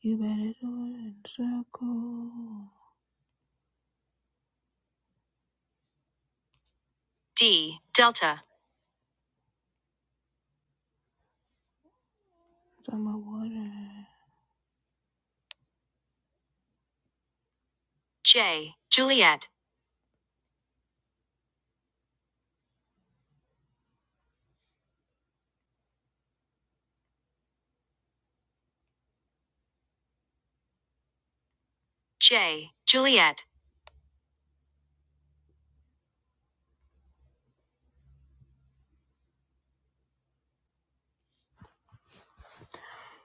You bet it over in a circle. D. Delta. It's water. J. Juliet. J. Juliet.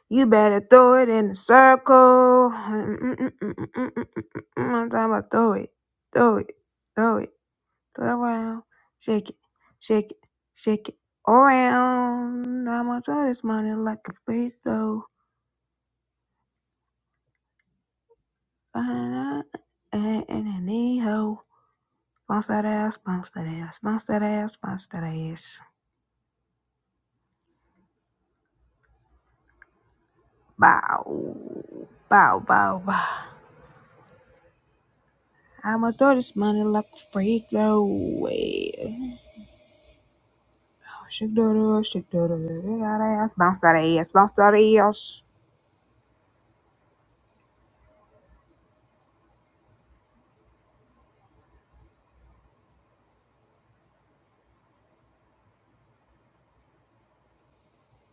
You better throw it in a circle. Mm-mm-mm-mm-mm-mm-mm. I'm talking about throw it, throw it, throw it, throw it around, shake it, shake it, shake it around. I'm gonna throw this money like a free throw. And an knee ho. Bounce that ass, bounce that ass, bounce that ass, bounce that ass. Bow, bow, bow, bow. I'ma throw this money like a free throw. away. Shake that ass, shake that ass, shake that ass, bounce that ass, bounce that ass.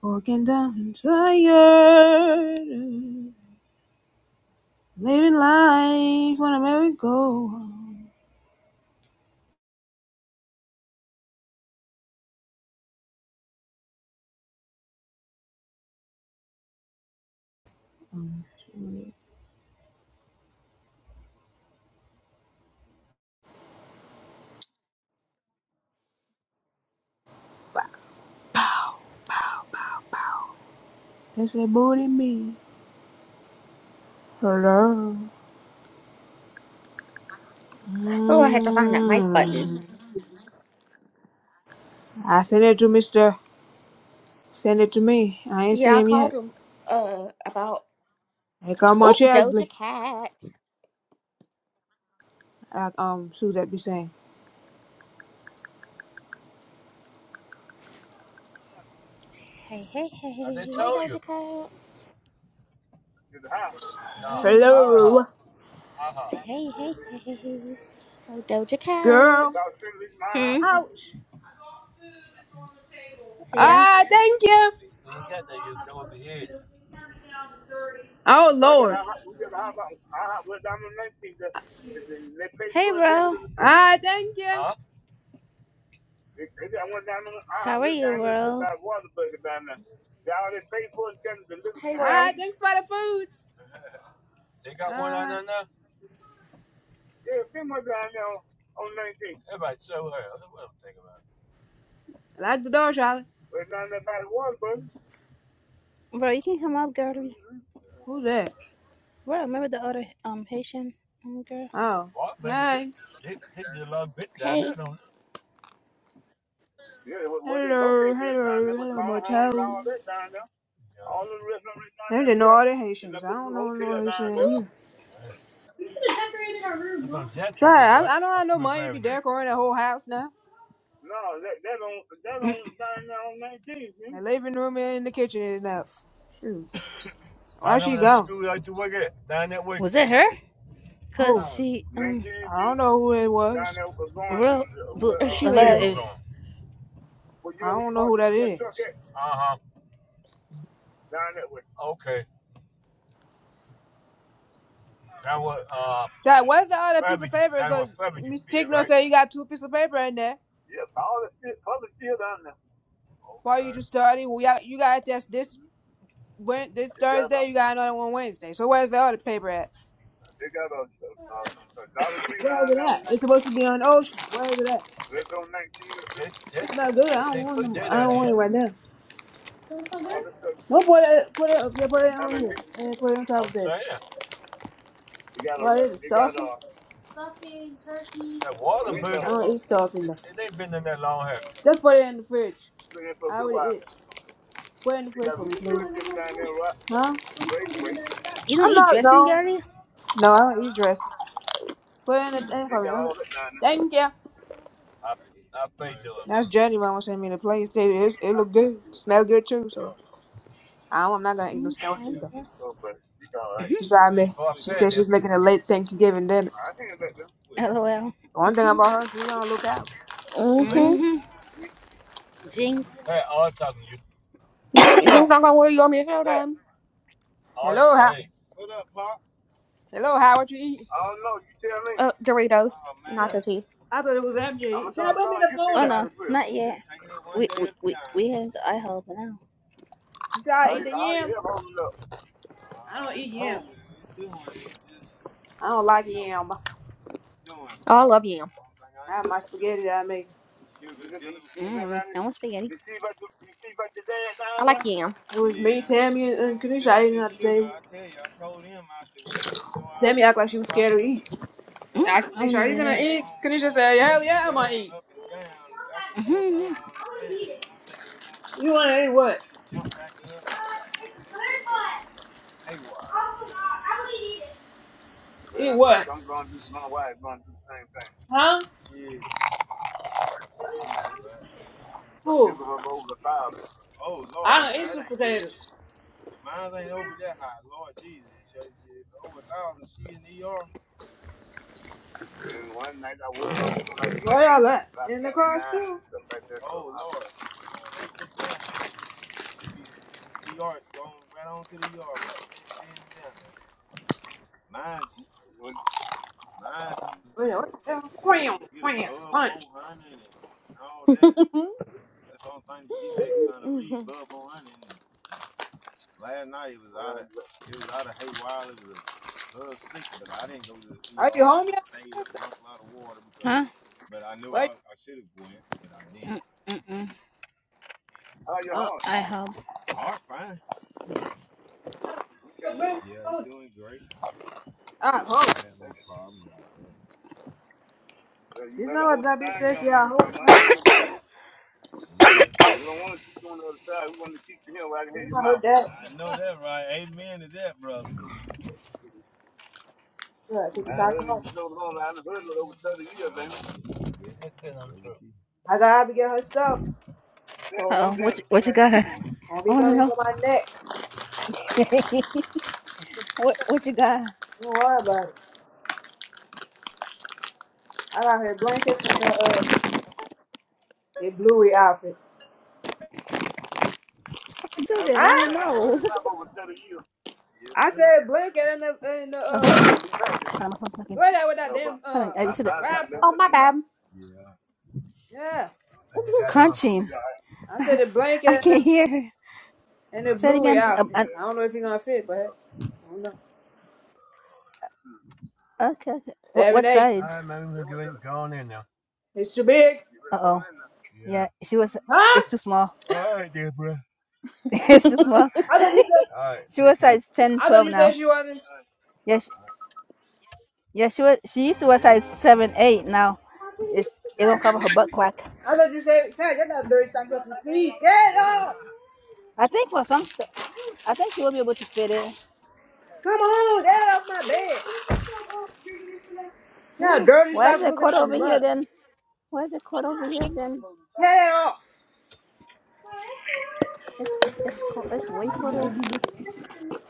Working down and tired, living life on a merry go round. They say booty me, hello. Oh, I had to find that mic button. Mm. I sent it to Mister. Send it to me. I ain't Yeah, see I him yet. called him uh about Here come my Oh, Doja Chesley. Cat. Like um, Suzette be saying. Hey, hey, hey, hey, Hey Doja Cat. Hello, hey, hey, hey, hey. hey. Hey Doja girl. Cat. Ouch. Yeah, Ah, thank you. Oh Lord. Ah, thank you. Hey Ah, Rail. thanks for the food. Ah, lock the door, Charlie. bro, you can come up, girlie. Who's that? Bro, remember the other um Haitian um, girl? Oh, hey. Hey. Hello, hello, hello, motel. They didn't know all the Haitians. I don't know no Haitian here. Sorry, I, I don't have no money to be decorating the whole house now. The living room and the kitchen is enough. Shoot. Where she go? Was it her? Cause Who? she- I don't know who it was. And she left. I don't know who that is. That where's the other piece of paper? Because Miss Tigno said you got two pieces of paper in there for you to study. We got you got a test this Wed- this Thursday. You got another one Wednesday. So where's the other paper at? Where is it at? It's supposed to be on ocean. Where is it at? It's not good. I don't want them. I don't want it right now. Well, put it put it up here. Put it on here and then put it on top of that. What is it? Stuffing? I don't eat stuffing though. Just put it in the fridge. I would eat. Put it in the fridge for me, please. Huh? you don't I'm eat not. dressing, No. girlie. No, I don't eat dressing. Put in the thing for me. Okay. Thank you. That's Journey Mama sent me the plate. It, it's- it look good. smells good too. So I don't, I'm not gonna eat no mm stale mm, food though. mm. She tried me. She said she's making a late Thanksgiving dinner. LOL. One thing about her, she's gonna look out. Mm-hmm. Mm-hmm. Jinx. You, What you you think I'm got? gonna wear you on your show time. Hello, how? Hello, how? What you eating? Uh Doritos. No, Nacho cheese. I thought it was empty. to eat. She said, put me the folder. Not yet. We we we, we had the IHOP now. You try to eat the yam? I don't eat yam. I don't like yam. Oh, I love yam. I have my spaghetti that I make. Mm. I want spaghetti. I like yam. It was me, Tammy, and Kanisha eating at the table. Tammy act like she was scared to eat. Ask Kanisha, are you gonna eat? Kanisha said, hell yeah, I'm gonna eat. You wanna eat what? Eat what? Huh? Who? I don't eat sweet potatoes. Where y'all at? In the car still? Wait, what the hell? Quam, quam, punch. hmm Are you home yet? Huh? Where you? Mm, Mm-mm. Uh. IHOP. But bring the folder. I hope. You know what that bitch said? Yeah, I hope. Huh? You know I heard that. Yeah, I think it's back home. I gotta get her stuff. So Uh oh. don't, What you, what you got her? don't I be want to coming know. for my neck. what what you got? Don't worry about it. I got her blankets and her, uh, a bluey outfit. Huh? I said blanket and the and the Oh, uh who? I'm a phone sucking. what that with that damn Hold on. uh rapper. Oh my bad. Yeah. Mhm. I said the blanket and can't the hear. her. and the Say it bluey again. Um, outfit. uh, I don't know if he gonna fit, but hey, I don't know. okay. okay. What, Seven what eight. size? It's too big. Uh, She was. It's Huh? too small. it's too small. I thought you said It's 10, I thought 12 you said now. she wasn't Yeah, she, yeah. She was. She used to wear size seven, eight. Now, it's it don't cover her butt crack. I thought you said Chad, get that dirty socks off your feet. Get it off! I think for some stuff, I think she will be able to fit it. Come on, get it off my bed. Yeah, Ooh, dirty why is socks it looking cut like over here mud. then? Why is it cut over here then? Get it off. It's it's co- it's way cutter.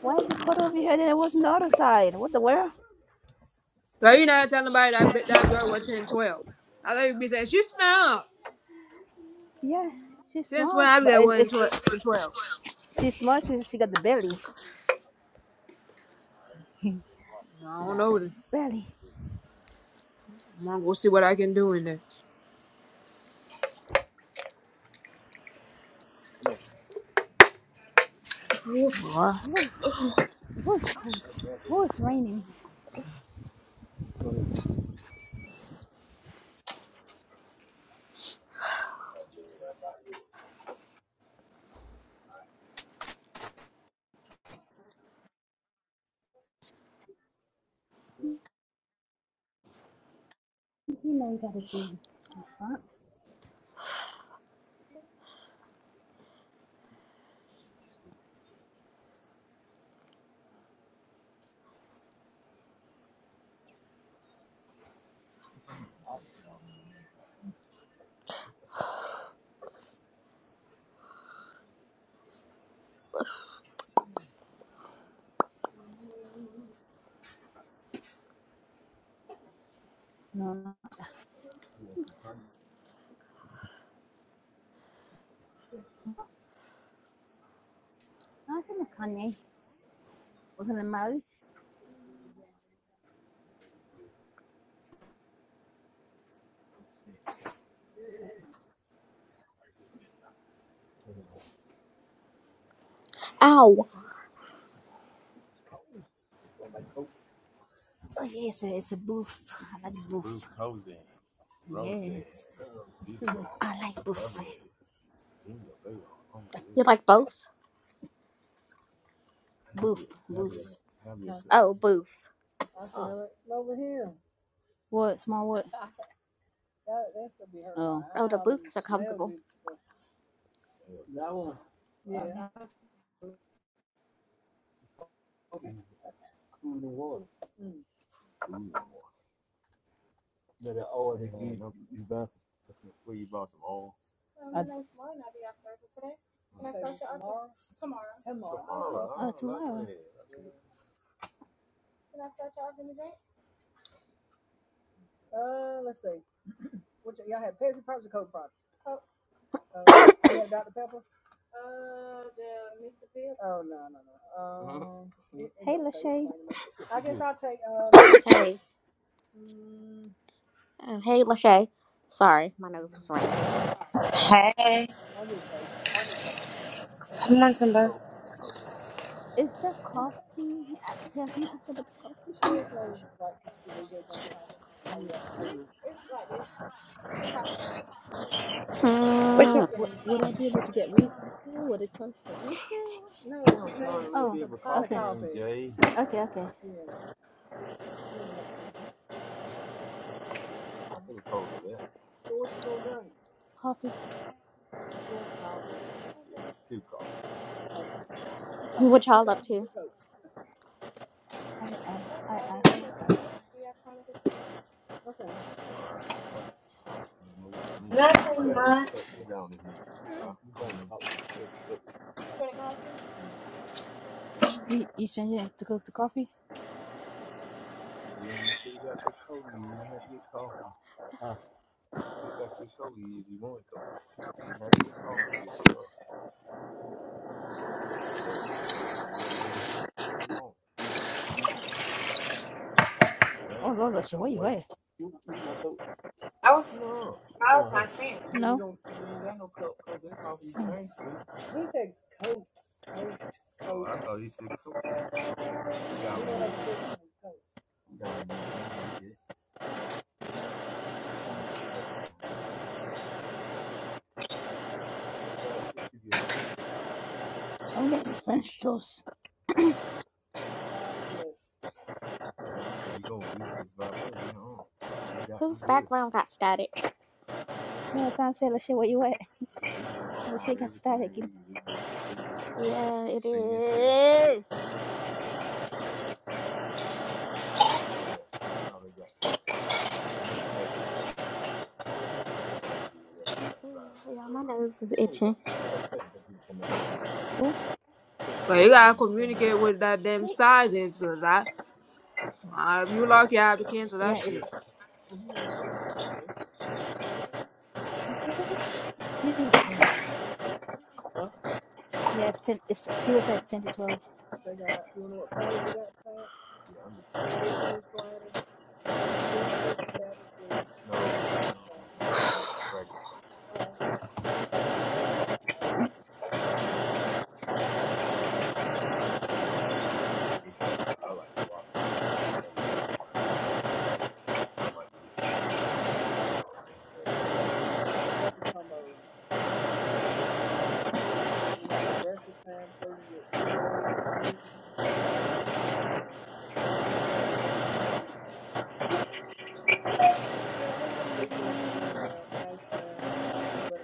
Why is it cut over here then? It was on the other side. What the world? So you not telling nobody that bi- that girl was 10 12. I thought you'd be saying she smell. Yeah, she's Since when small, I be but at it's, one and it's 12, 10, twelve? she's small. She she got the belly. I don't that know. belly. I'm gonna go see what I can do in there. Boy. Oh, oh, it's cold. Oh, it's raining. You know you gotta be front. I was in the Kanye. I was in the Maui. Ow. Oh, yeah, it's a, it's a booth. I like- You like both? Oh, booth. What? Small what? Oh, the booths are comfortable. Tomorrow. Hey. Oh, hey, Lachey. Sorry, my nose was running. Hey, come on, Simba. Is the coffee? uh, Tell can you ask about the coffee? What's Mm. your would I be able to get re- refill? Okay, okay. Coffee. What y'all up to? I. all right. nothing much? You, you changing to cook the coffee? Oh, Lord, I said, where you at? I was I was my singer. I'm getting French toast. Whose background got static? That sounds Yeah, it is. Ugh, Y'all, my nose is itching. cool. But you gotta communicate with that damn sizes, cause I, I if you lucky, I have to cancel that Yeah, it's shit. cool. Jesus. Yes, ten, she was at 10 to 12.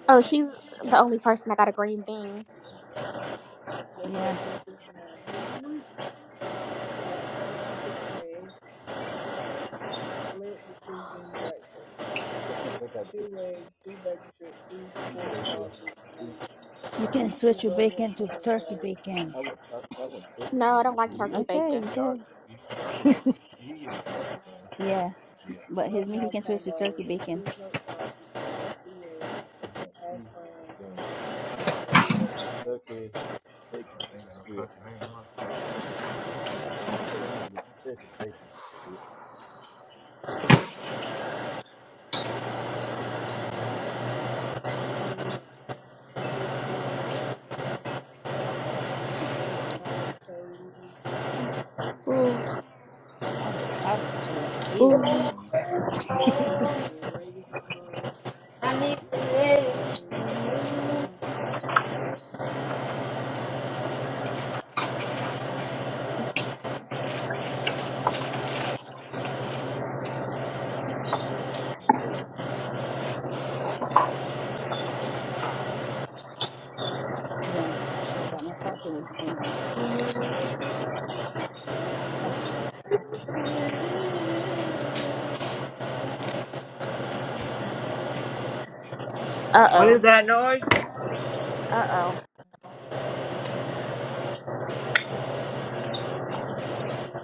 oh, she's the only person that got a green bean. You mm-hmm. can switch again. No, I don't like turkey Okay, you bacon. sure? Yeah, but Ooh, avocado toast, ew. ooh. I need to live. Uh What is oh. that noise? Uh oh.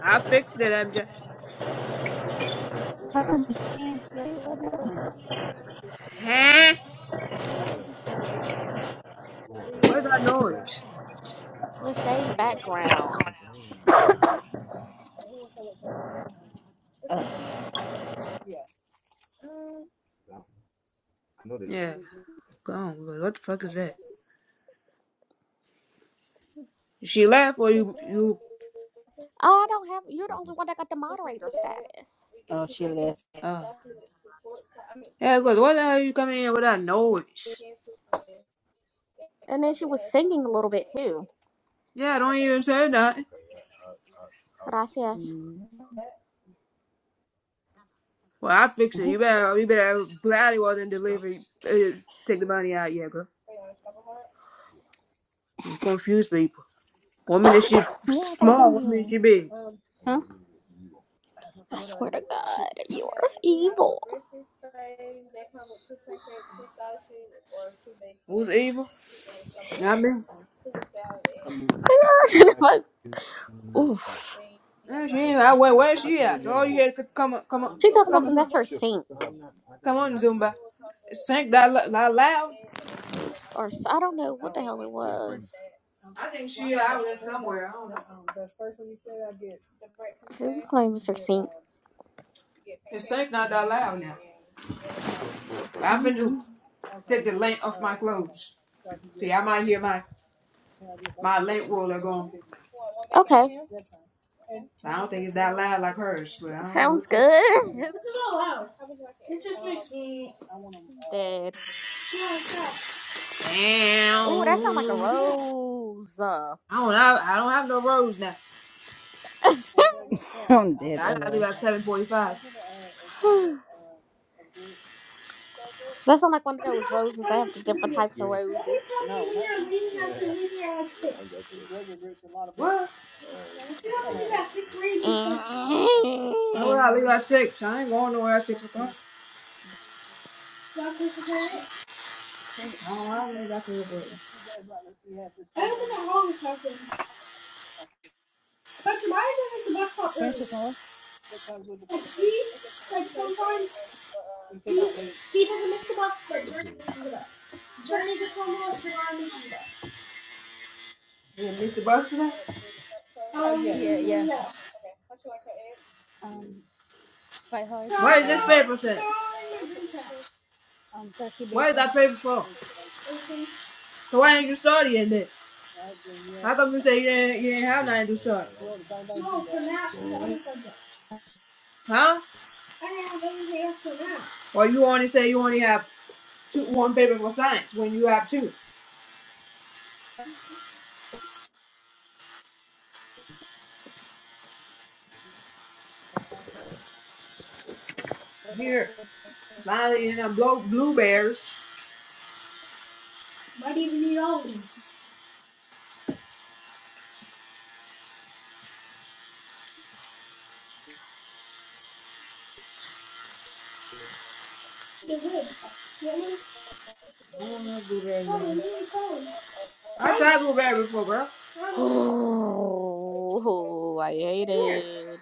I fixed it, MJ. Parmesan, like, Huh? What is that noise? Lachey background. Yeah, gone. But What the fuck is that? She left or you, you, Oh, I don't have. You're the only one that got the moderator status. uh, yeah, cause what the hell you coming in with that noise? And then she was singing a little bit too. Yeah, don't even say nothing. But I says, Well, I fixed it. You better, you better glad it wasn't delivery. Uh, take the money out, yeah, bro. You confuse people. One minute she small, one minute she big. Huh? I swear to God, you're evil. Who's evil? Not me. ooh. Yeah, she ain't. I wait. Where where's she at? All you had to come on, come on, She talking about come, some. That's her sink. come on, Zumba. Sank that, lo- that loud. or s- I don't know what the hell it was. I think she out in somewhere. I don't know. She was claiming her seat. It's sank not that loud now. I've been to hmm take the length off my clothes. See, I might hear my my lint roller going. Okay, I don't think it's that loud like hers, but I don't know sounds what's it. good. Dead. Ooh, that sounds like a Damn. rose. Uh, I don't have I don't have no roads now. I gotta leave at seven forty five. that sounds like one of those roses. They have the different types of roses. What? Why would I leave at six? I ain't going nowhere at six o'clock. I don't want to leave after work. French toast and what? You gonna miss the bus today? Um, fry hard. Where is this paper set? Um, turkey What is bacon. that paper for? So why ain't you studying then? How come you say you didn't? you ain't have nothing to study? Huh? Or you only say you only have two one paper for science when you have two? Here, finally in a blow blueberries. I don't know blueberries. I tried blueberry before, bro. Ooh, I hate it.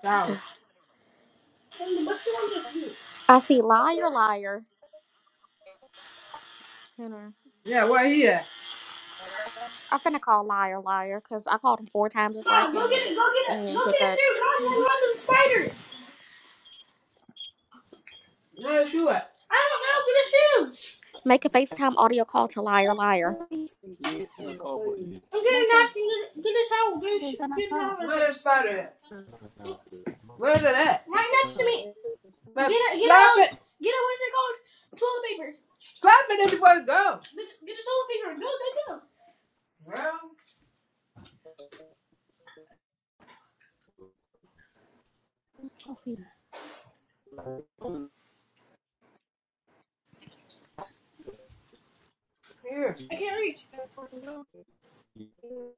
Flowers. I see liar, liar. You know, Yeah, where he at? I'm finna call liar, liar, cause I called him four times before I came in. And he didn't pick up. Where's you at? Make a FaceTime audio call to liar, What? liar. That's what I said, on my car. Where's the spider at? Where's it at? slap it. Slap it there before it goes. Well, coffee. here.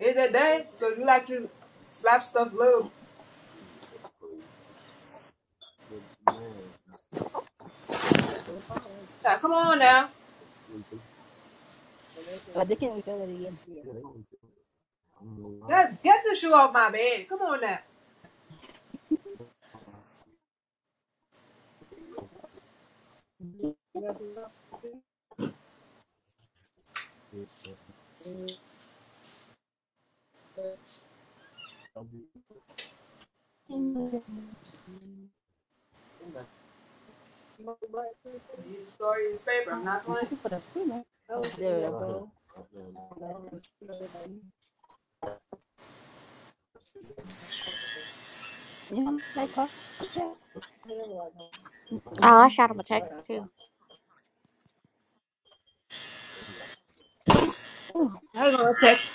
Is that day? So you like to slap stuff little. Now, come on now. Get, get the shoe off my bed. Come on now. You started this paper. I'm not playing. Oh, I shot him a text too. I ain't gonna text.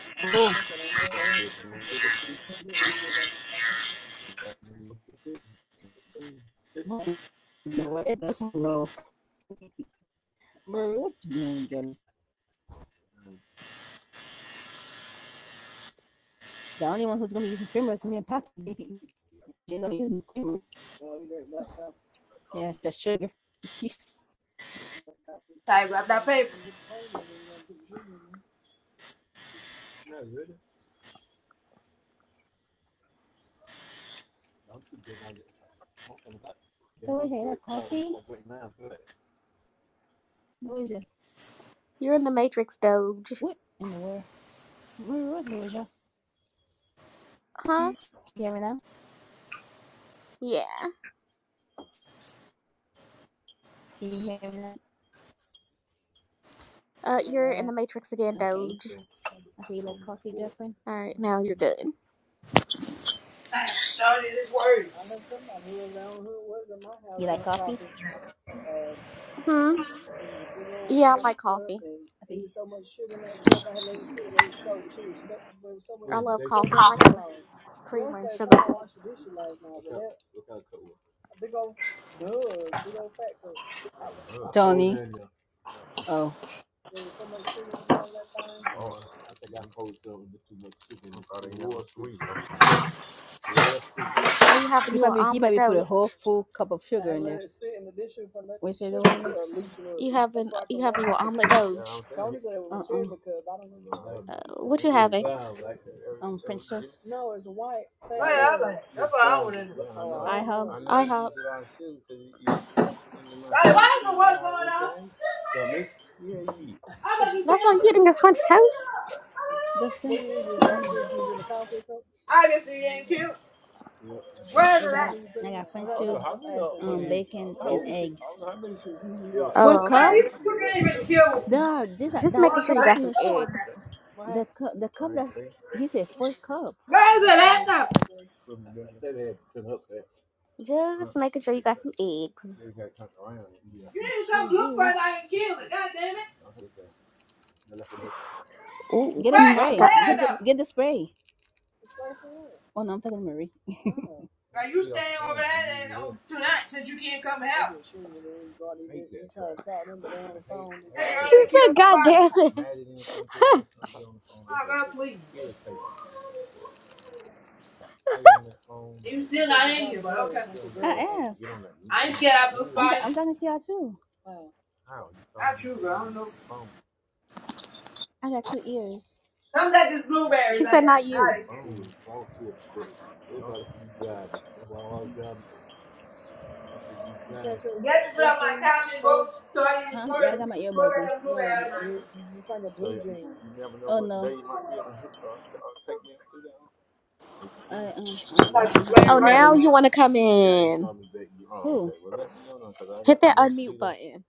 Type up that paper. You're in the Matrix, Doge. What's the measure? Huh? hear me now? Yeah. Can you hear me now? Uh, you're in the Matrix again, Okay. Doge. I say you like coffee, girlfriend. All right, now you're good. I started his words. Hmm. Yeah, I like coffee. I love coffee. I like it with creamer and sugar. Johnny. Are you having you an omelet, Doge? You having uh, you having you an omelet, Doge? Uh, what you having? Um, French toast. Right, I was like. That's what I wanted. to do. I have. Like, why do you know what's going on? I thought you That's all you killed her. eating is French toast. Those Obviously, you ain't cute. Where's it Egg, at? bacon, egg. Oh, Girl, cup. okay. you still not even kill There, this Just that making one sure cup you that's got in bite. the some sh- Come on now. eggs. the cup. The cup that he said full cup. Where is it at now? Just making sure you got some eggs. You need to Sure come look for do. it I and kill it. God damn it. Ooh, Get a not Where, spray. where goddamn. Get the now? get the spray. Oh no, I'm talking to Marie. Are you staying over there and, um, tonight since you can't come help? That you She already killed said, the "God spider. damn it." Oh, God, please. You still not in here, but okay. I ain't scared out of no spider. I'm talking to y'all too. Not true, bro. I don't know. I got two ears. Come get these blueberries She like said, "Not that. you." Out of here. Get to put up my couch and go so I didn't Huh? Yeah, I worry. got my Go earbuds get on. them blueberries out Um, of my I'm room. just Oh, Like, wearing legs. now you right? want to come in. Hit that unmute button.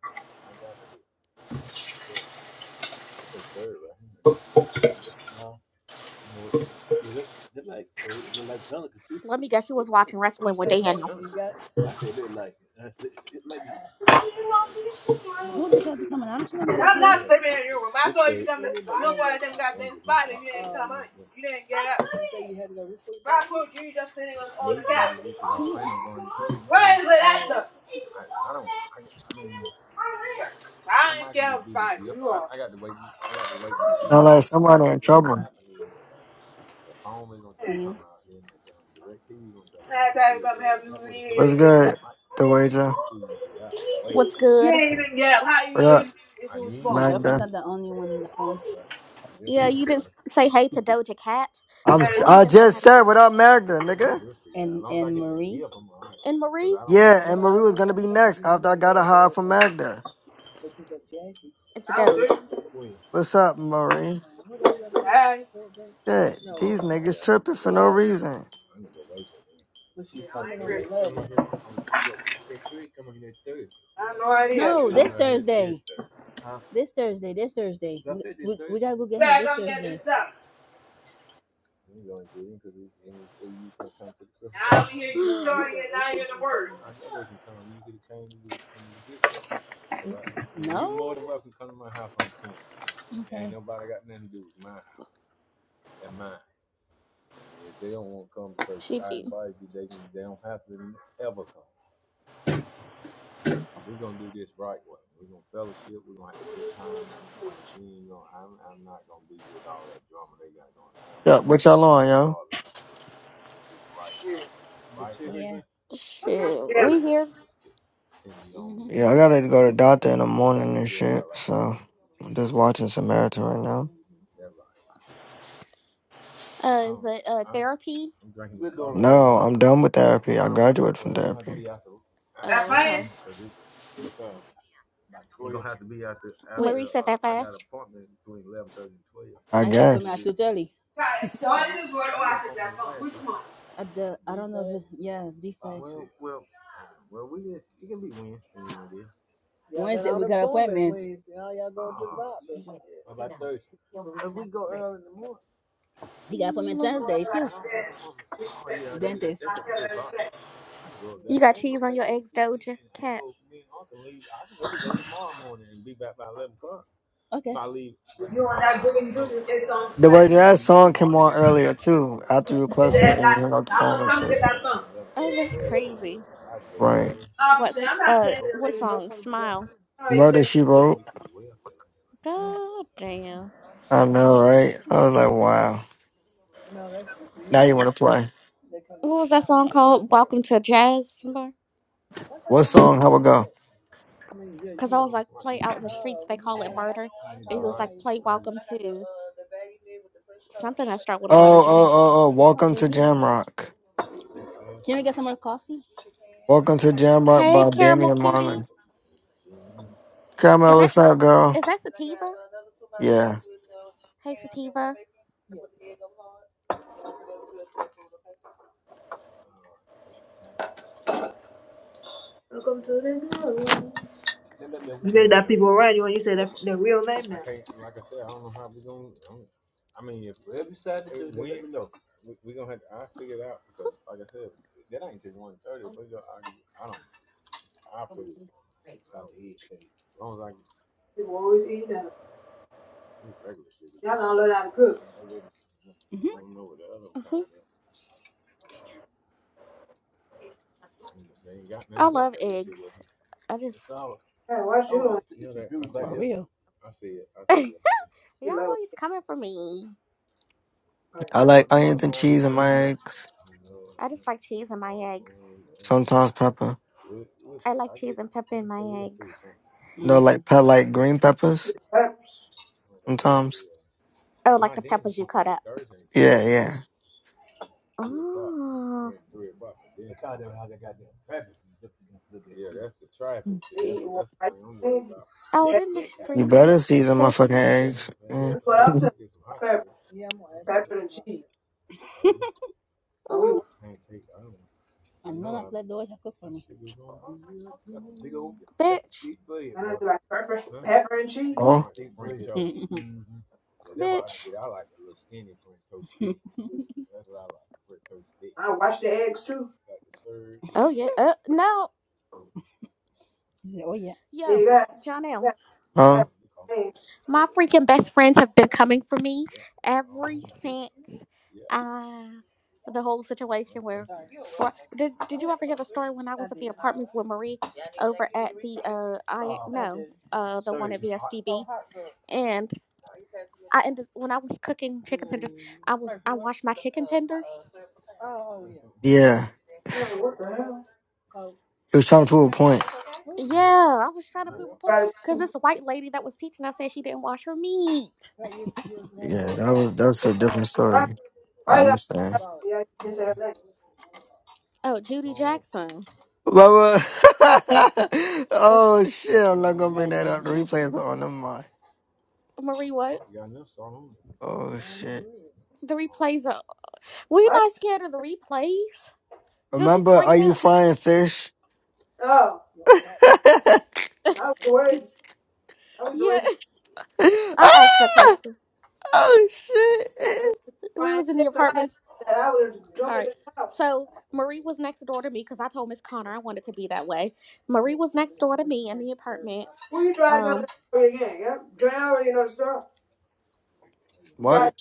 Let me guess, you was watching Wrestling with Daniel. I had to come in. I don't see no I'm not sleeping in your room. I told you to come look at them goddamn spider. You didn't come on. You didn't get up. Why would you just sitting on, on the couch? Where is it at though? I ain't scared of spider. You are. Sound like somebody in trouble. Yeah. Last time I come help you, you didn't What's even get good, up. the wager? What's You good? didn't even get up. How you What know up, you if it was small? girlfriend's Magda? not the only one on the phone. Yeah, you didn't say hey to Doja Cat, Hey, I'm. s- or you I come- didn't say hi just to said what Parker. up, Magda, nigga. And Marie, Yeah, and Marie was gonna be next after I got a high from Magda. it's I don't Doge. do What's up, Marie? it. Hey. Shit, these niggas tripping for no reason. Yeah, I ain't tripping. I have no idea. Junior. You better come get this stuff. And I don't hear you starting it, not even a word. Mm. she be. Yeah, what y'all on, yo? Yeah. I'm just Shoot, feeling. we here. Yeah, I gotta go to doctor in the morning and shit. So I'm just watching Samaritan right now. Uh, is it uh, therapy? No, I'm done with therapy. I graduated from therapy. That Oh, okay. fast? Marie said that fast. I guess. Got it started as word I could that on. Which one? Mm. Or I said, respect, which one I feel respect. You got cheese on your eggs, Doja Cat. you want that good and juicy, it's on The way scent. that song came on earlier too, after you And requested it then and we that, hung up the that phone one and comes shit. with that thumb. Oh, that's crazy. Right. Um, so What's I'm not uh, saying that like, what you know, song? Smile. oh, you Murder think She Wrote. God damn. I know, right? I was like, wow. Now you wanna play. what was that song called? Welcome to Jazz Bar. What song? How it go? Because I was like, play out in the streets. They call it murder. And he was like, play welcome to something that start Oh, with a letter oh, J. oh, oh. Welcome Over to here. Jamrock. Can we get some more coffee? Welcome to Jamrock Hey, by Damian caramel and cutie. Marlon. Grandma, Is that what's up, girl? is that sativa? Yeah. Hey, sativa. You think that people right You when you say that their real name now. People always eat that. Y'all gonna learn how to cook. Mm-hmm. hmm I love eggs. I just Yeah, what you don't y'all eat low. always coming for me. Right. I like onions and cheese and my eggs. I just like cheese in my eggs. Sometimes pepper. I like cheese and pepper in my eggs. No, like pet like green peppers. peppers. Sometimes. Oh, like the peppers you cut up. Yeah, yeah. Oh, You eat what I think. out in the You street, better season my they. fucking eggs. Yeah. That's what I'm saying. Pepper, pepper and cheese. Are we? mm, Let the water cook. bitch, And I do like pepper, pepper and Oh. cheese. Mm-hmm. bitch. I wash the eggs too. Oh yeah. Uh, no. She said, Oh yeah. And you Yo, got, yeah, Jonelle, huh? pepper eggs. my freaking best friends have been coming for me every since uh the whole situation where Bri- did did you ever hear the story when I was at the apartments with Marie over at the uh I no uh the one at VSDB and I ended when I was cooking chicken tenders I was I washed my chicken tenders Yeah, I'm like, what the hell? he was trying to prove a point. yeah I was trying to prove a point Gotta because this white lady that was teaching I said she didn't wash her meat Yeah, that was that's pick- a different Why, story. I why you got understand. yeah, you can't say her name. oh Judy Jackson Mama. oh shit! I'm not gonna bring Right that there. up. The Yeah. replay is on. Never mind. Marie, what? Oh shit! The replays are. We're Why? not scared of the replays. They'll Remember, just bring are it you up. frying fish? Oh, I was the worst. I was the Yeah. worst. I asked that Ah! question. Oh shit! We Fine, was in the it's my life apartments. that I would have All jumped in right. the shower. So Marie was next door to me because I told Miss Connor I wanted to be that way. Marie was next door to me in the apartments. Who you trying to tell the Um, story again? Yeah, Dre I already know the story. You try What?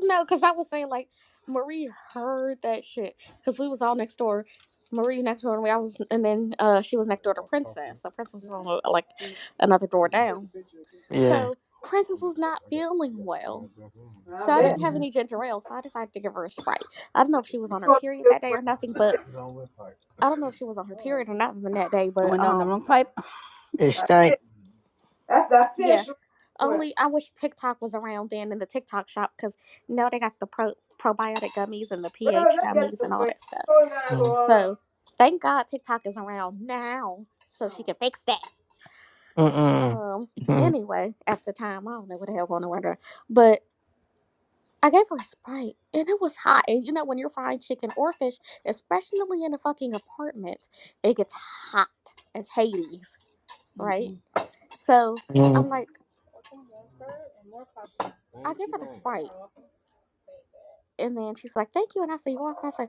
no, because I was saying like Marie heard that shit because we was all next door. Marie next door to me. I was, and then uh, she was next door to Princess. So Princess was on, like another door down. Yeah, So Princess was not feeling well I So I bet. didn't have any ginger ale, so I decided to give her a Sprite. I don't I know bet if she was on her you want to period feel that the day way or nothing, I but feel. I don't know if she was on her period or nothing that day, I but went down the um, wrong pipe. it That's stank. it. That's that yeah. fish. Well, Only I wish TikTok was around then in the TikTok shop because now they got the pro- probiotic gummies and the well, pH let's get to gummies the and all point. that stuff. Oh, gotta Mm go on. So thank God TikTok is around now so she Well, can fix that. mm. Um, Mm. anyway, at the time I don't know what the hell going on with her, but I gave her a Sprite and it was hot. And you know, when you're frying chicken or fish, especially in a fucking apartment, it gets hot as Hades, right? So Mm. I'm like, I give her the Sprite. And then she's like, thank you. And I said, you're welcome. I said,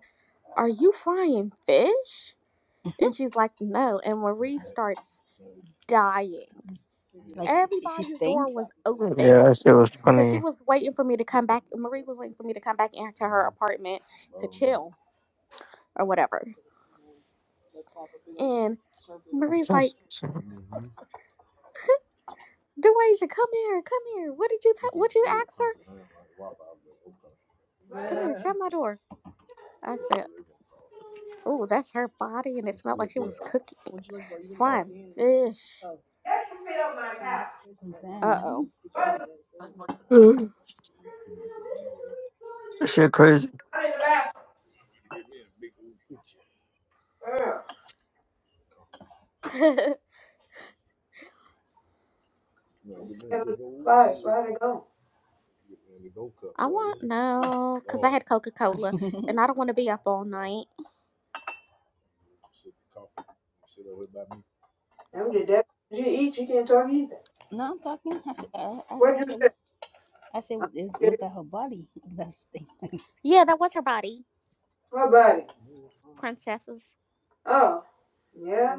are you frying fish? And she's like, no. And Marie starts dying. Like she, she Everybody's stink. door was open Yeah, that shit was because she funny. was waiting for me to come back. Marie was waiting for me to come back into her apartment to chill or whatever. And Marie's like, Duasia, come here, come here. What did you tell? What you ask her? Come here, shut my door. I said, Oh, that's her body, and it smelled like she was cooking. Fine fish. that's the fit on my couch. Uh oh. Well, That shit crazy. I'm in the bathroom. Girl, I'm scared of flies. Where'd it go? I want no, cause I had Coca Cola, and I don't want to be up all night. I'm just dead. You eat, you can't talk either. No, I'm talking. I said I, I What'd said you it say? was I said I'm it scared. was that her body that stink. Yeah, that was her body, What about princesses. Oh, yeah.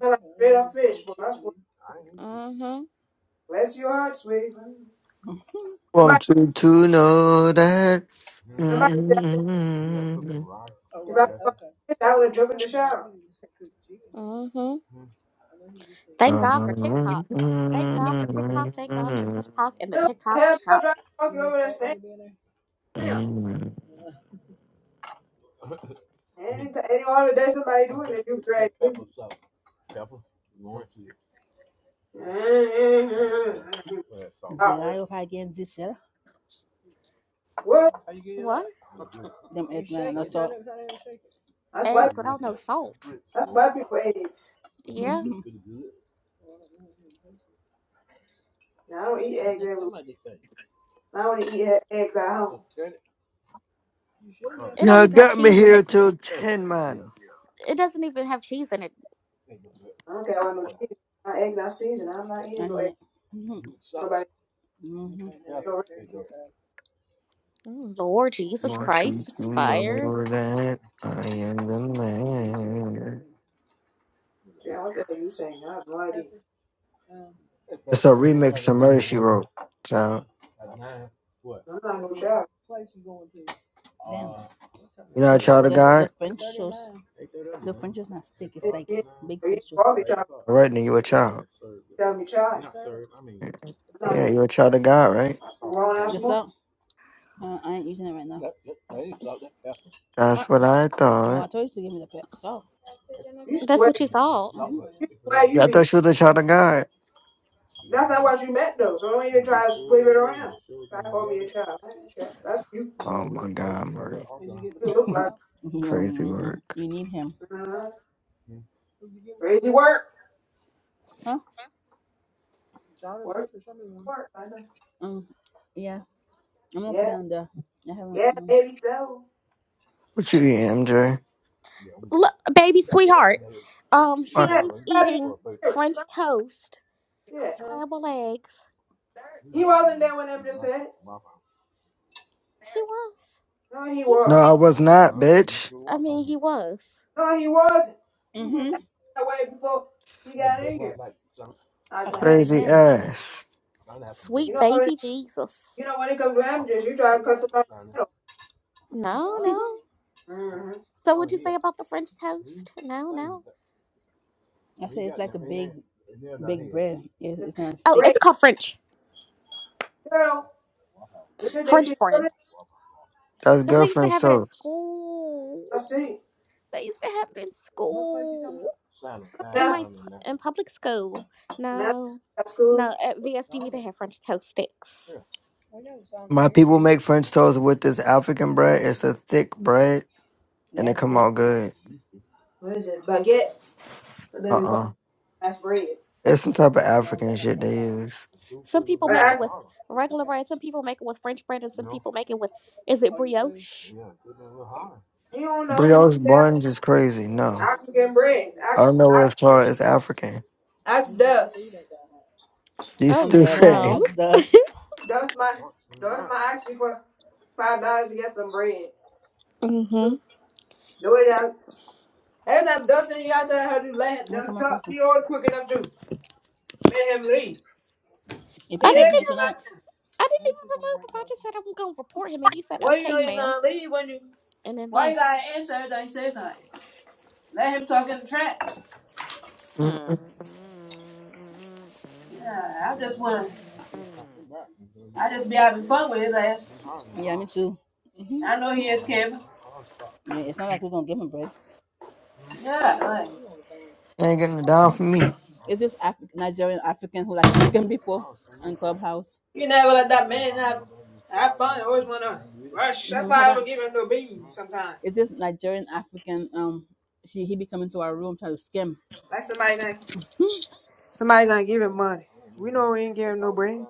Smell like straight up fish, boy. I swear. Mhm, Bless your heart, sweetie. Somebody, Want you to know that. Y'all somebody said if I find fish, I would have jumped in the shower. mhm. Thank God for TikTok. Thank God for TikTok. Thank God for TikTok and the No, I TikTok had no shop. time talking over that same thing. Any, any other day somebody doing it, you great. Stop her. What? What? that's why Eggs without no salt. that's why people eggs. Yeah, Now, I don't eat eggs every. I only eat e- eggs at home. it don't even have got me cheese in here it. till 10, man. It doesn't even have cheese in it. I don't care about no cheese. My eggs not seasoned. I'm not I eating no need eggs. it. Nobody Mm. no Mm, Lord Jesus Want you Christ, it's to a fire. know that I am the man. restaurant. What the hell you saying? I have no idea. It's a remix somebody She Wrote. Child. I'm not no child. You know a child of God? Different. Just not You ain't big you ain't fridge too. garbage child. All right, then you a child. Tell me child. I'm not Yeah, no you a child of God, right? grown ass woman. Oh, Uh, I ain't using it right now. Yep. That's Ah, what I no, I thought. told you to give me the pep. So You That's swear what you thought. you swear Yeah, you I be. thought she was a child of God. That's not what you meant though. So don't even try to split it around. Try to call me a child. I ain't a child. That's you. Oh my God, Marie, You look like you, Crazy mhm. work. you need him, uh, crazy work. huh? Work work. I know. Mm, yeah, I'm gonna Yeah. put it on there. I haven't. Yeah, Mm. maybe so. What you eating, MJ? Look, baby sweetheart. Um, Hey, she's probably eating hear it. French Fuck toast, Yeah. scrambled eggs. He wasn't there when Eminem said it. She was. No, he He wa- No, I wasn't. was not, bitch. I mean he was. No, he wasn't. That way before he got in here, I think. Crazy Yeah, ass. You Sweet know, when- baby Jesus. you know when it comes to Eminem, you try to cut somebody's head off. No, no. Mm-hmm. So what'd you say about the French toast? No, no. bread. It's, it's not Oh, it's Great sticks. called French. girl. Do you think she's French bread. doing it? That's Because they good used to French have it at toast. school. I see. They used to have it in school. In That's my in public school. that's No. that's cool. No, at VSDV they have French toast sticks. My people make French toast with this African bread. It's a thick bread and it come out good. What is it? Baguette. But Uh then we call it uh that's bread. It's some type of African shit they use. Some people But make it ask with regular bread. Some people make it with French bread, and some people make it with is it brioche? you don't know. You just Brioche there. buns is crazy. No. I can get bread. I don't Ask know what I, it's called. It's African. ask does. You Oh stupid. no. That's my that's my ask you for five dollars to get some bread. Mhm. The way that every time Dustin you out there how to land dust talk, he always quick enough to make him leave. I He did didn't him even last time. I didn't even remove him. I just said I'm gonna report him, and he said Well you know okay, he's ma'am, gonna leave when you and then why you left. gotta answer everything he says something? Let him talk in the trap. Mm. Yeah, I just wanna I just be having fun with his ass. I know he is Kevin. Yeah, like Ain't getting it down for me. Is this Af- Nigerian African who like to scam people house? you never let that man have have fun, always wanna rush. That's why I don't Papa, give him no beans sometimes. is this Nigerian African? Um, she he be coming to our room trying to scam. Like somebody like Somebody gonna give him money. We know we ain't give him no brain.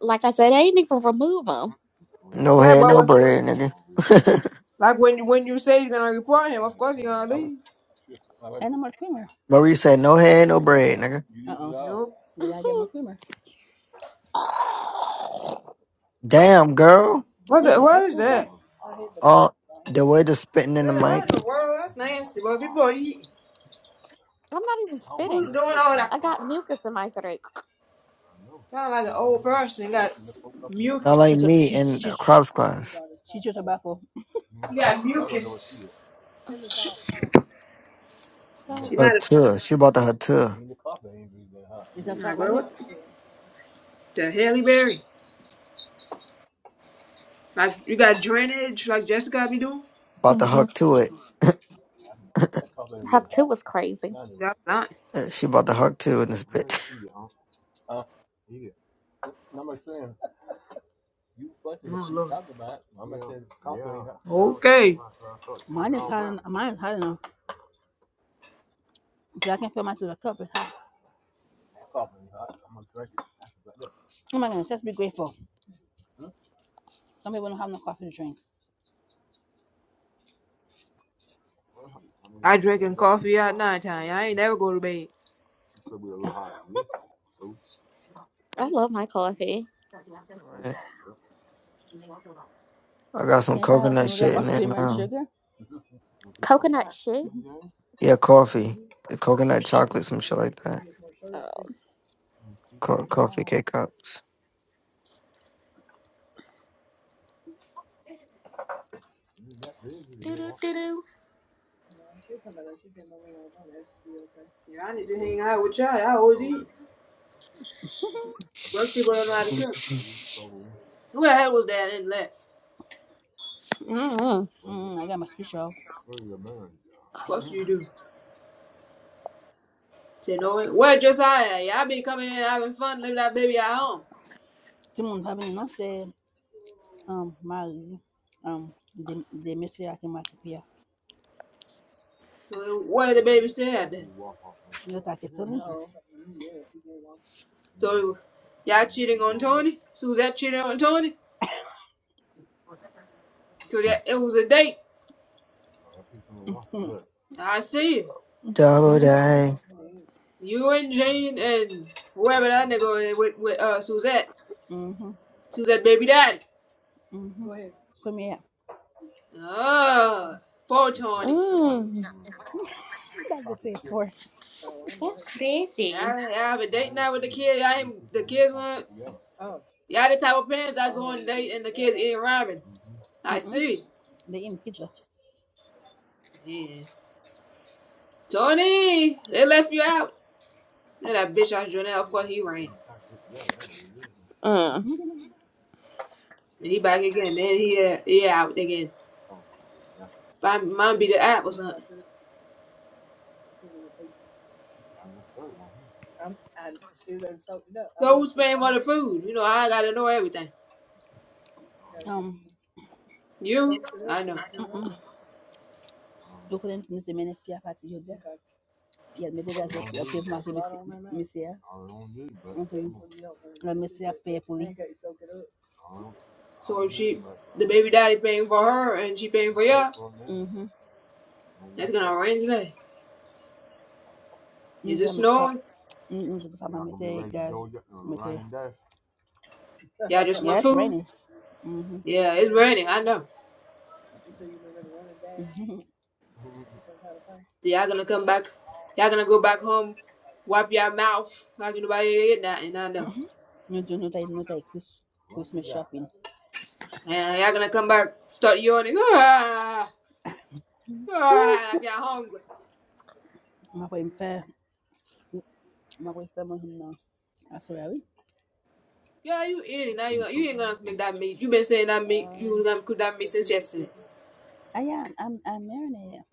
Like I said, I didn't even remove him. No Yeah, head, but no when, bread, nigga. like when you when you say you're gonna report him, of course you're gonna leave. And more creamer. Marie said, no head, no bread, nigga. Nope. We gotta get more Mhm. creamer. Damn, girl. What What the the what heck is was that? that? Oh, the way the spitting in the Really, mic. What in the world? That's nasty, but people are eating. I'm not even spitting. Who's doing all that? I got mucus in my throat. Sound like an old person. got Sound like mucus. me She's in a she's crops class. she's your tobacco. You got mucus. She Her might have. too. She about to her too. Is that Oh my salt right here? God. The Haley Berry. Like you got drainage, like Jessica be doing. About to hmm hook to it. Huck two was crazy. That's not. Uh, She about to hook to in this bitch. Oh Lord. Okay. Mine is hot enough. I can feel mine through the cup. It's hot. Oh my goodness, just be grateful. Some people don't have no coffee to drink. I drinking coffee at night time. I ain't never go to bed. I love my coffee. Right. I got some Can't I coconut can we get shit more in there creamer and now. sugar? Coconut shit. Yeah, coffee. The coconut chocolate, some shit like that. Oh, Co- coffee K cups. doo doo doo doo. Yeah, I need to hang out with y'all. I always eat. Most people don't know how to cook. Mhm. Who the hell was that and left? Mm. Mm, I got my special. Of course you do. Said no way. Where Josiah? Yeah, I be coming in having fun, leaving that baby at home. Timon probably no say um Marie um the the may I can make fear. So where the baby stay at then? You take it to me? So y'all cheating on Tony? Suzette cheating on Tony? So that it was a date. I see it. Double day. You and Jane and whoever that nigga is with, with uh Suzette. Mm-hmm. Suzette baby daddy. Mm-hmm. Come here. Oh, poor Tony. Mm. That is the same for. That's crazy. I I have a date night with the kid. I ain't the kids. Y'all the type of parents that go and they and the kids eating ramen. I Mm-mm. see. They eat pizza. Yeah. Tony, they left you out. And that bitch out Jonell, of course he ran. Mm. And he back again. Then he uh, he out again. My mom be the app or something. So who's paying for the food? You know, I gotta know everything. You? I know. You couldn't need the many fear. Yeah. People. So if she the baby daddy paying for her and she paying for y'all, Mm-hmm. that's gonna rain today. You Is it just make pa. snowing? Mm, mm, mm, mm. Y'all just Yeah, want it's food? raining. Mm-hmm. Yeah, it's raining, I know. So y'all gonna come back. Y'all gonna go back home, wipe your mouth like nobody ate nothing. I know. You do not take not take Christmas shopping. y'all gonna come back, start yawning. Ah, Mm. ah, like you're hungry. I'm going to I'm going to him now. I Yeah, you eating now. You you ain't gonna make that meat. You been saying that meat. You gonna cook that meat since yesterday. I am. I'm. I'm marinated.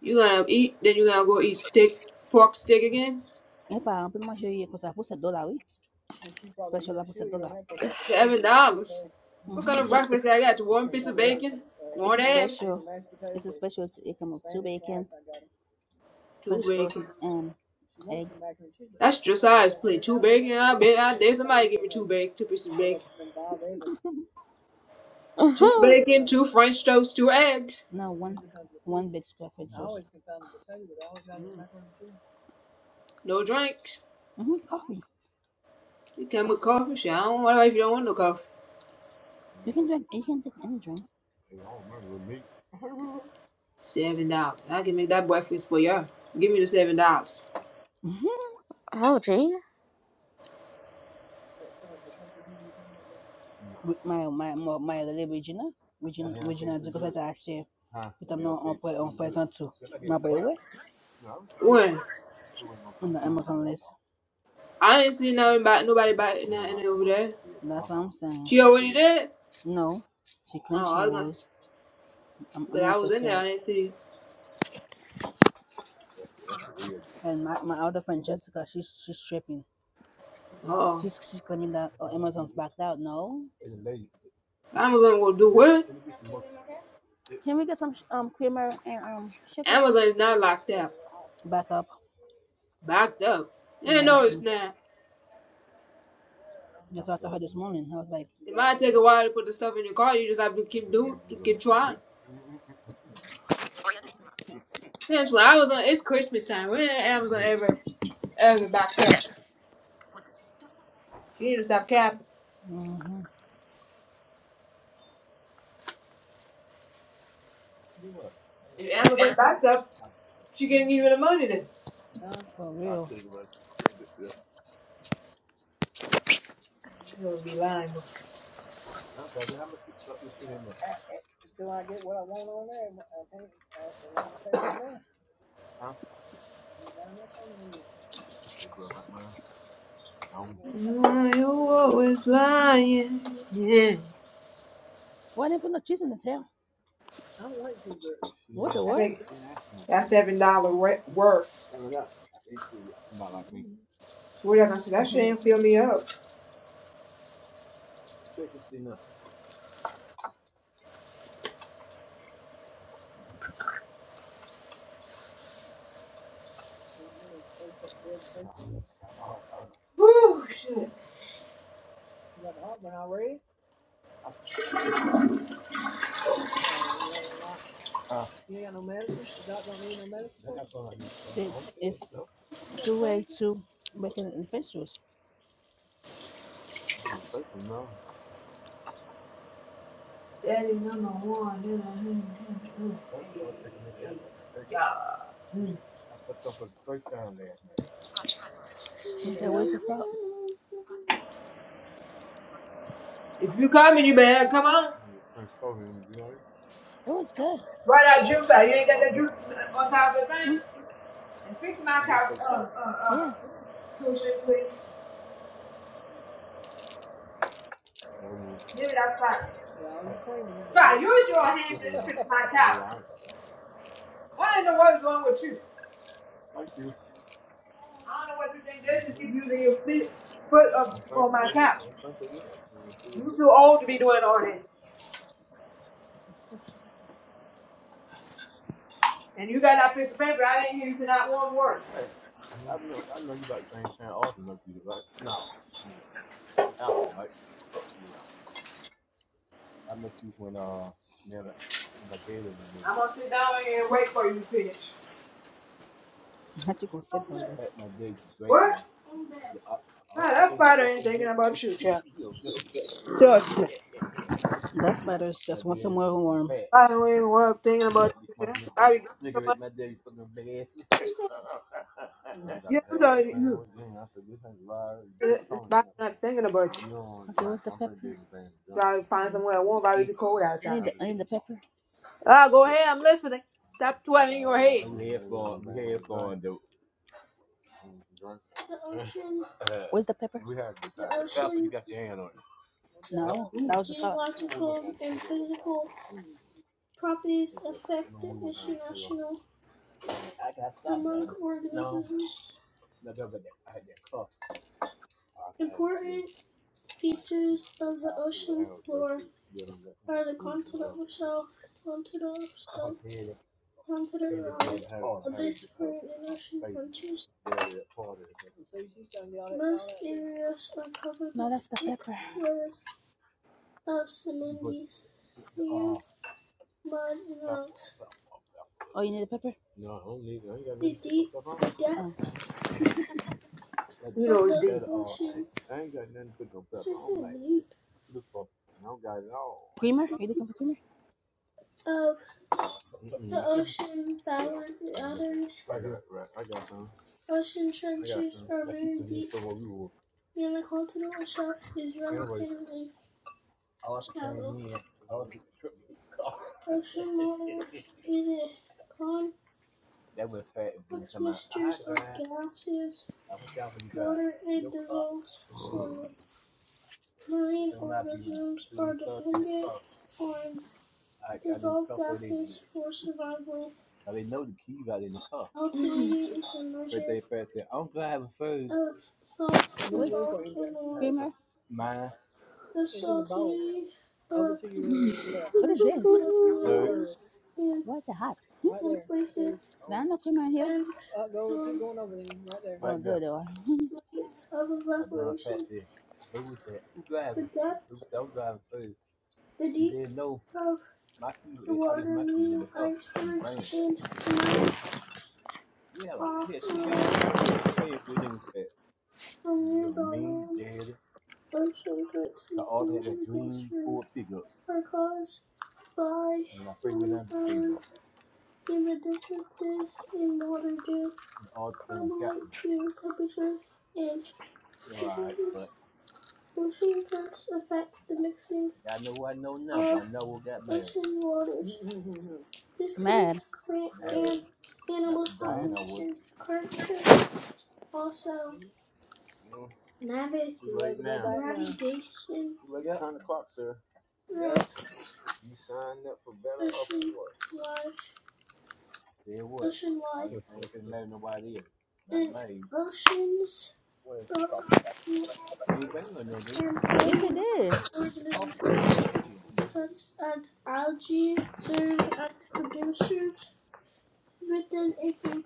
You gonna eat, then you gonna go eat steak, pork steak again. Epa, I'm pretty much sure you because I put a dollar. We. Seven dollars. What kind Mhm. It's of a, it's breakfast I got? One piece of bacon, one egg, special. It's it come two French bacon. toast and That's Josiah's plate. Two bacon. I bet I dare somebody give me two bacon, two pieces of bacon. Two Mm-hmm. bacon, two French toast, two eggs. now one one big square foot. No drinks. Mhm. Coffee. You come with coffee? Shit, I don't know if you don't want no coffee. You can drink. You can take any drink. Seven dollars. I can make that breakfast for y'all. Give me the seven dollars. Oh, gee. When? I ain't seen nothing about nobody about nothing over there. She already did? Oh, I was gonna say, but I was in there, I didn't see Uh oh. Amazon will do what? Can we get some sh- um creamer and um sugar? Amazon is not locked up. Backed up. Yeah, no it's not. It might take a while to put the stuff in your car, you just have to keep doing keep trying. That's when Amazon it's Christmas time. We're in Amazon everywhere. Evan backed up. She needed to stop capping. If Amazon backed up, she couldn't give you the money then. You would be lying. bro. You always lying. Yeah. Why didn't put no cheese in the tail? I think that seven dollar worth. What am I say? That shit ain't fill me up. Woo shit. See, it's two way to making the French toast. Steady number one. you know, mm, mm, mm. Hey, hey, yeah. Mm. The salt. If you coming, you better come on. Right that juice out? You ain't got that juice on top of the thing. And fix my couch. Uh, uh, uh. Yeah. Push it, please. Give it up front. Try, use your hands and fix my towel. What in the world is wrong with you? I don't know what you think this is. Keep using your feet, foot up on my couch. You too old to be doing all this. And you got that piece of paper. I didn't hear you to not one word. I'm gonna sit down here and wait for you to finish. What? God, that spider ain't thinking about you, child. Trust me. I don't even worry thinking about you, child. I be doing so much. You know you. The spider not thinking about you. Try to find somewhere warm. Why be too cold outside? need the, I need the pepper. Ah, go ahead. I'm listening. Stop twirling your head. Where's the pepper? No, that's the pepper. Oh, you need the pepper. Oh, You know it's deep. creamer. Are You looking for creamer? Creamer. What is this? Why is it hot? Did I not come out here? Mad. Yeah.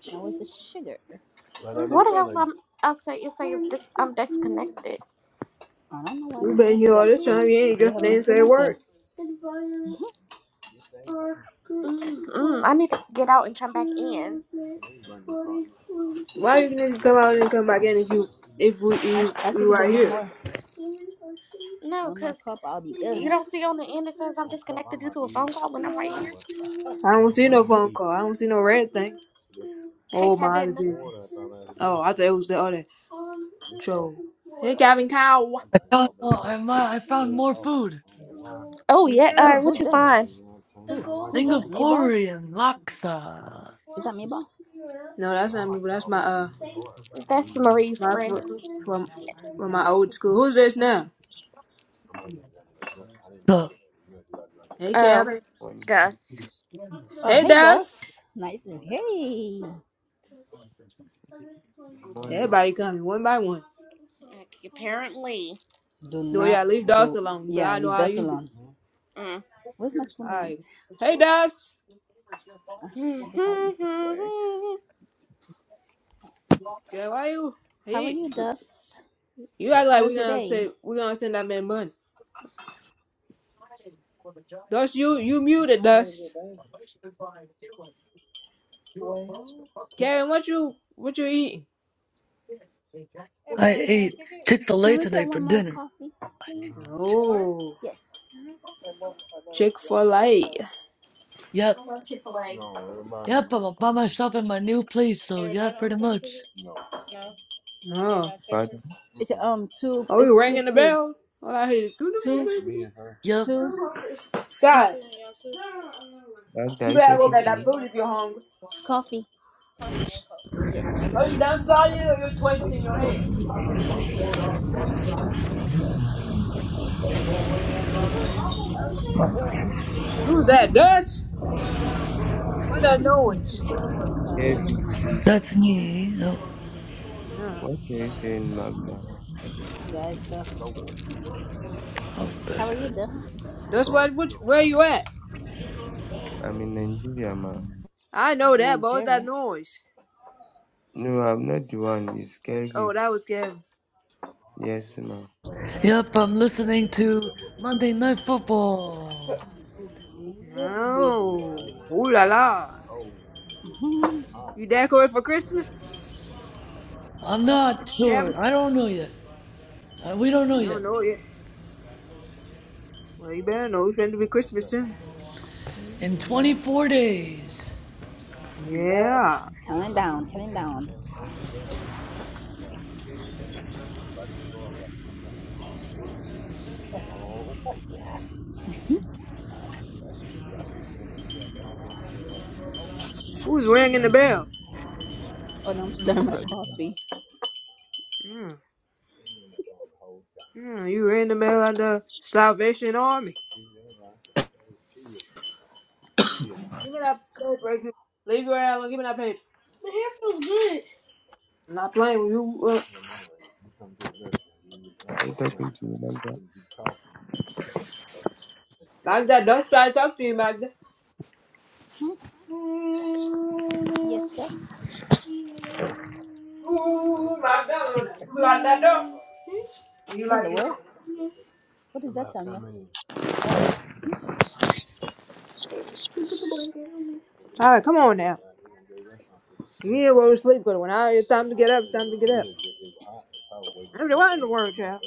Now where's the sugar? What the hell? I'm, I say you say is dis, I'm disconnected. I don't know why I You've said been that. here Yeah, all this you, time. You ain't you just haven't been didn't saying a nothing. word. Mm, mm, I need to get out and come back in. Why you need to come out and come back in if you if we you, Ask, ask it you to bring right one here? more. No, One more cause cup, I'll be good. you don't see on the end it says I'm disconnected due to a phone call when I'm right here. I don't see no phone call. I don't see no red thing. Hey, Oh, my eyes Kevin. is easy. Oh, I thought it was the other troll. Hey, Calvin Cow. I found more, I, mi- I found more food. Oh You yeah. good? Uh, what you find? How's, Singaporean laksa. is that me, ball? No, that's not me. But that's my uh That's Marie's my friend. fr- from from my old school. Who's this now? So Hey, Oh, Calvin. Morning. dust. Yes, Oh, Hey, hey, Dust. Dust. Nice. Good morning. Hey. Good morning. Everybody coming one by one. Ac- Apparently. Well, yeah, leave Dust alone. Cause I know how you be. Mm. Where's my spoon went? Alright. Hey, Dust! I guess I'll use the fork. I Girl, why you? How are He, you, Dust? you act How like was we your gonna day? upset, we gonna send that man money. Dust, you, you muted, Dust. Kevin, what you, what you eating? I ate Chick Fil Can A we get today for one more dinner. coffee? Oh, Yes. Chick-fil-A. Yep, love Chick Fil A. yep. I'm by myself in my new place, so yeah, pretty much. No. Pardon. It's um two. Are we It's two ringing the two bell? All I hear is... Yep, two. God, Magda, are you you better go talking get to that me? food if you're hungry. Yes. Are you done starting or you're twisting your head? Who's that, Dust? What that noise? Uh, let me look at Kevin. my thing. that's me. Yep, Yeah. What are you saying, Magda? how's that How are you, good? Dust? Dust, what, what, where you at? I'm in Nigeria, ma. I know that, but what's that Nigeria. noise? No, I'm not the one. It's Oh, Kevin. that was Kevin. Yes, ma. Yep, I'm listening to Monday Night Football. Oh, ooh la la. You decorate for Christmas, I'm not sure. Kevin? I don't know yet. Uh, we don't know You yet. don't know yet. Well, you better know. It's going to be Christmas soon. In 24 days. Yeah. Lying down. Who's ringing Why the is it bell? Oh, now I'm stirring my Pardon? coffee. Mm. Mm, you ring the bell at the Salvation Army. Give me that paper. right here. Leave your alone. Give me that paper. I'm not playing with you. Uh, Are you talking to me, Magda? Magda, don't try to talk to you, Magda. Yes, does. Ooh, Magda. You like that, don't you? You like the door? All right, come on now. You go to sleep because when I it's time to get up, it's time to get up. I don't want to work, child.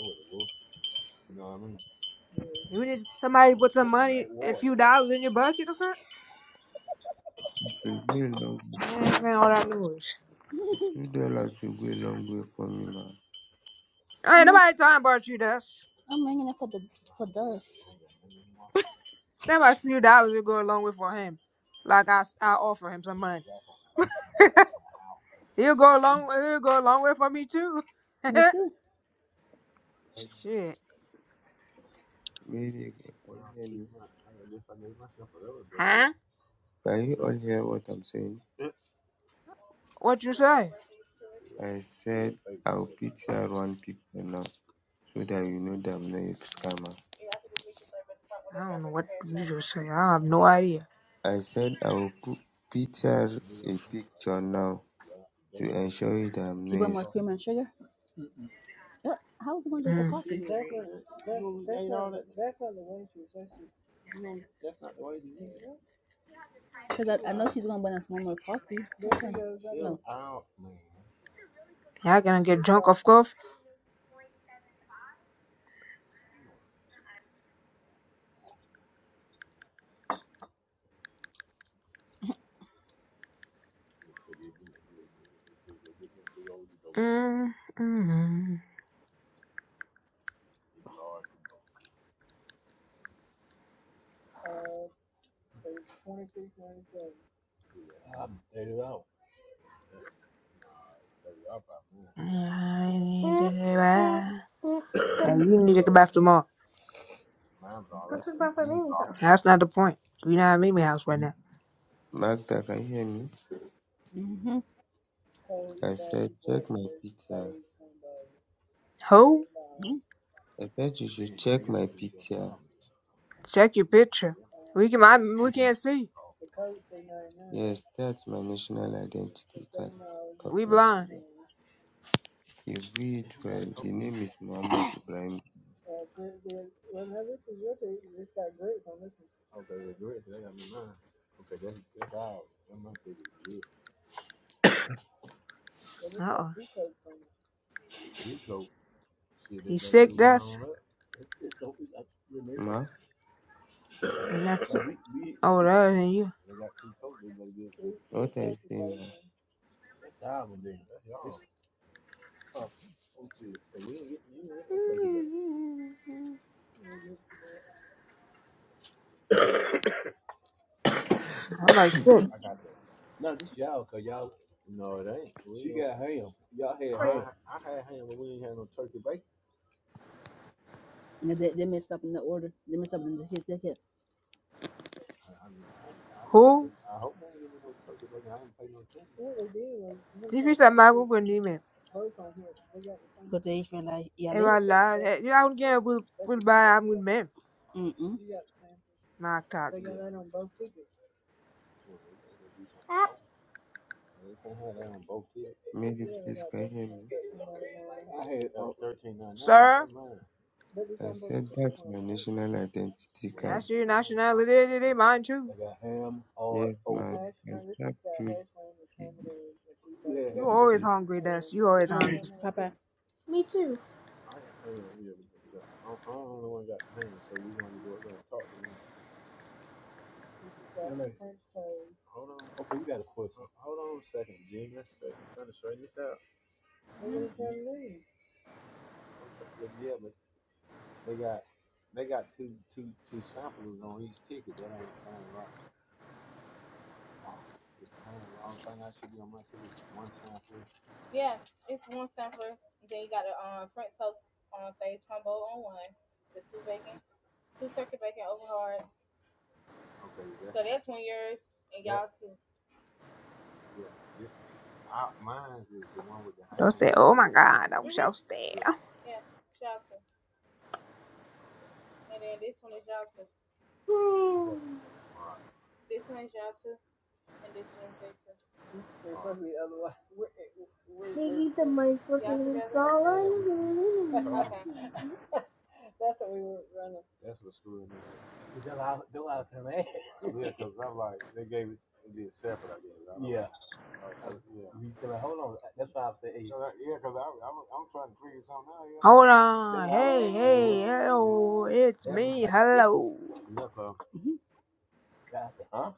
You need somebody with some money, a few dollars in your bucket or It will go a long way. something. Ain't all that noise. Two dollars will go a long way for me, ma. Ain't nobody talking about you, Dust. That my few dollars will go a long way for him. Like I, I offer him some money. he'll go a long, He'll go a long way for me too. me too. Shit, Mary, can you hear me? huh? Can you all hear what I'm saying? What you say? I said I'll PTR one people now so that you know that I'm not a scammer. I don't know what you just say. I have no idea. I said I'll PTR a picture now to ensure that I'm She bought not more escaping. cream and sugar. Oh, how is she gonna drink the Mm. coffee? Because I, I know she's gonna bring us one more coffee. Y'all gonna get drunk off coffee? Mm-hmm. I need to get back. Now, you need to get back tomorrow. That's not the point. You're not at Mimi house right now. Magda, can you hear me? Mm-hmm. I said, check my PTR. Who? I said you should check my PTR. Check your picture. We can I, we can't see. Yes, that's my national identity card of We blind. Nigeria. You read well. The name is Muhammad Ibrahim. Uh oh. You sick, that's Ma, not sick. Oh, that isn't you. what are you saying now? I'm like sick. Who? If you said my fez a mágoa com ele, But They feel like yeah. like, Ela lá, eu alguém will will buy I'm with me. Mm-mm. Macaque. Maybe please can you hear me? Sir, I said that's my national identity card. that's your nationality, it ain't mine too. Yes, ma, you can track through the, You always the hungry, that's you always hungry. But Don't say, oh my god, I'm so scared. You said, well, hold on. That's why I said, hey, Hold that's on. why I was Hey, asking them, well, hey, hello. It's that's me. about the ticket. Hello. God, huh?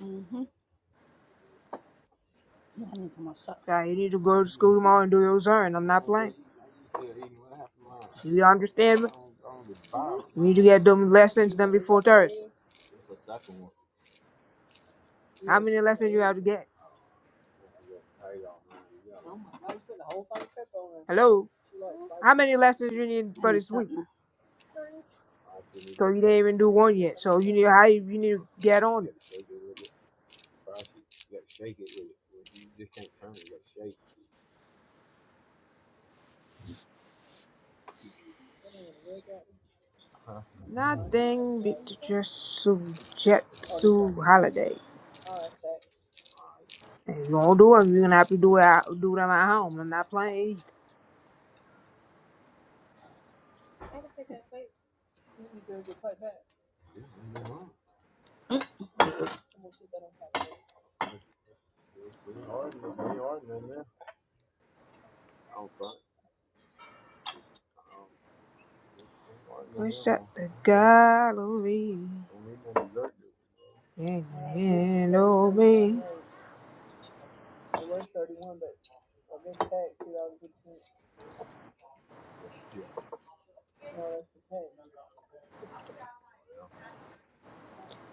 mm-hmm. I need some more salt. Yeah, you need to go to school tomorrow and do your turn. I'm not playing. Do you understand me? You need to get them lessons done before Thursday. That's a soccer one. How many lessons you have to get? Hello? How many lessons you need I for need this salt week? now. So you didn't even do one yet. So you need how you, you need to get on it. Nothing but just to jet to holiday. And you do not do them. You're gonna have to do it out, do them at home. I'm not playing either. Push up the gallery. And oh me,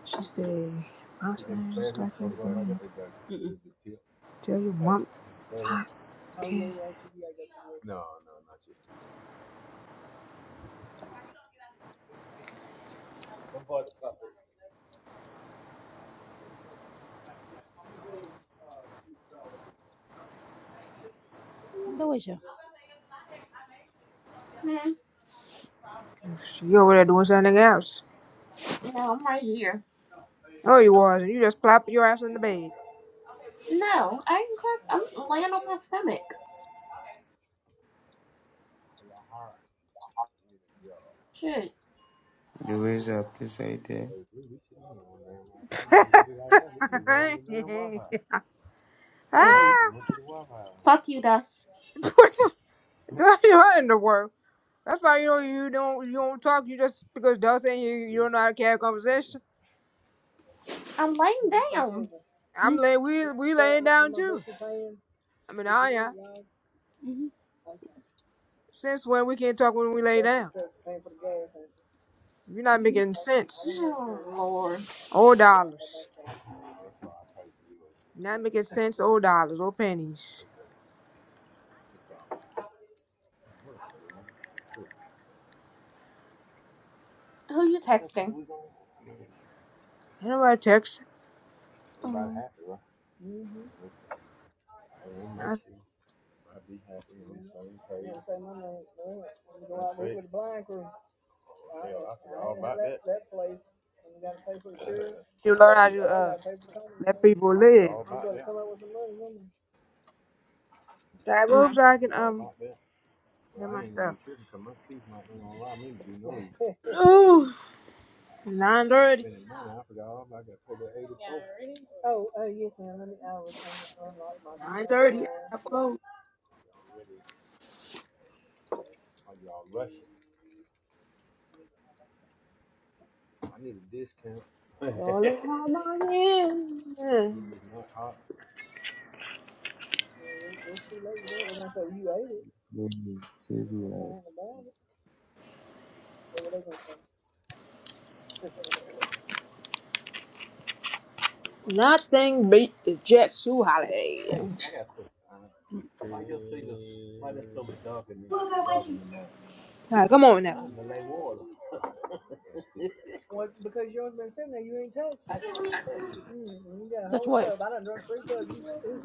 she said, "My son is just like your friend. Tell your mom I can't." That was your. Mm. You over there doing something else? No, I'm right here. Oh, you was, and you just plop your ass in the bed. No, I can click. I'm laying on my stomach. Shit. The waves are precisely ah, the Mm. Fuck you, Dust. what you doing in the world? That's why you don't you don't you don't talk. You just because Doug saying you you don't know how to carry a conversation. I'm laying down. I'm laying we we laying down too. I mean, I yeah. Mm-hmm. Since when we can't talk when we lay down? You're not making sense Oh Lord. or dollars. Not making cents or dollars or pennies. Who you texting? Ain't nobody text. Mm. I s- you learn how to uh let people live. That moves Mm. I can um get my stuff. Ooh, nine thirty. Nine thirty. I close. Darling, I'm on same as they were at sea. Nothing beat the Jet Sue holiday. Hey, I got a question. Uh, Why the dog in the, dog in your mind? Alright, come on now. Mine's a lake water. I had touched it. Touch what?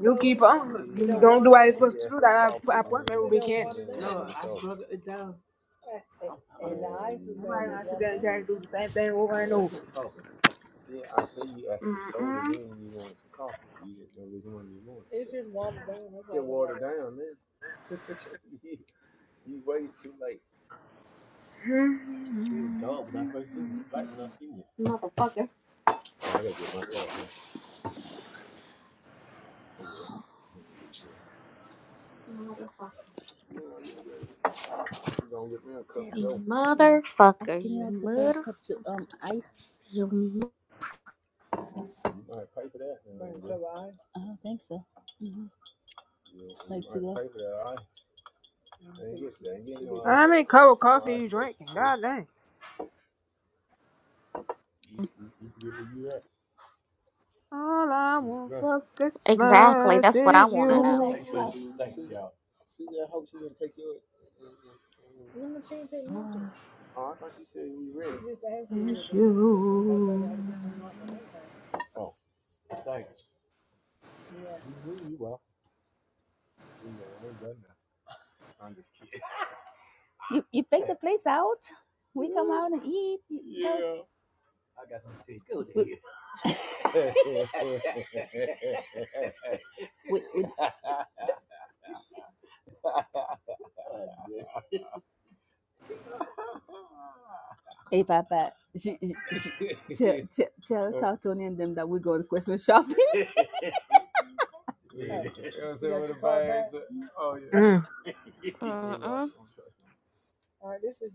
You keep on. You don't do what you're supposed to do. That appointment will be canceled. Put it down Nobody gonna sit there and try to do the same thing over and over. to the coffee. Mm. Mm. See, was dark when I first seen it. Light when I seen it. Motherfucker. Motherfucker. You Mm. I motherfucker. can you You ask for a mother. cup to um ice? You. Mo- I don't think so. hmm Like to go. How many cup of coffee you drinking? God dang. All I want for exactly. Christmas That's what I is want to It'll be know. like Thanks you. Is you. you, you pick the place out. We yeah. come out and eat. You know. Yeah. I got some tea. Go to We, here. we, we, hey Papa, she, she, she, tell, tell, tell Tony and them that we go to Christmas shopping. Mm. Mm. Mm.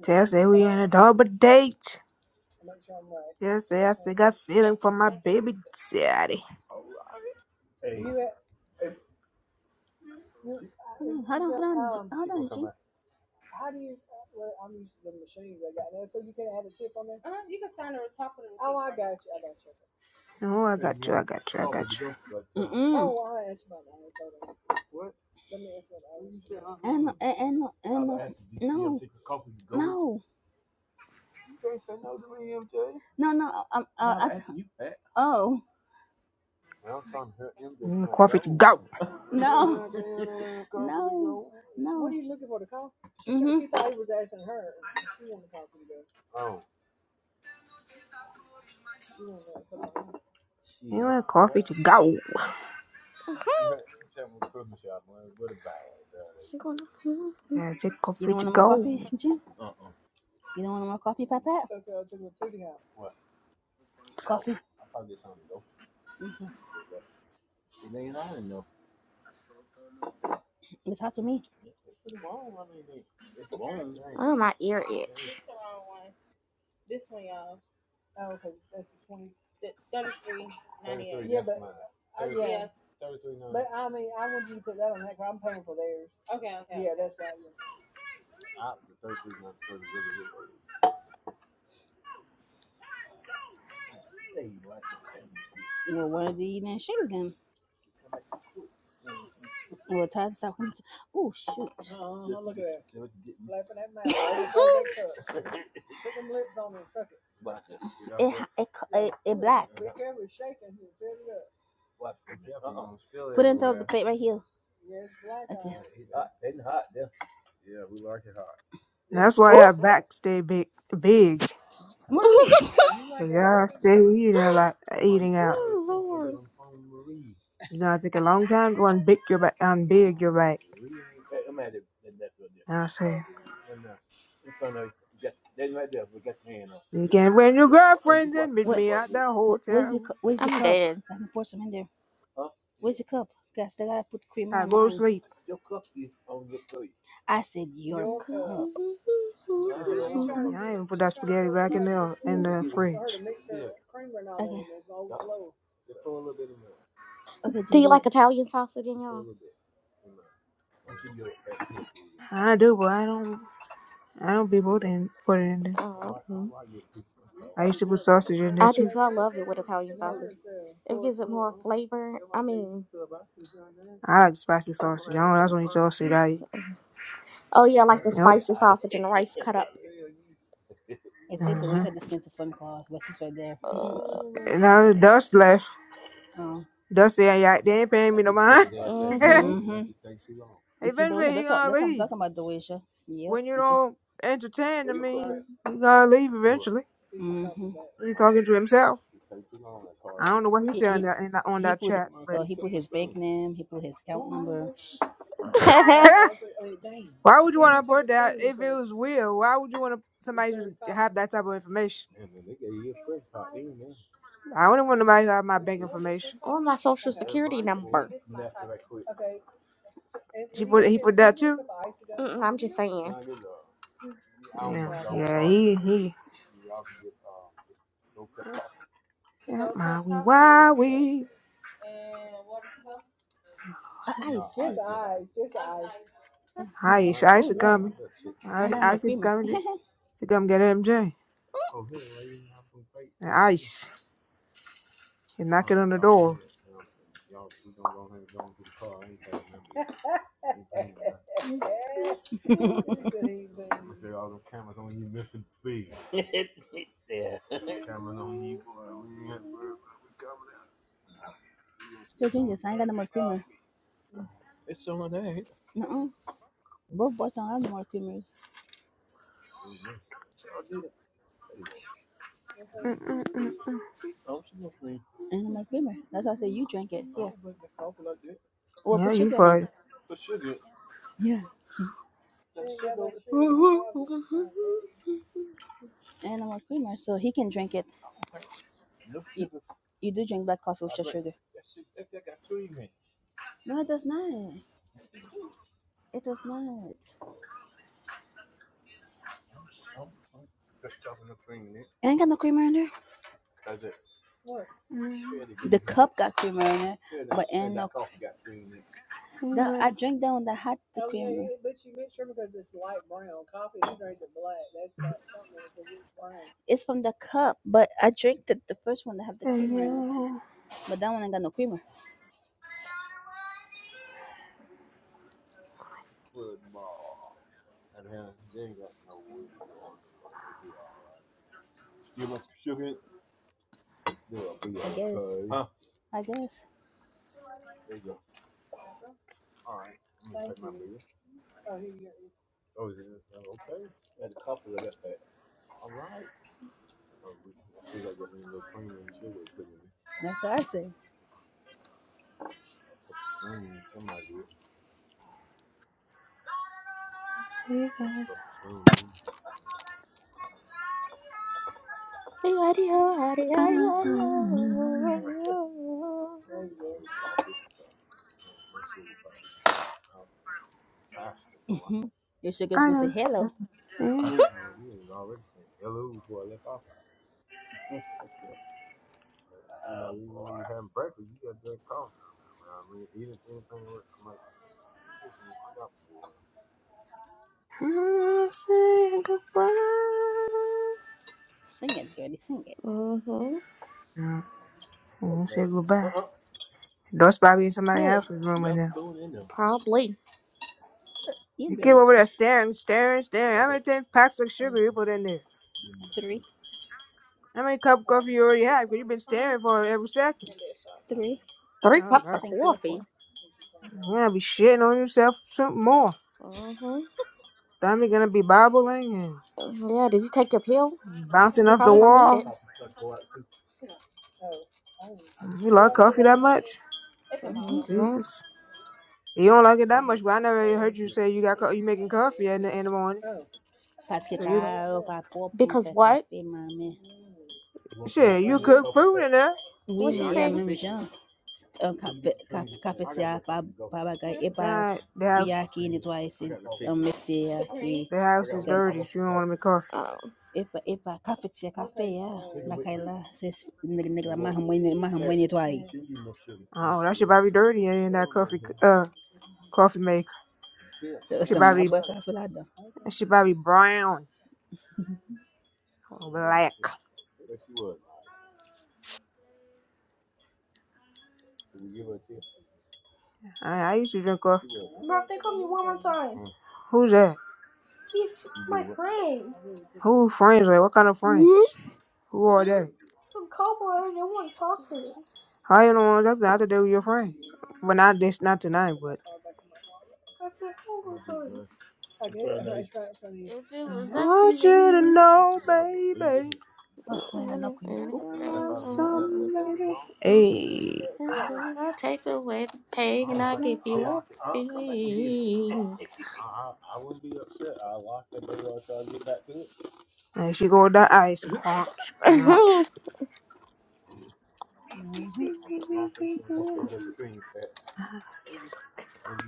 Tell say we on a double date. Tell say I still got feeling for my baby daddy. G- hold Oh, I got you, I got you, I got you. And and and, and no, no, no, no. no, Um, uh, I th- oh You want coffee to go. no. You want coffee to go. Mm-hmm. She gonna. Mm-hmm. Yeah, take You coffee don't to want no more go. coffee, Jim? You don't want no more coffee, Papa? Coffee. It's hot to me. Oh, my ear itch. Well, why do you then shake again? Well, time to stop coming. To- oh shoot, it, co- it it black. Plate right here. That's why I Oh, back stay big. big. Marie. So y'all stay eating like eating out. Oh, Lord. You gonna take a long time to unbig your back, unbig your back. I in front of that right there, but get your hand up. You This can is bring your yeah, wa- and you girlfriends watch and meet What? you me walk at with the what where's hotel. your cu- Where's your I'm cup? dead. So I can pour some in there. huh? Where's your cup? Guys, I gotta put creamer I in go to mine. sleep. Your cup is on your plate. I said you. Do You Yeah, I even put that spaghetti back in the in the fridge. Okay, Jim, you do it. like Italian sausage in y'all? I'm sure you I do, but I don't. I don't be able to put it in there. Oh, okay. I used to put sausage in there I do too. too. I love it with Italian sausage. It gives it more flavor. I mean, I like spicy sausage. I don't. That's when you sausage I eat. oh yeah, I like the Yep. spicy sausage and the rice cut up. It said the way you Uh-huh. had the skin to phone call. Wes is right there. Uh, And now the dust left. Dust yeah, yeah. They ain't paying me no mind. Mm-hmm. you see the way eventually he that's what gonna that's what I'm leave. talking about. The way Yep. When you Yep. don't entertain, I Where your cup? mean, he gonna leave eventually. He talking to himself. I don't know what he said on that, in that on He that put chat, but. his name. He put his account number. why would you want to put that if it was real? Why would you want to, somebody to have that type of information? I wouldn't want nobody to have my bank information. or my social security number. She put he put that too. Mm-mm, I'm just saying. Yeah, yeah, he he. Yeah, my we why we. I, Ice, Ice is coming. I- Ice is coming to, to come get MJ. And Ice and knock it on the door. drink this. I ain't got no more creamer. No, both boys don't have no more creamers Mm-mm-mm. and no more creamer. That's why I say you drink it. Here, we'll Yeah, put you sugar in for it. it. Yeah, and Hey, no more creamer, so he can drink it. You, you do drink black coffee with just sugar. No, it does not. It does not. It ain't got no creamer in there. Mm, The cup got creamer in it, but ain't no. he That went I drank that one that had. It's from the cup, but I drank the, the first one that have the and creamer in it. you, But that one ain't got no creamer. I guess. That's what I said. he got- howdy-ho, howdy, howdy-ho. Your sugar's I gonna say don't hello. know. I'll say goodbye. Mm-hmm. Yeah, I'm gonna say goodbye. That's probably in somebody Good. else's room right now. Probably. You You did keep it. over there staring, staring, staring. How many ten packs of sugar you put in there? Three, How many cup of coffee you already have? Because you've been staring for it every second. three, Three Oh three. cups I of God, think three or coffee. four. you're gonna be shitting on yourself Something more. Mm-hmm. Stomach gonna be bobbling Mm-hmm. Yeah, did you take your pill? and bouncing You're off the probably gonna need wall. it. You like coffee that much? hmm So, Jesus, you don't like it that much. But I never heard you say you got co- you making coffee in the, in the morning. Parce que So you quand pas pour me because faire what? café, maman. Shit, you cook food in there. What Oui, was mais she il y a saying? même gens. Un café, caf- cafetière, pas, pas bagaille, et pas Besides, the house, via qui nettoie ses messieurs. qui the house is dirty. She don't want to make coffee. Um, et pas, et pas cafetière, café, ya. La caille là, c'est, nègre, nègre, ma hamouine, ma hamouine nettoie. Oh, that should probably be dirty in that coffee, uh, coffee maker. Should Ma probably, boire café là-dedans. that should probably be brown or black. I, I used to drink coffee. Who's that? Who friends? Like, what kind of friends? Who are they? I don't want to talk to. them. I thought they were your friend. But not this, not tonight. But if it I was up to want you to me, know, baby, I can love some, baby. Hey. I'll take away the pain and I'll give you everything. As you go with that ice, crunch, crunch.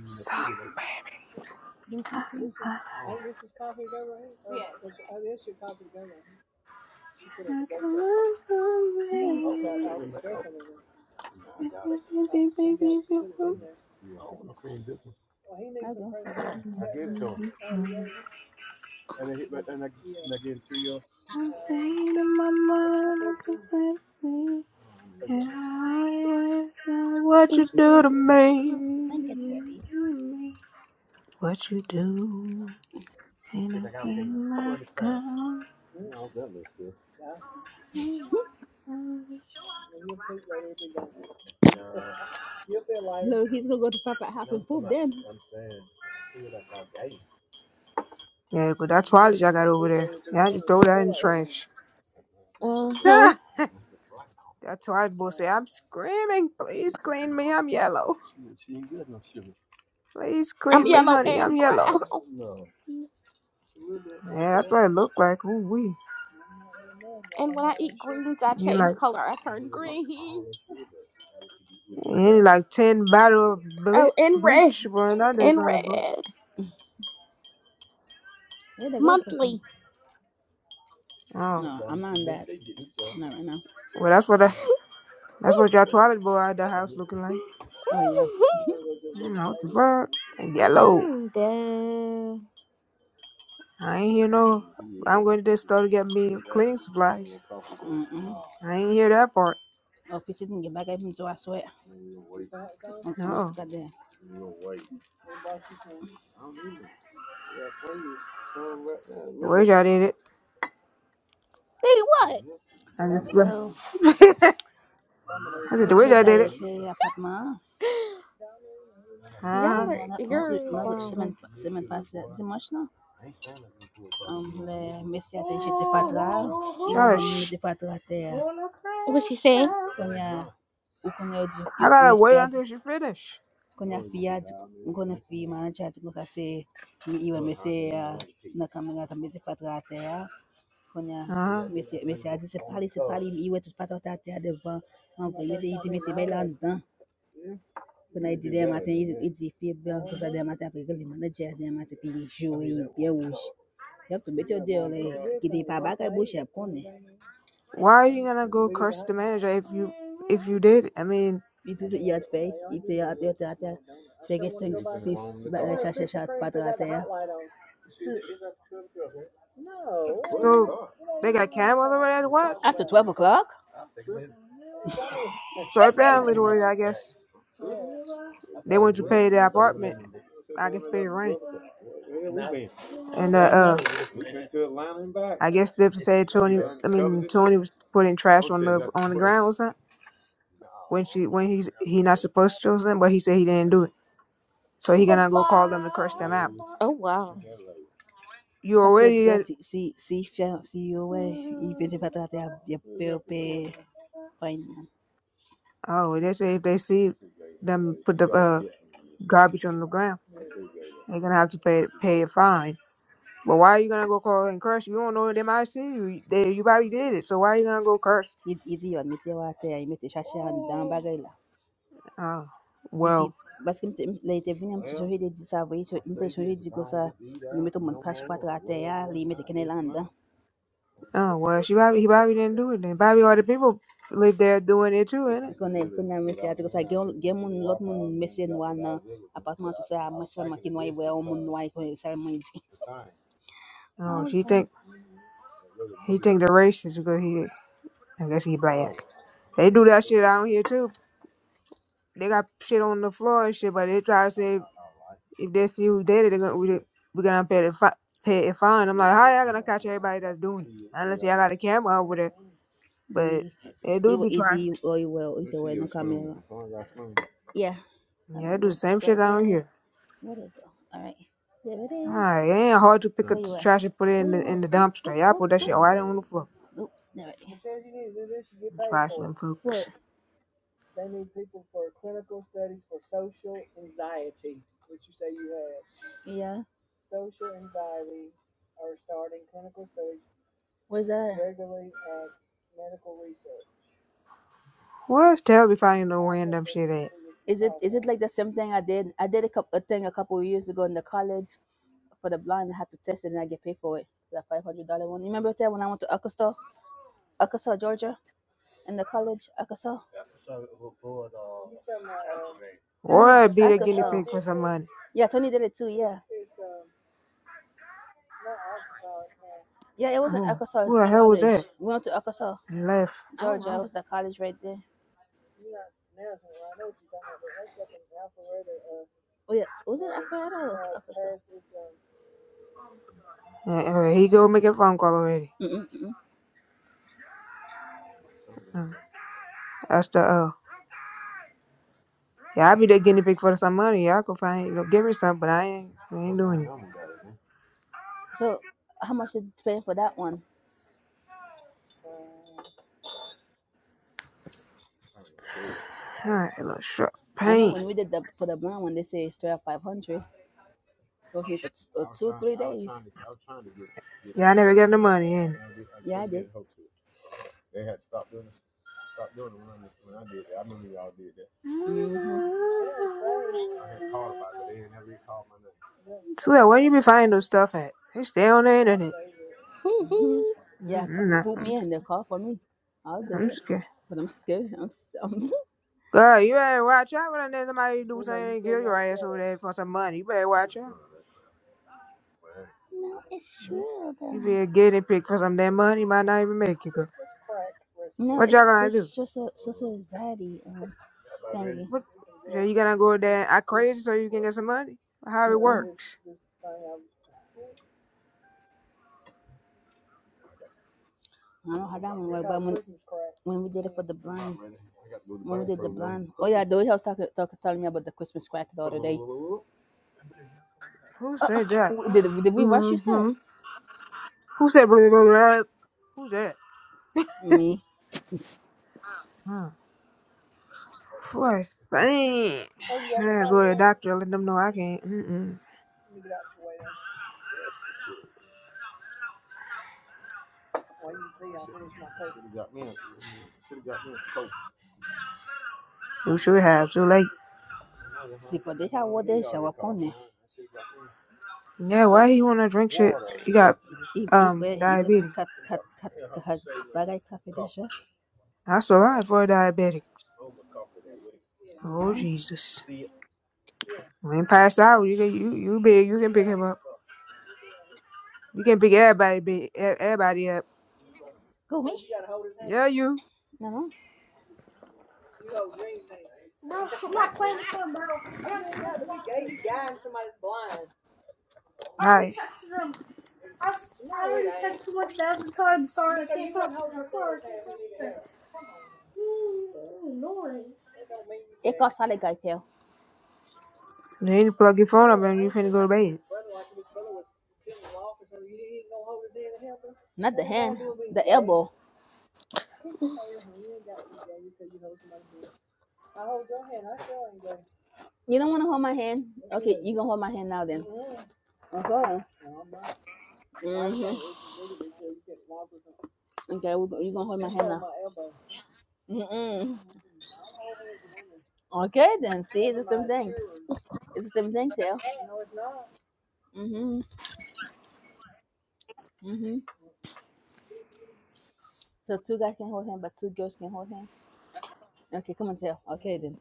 Some baby. Give me some I'm saying to my mind, I can see. And I always know What you do to Mm-hmm. me? Thank it, Freddy. What you do? Ain't nothing like a No, he's gonna go to Papa house and poop then. Yeah, but that toilet I got over there. Yeah, I just throw that in the trash. Mm-hmm. Ah, that toilet boy say I'm screaming. Please clean me. I'm yellow. Please I'm clean me, yellow honey. and I'm brown. yellow. Yeah, that's what it looked like. Ooh, wee. And when I eat greens, I And he change like, color. I turn green. and he like 10 bottle of ble- Oh, and red. bleach running out that And toilet boy. red. Where the red come from? Monthly. Oh, No, I'm not on that. Not right now. well, that's what I, that's what your toilet boy at the house looking like. Oh yeah. You know, the bird. And yellow. mm, duh. I ain't hear no, I'm going to the store to get me cleaning supplies. I ain't hear that part. Oh, if we didn't get back, I even do I sweat. I'm not to No. get there. Where's y'all did it? Hey, what? I just went. So I did so the way I did José it. pay apartment. On Uh-huh. Y'all y are, a not notre you're notre wild. semaine semaine passée dimanche là. Um, le messie a été chez Fatra. Ils ont bon mis sh- Fatra terre. What she saying? On y a ou qu'on y a dit I gotta messie wait a until dit. she finish. Qu'on y a fille a dit. Qu'on a fille manager a dit que ça c'est. Il va messie na caméra también Fatra terre. Konya, Uh-huh. messieurs, messieurs a dit, c'est pas, c'est pas, il ouais, touche pas ton terre devant. En vrai, il dit, il dit, mettez bien là dedans. Konya, il dit, demain matin, il il dit, fait bien, comme ça, demain matin, après, le manager, demain matin, puis il joue, il est bien rouge. You have to bet your deal, like, il dit, pas bac à bouche, il connaît. Why are you gonna go curse the manager if you if you did? I mean, Il dit, il a fait, il était à terre, à terre. C'est 6, chercher, chercher, pas so they got cameras over there to watch. 12 o'clock? So apparently, the way I guess they went to pay the apartment. I guess pay rent, and uh, uh I guess they have to say Tony. I mean, Tony was putting trash on the on the ground or something when she when he's he not supposed to or something, but he said he didn't do it. So he gonna go call them and curse them out. Oh, wow. You Parce que du coup, already at, si, si, si, si, si, ouais, il veut te faire à terre, il peut, fine. yeah. oh, they say if they see them put the uh, garbage on the ground, they're gonna have to pay pay a fine. But why are you gonna go call and curse? You don't know they might see you. They you probably did it, so why are you gonna go curse? Hizi hizi wametia wate ya imeteshasha dans bagay la. Oh, Hizi well, parce que mte- la ite vini mte shohi de disa voi so mte shohi de sa. nimeto mon pash pat rate ya li mete kene landa. oh well, she probably he probably didn't do it. Then probably all the people live there doing it too, ain't it? Kone kone mesi ati gosa gel gel mun lot mun mesi nwa na apartment to say mesi makino iwe o mun nwa iko sa mwenzi. Oh, she think he think they're racist because he I guess he black. They do that shit out here too. They got shit on the floor and shit, but they try to say If they see who did it, they're gonna we- we're gonna pay the fi- pay a fine. I'm like, how y'all gonna catch everybody that's doing it? Unless y'all got a camera over there, but they We do iwo be easy trifling. or iwe o ite we no camera. Yeah, and Yeah, let they do the me same shit grab down it. here. Where'd it go? All right, there it is. Ah, it ain't hard to pick up the trash and put it in the in the dumpster. Y'all put that shit right on the floor. Oop, there it is. Trifling What? folks. Yeah. Where's that? Where's Tell be finding no random shit at? It's like the same thing I did. I did a, couple, a thing a couple of years ago in the college for the blind. I had to test it and I get paid for it. That five hundred dollar one. You remember that when I went to Arkansas, Arkansas, Georgia, in the college, Arkansas? No, Or be the guinea pig for some money. yeah, Tony did it too. Yeah, yeah, it was in Oh, Arkansas who the hell was College. that? We went to Arkansas, He left. Oh, Georgia. It wow. was that college right there. Oh yeah, was it Alpharetta? Uh, uh, he go make a phone call already. Mm mm mm. Uh, that's the uh. Yeah, I be the guinea pig for some money. Y'all can find you know, give her some, but I ain't I ain't doing it. So how much did you pay for that one? Huh, a little short I know pain. when we did the for the blind one, they say straight up five hundred. It was me for t- uh, Yeah, I never get the money in. it. hmm it. So yeah, where you be finding those stuff at? They stay on the internet. Yeah, Mm-mm, c- nah, put I'm me in s- the Call for me. I'll I'm do it. scared. But I'm scared. I'm. s- I'm Girl, you better watch out when there's somebody do something and kill your ass over there for some money. You better watch out. You be a guinea pig for some damn money, might not even make it, girl. What It's y'all a so- gonna do? social social anxiety um My red, thingy. What? So you gonna go there and act crazy so you can get some money? How it works? I don't know how that one worked when we did it for the my blind. red was When we blind did for the a minute. blind, Oh yeah, the way I was talking, talking, telling me about the Christmas crack the other day. Who said that? W- Did did we rush you, sir? mm-hmm. Who said blah, blah, blah, blah? Who's that? me Hmm. Poor Spain. Yeah, go to the doctor, and let them know I can't. Mm-mm. You should have. Too late. sikodesha wodesha Yeah, why he wanna drink shit? He got I- um ibe ibe nan diabetes. kat kat kat kat bagay That's a lot for a diabetic. Oh Yeah, Jesus. When he passed out, you can you you big, you can pick him up. You can pick everybody big, e- everybody up. go. Yeah, you. No, no. Alright. got solid Then You plug your phone up and you finna go to bed. Not the hand, the elbow. You don't want to hold my hand? Okay, you going to hold my hand now then. Mm-hmm. Okay, we go- you going to hold my hand now. Mm-mm. Okay, then. See, it's the same thing. It's the same thing, Tail. Mm-hmm. Mm-hmm. So two guys can hold hand, but two girls can hold hand. Okay, come on, Tail. Okay, then.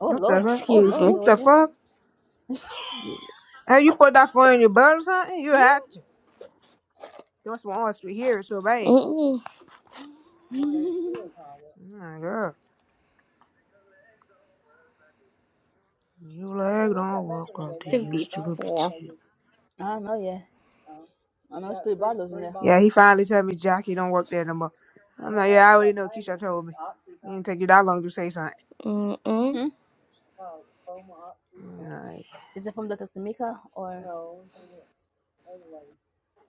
Oh, What the Lord. fuck? Oh, Excuse Lord, me. What the Doja. fuck? Hey, you put that phone in your butt or something? You had to. That's why I wants to hear it so bad. Mm-mm. Oh my god. You leg don't work like they To be used to, but bitch. four. I don't know, yeah. I don't know. Yeah, he finally told me Jockey don't work there no more. I'm like, yeah, I already know Keisha told me. It didn't take you that long to say something. Mm-mm. You know, Like, Is it from Dr. Tamika or...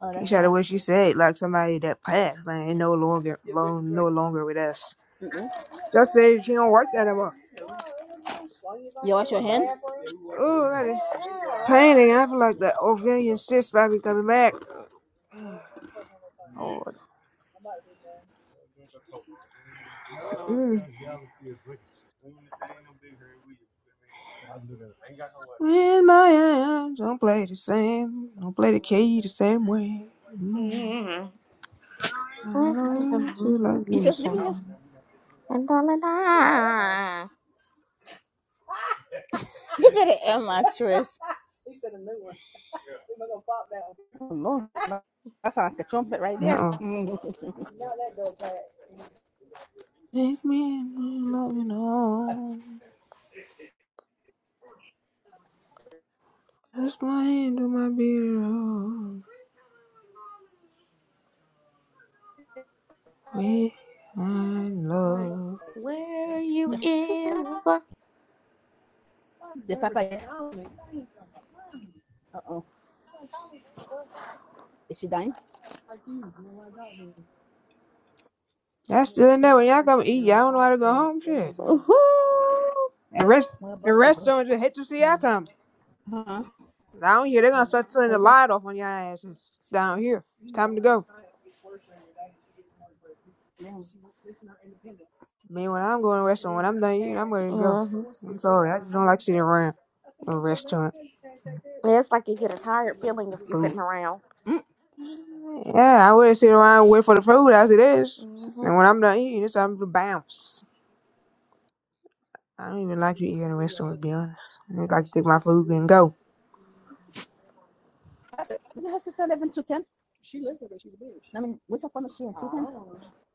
Oh, that's... Keisha the way she said, like somebody that passed, like ain't no longer long no longer with us. Just say she don't work there no more. You wash your hand? Oh, that is paining. I feel like the Ovilian cyst might be coming back. Lord. Mm. In my hands, don't play the same. Don't play the key the same way. Mm. Mm-mm. I know you too like the you the same. same. And all of that I You said it am I trash? That sounds like a yeah. Uh-uh. Mhm. Take me in love me arms. Touch my hand on my beard. We are love in right love. where you is. Is she dying? That's still in there when y'all come eat. Y'all don't know how to go home. Shit. Mm-hmm. And rest. Where are And about to go. restaurants just hate to see y'all come. Huh? Down here, they're gonna start turning What the is it? light off on y'all asses. Down here. It's time to go. Damn. Man, when I'm going to a restaurant, when I'm done eating, I'm ready to go. Mm-hmm. I'm sorry. I just don't like sitting around a restaurant Yeah, it's like you get a tired feeling if you're food. sitting around. Yeah, I wouldn't sit around and wait for the food as it is. hmm And when I'm done eating, it's time to bounce. I don't even like to eat in a restaurant, to be honest. I just like to take my food and go. That's it. Is it her sister living two ten? I mean, which apartment is she in? Two ten?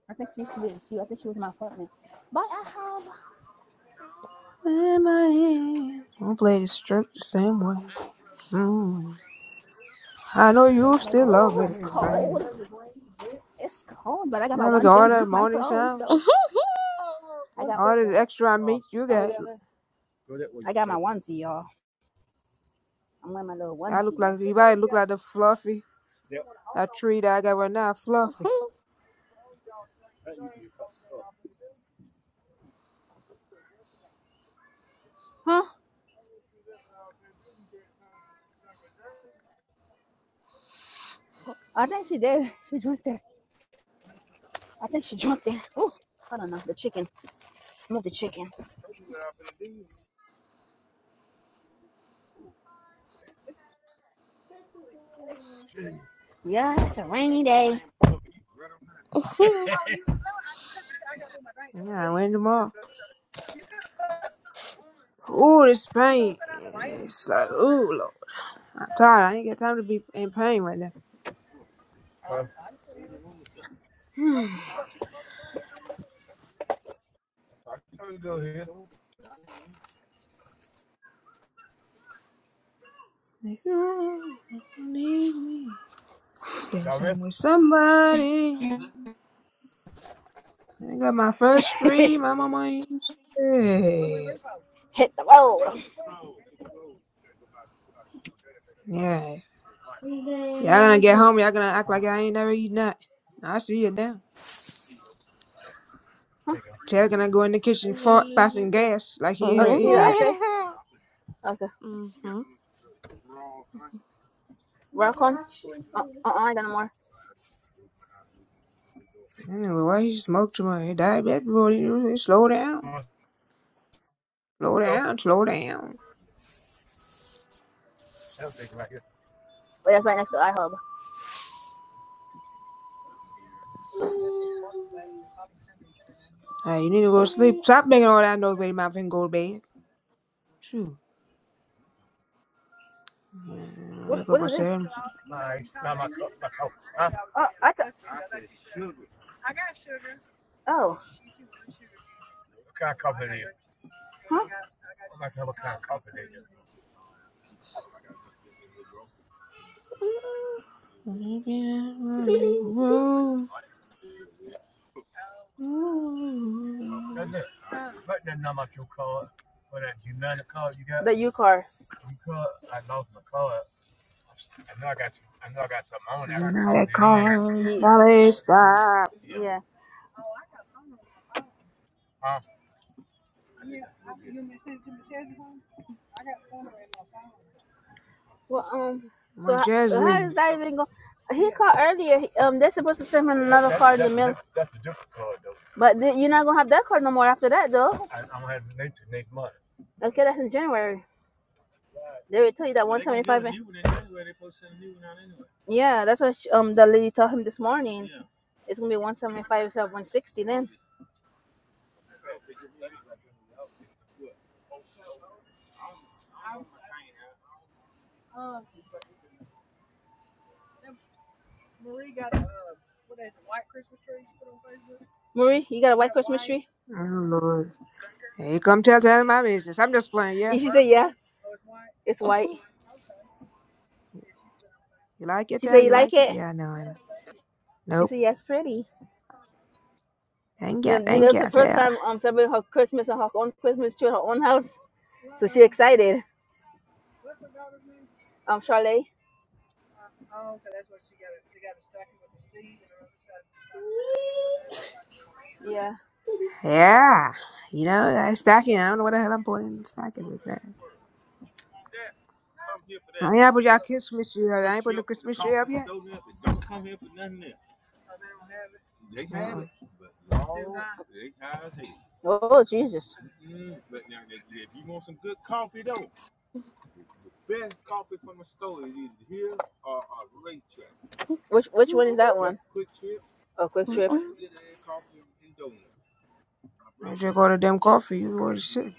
I think she used to be. in two. I think she was in my apartment. In my head, I'll play the strip the same way. Mm. I know you still love me the same. It's cold, but I got my I look at onesie all that underneath my morning clothes, sounds, yeah. so I got all this extra meat you got. I got my onesie, y'all. I'm wearing my little I look onesie, y'all. like you might look like the fluffy That tree that I got right now, fluffy. hmm Huh? I think she did. She drank that. I think she drank that. Oh, I don't know. The chicken. Move the chicken. Yeah, it's a rainy day. Yeah, I went tomorrow. Ooh, this pain. It's like, ooh, Lord. I'm tired. I ain't got time to be in pain right now. If you need me, dance with somebody. I got my first tree. My mama ain't shit. Yeah. Y'all gonna get home. Y'all gonna act like I ain't never eaten that. I see you now. Taylor gonna go in the kitchen for passing gas like he ain't Oh, ever you need eaten the that. ashtray? Okay. Welcomes. Uh, uh, I got no more. Anyway, why you smoke too much? You diabetic, bro. You, slow down. Slow down. Slow down. But that's right next to iHub. Hey, you need to go to sleep. Stop making all that noise, baby my and go to bed. Shoot. Uh, What Wake what up at is seven. Oh, Run the U car. out that car. Yeah. Slowly stop. yeah. Well, um. So My how, jazz how Lee. is that even going? He called earlier. Um, they're supposed to send him another But th- you're not gonna have that card no more after that, though. Okay, that's in January. They will tell you that once. Yeah, that's what she, um the lady told him this morning. Yeah. It's gonna be one seventy five instead of one sixty. Then Marie, you got a white. Marie? Oh, Lord. Hey, come tell, tell my business. I'm just playing, yeah? she said, yeah, it's white. You like it, She said, tell? you You like like it? it? Yeah, I know, I know. She Nope. said, yeah, it's pretty. Ain't You got, know, you know, ain't it's the got, first tell. time I'm um, celebrating her Christmas and her own Christmas tree in her own house. So she excited. Um, Charlotte. Yeah. Yeah. You know, I stacking. I don't know what the hell I'm putting in stacking with that. I ain't put y'all Christmas tree up. I ain't putting the Christmas tree up yet. Uh-uh. Just which which one is that one? Oh, quick. I drink all the damn coffee. You already sick.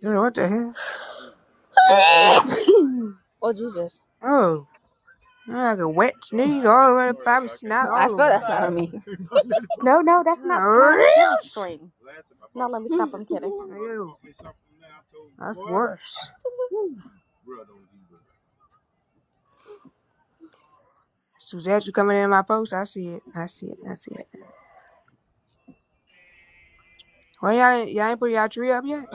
Dude, what the hell? Oh Jesus. Oh, I like a wet sneeze all over the Bible snot I all feel over. that's not on me. no, no, that's not snot. Yeah, It's silly string. No, let me stop. I'm kidding. Ew, that's worse. Suzette, you coming in my post? I see it. I see it. I see it. Well, y'all, ain't- y'all ain't put y'all tree up yet?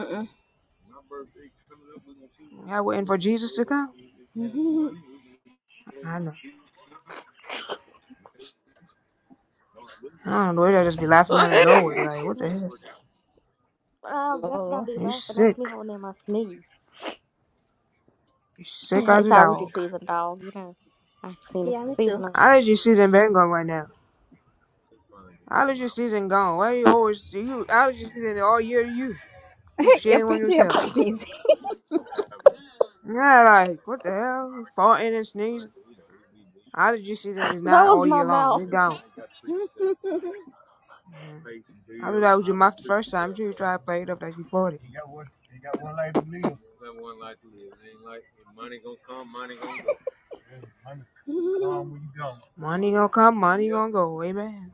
Y'all waiting for Jesus to come? I know. I don't know. Y'all just be laughing out of nowhere. Like, what the Hmm. hell? Oh, that's gonna be You laughing. That's me sick. holding in my sneeze. You Sick as It's a allergy dog. season, dog. You know, I've seen this Too season of this. Allergy season been gone right now. Allergy season gone. Why you always you allergy season all year to you? Keep shitting on yourself. easy. Yeah, like what the hell? You farting and sneezing. Allergy season is That not was all my year long. mouth. It's gone. Mhm. I thought that was your mouth the first time too. You try to play it up like you farted. Money gonna come, money gonna go. Amen.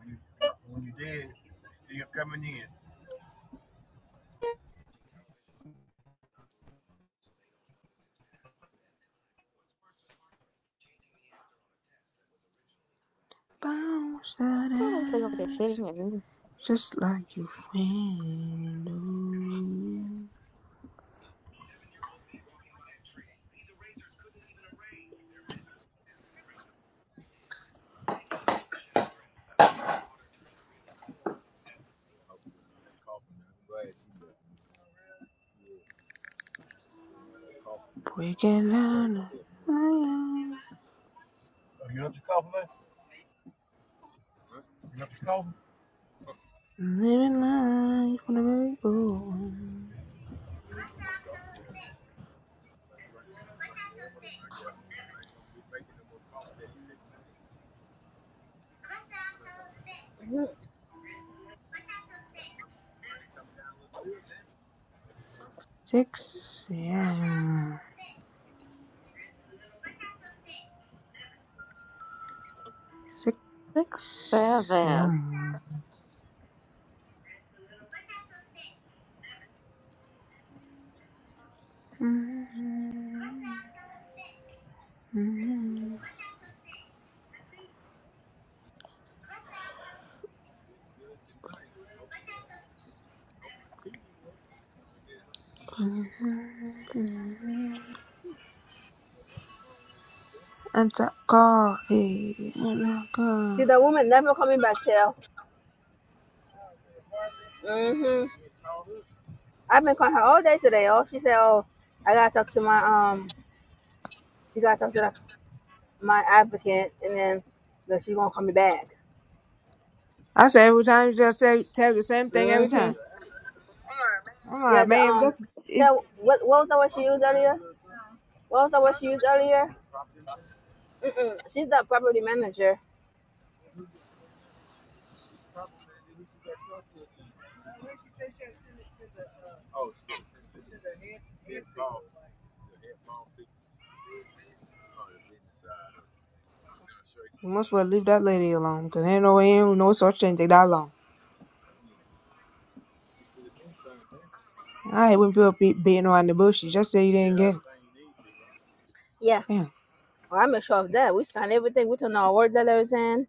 Bounce that Let me see over there ass shitting and just like your friend. Ooh, breaking down. the Living life on a merry-go-round. Six a.m. Six six, seven. a.m. And I hey, and I See the woman never coming back tell. Mm-hmm. I've been calling her all day today. Oh, she said, Oh, I gotta talk to my um she gotta talk to the, my advocate and then that she gonna call me back. I say every time you just say, tell the same thing every Mm-hmm. time. I'm Yeah, like, the man, um that's, if tell what what was the word she used earlier? What was the word she used earlier? She's the property manager. you must well leave that lady alone, cause ain't no ain't no such thing take that long. I hate when people be beating around the bush. You just say you didn't get it. Yeah. Yeah. Well, I make sure of that. We sign everything. We turn our word letters in.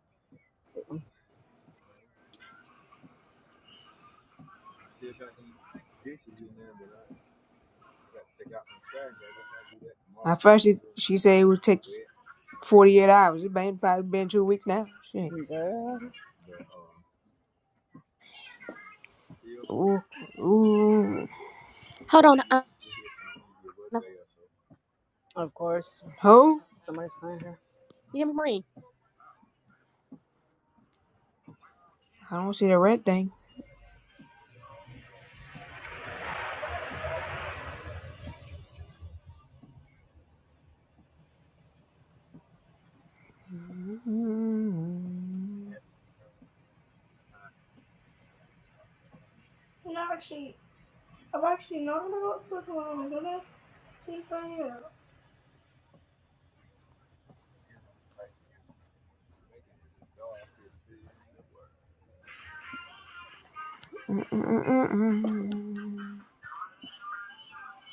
At first, she, she said it would take 48 hours. It been, probably been two weeks now. Shit. Girl, Ooh. Ooh. Hold on, uh, no, of course, Who? somebody's calling her. give me Marie. I don't see the red thing.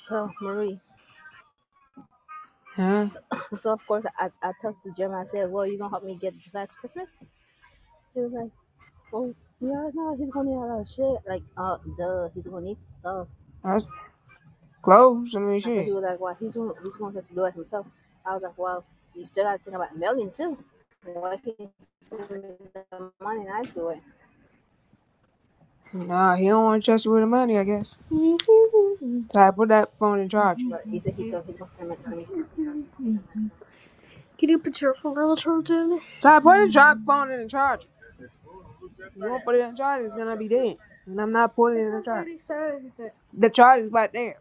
So, Marie. Huh? So, so of course, I, I talked to Jim. I said, well, you going to help me get besides Christmas? He was like, oh, yeah, no, he's going to need a lot of shit. Like, uh, duh, he's going to need stuff. That's close. I mean, I thought he shit. was like, well, he's going he's gonna have to do it himself. I was like, well, you still got to think about mailing, too. Why can't you send me the money and I do it? Nah, he don't want to trust you with the money, I guess. Ty, put that phone in charge. But he said he go, he's going to send it to me. Ty, put the char- phone in the charger. You won't put it in charge, it's gonna be dead. And I'm not putting it in the charger. The charge is right there.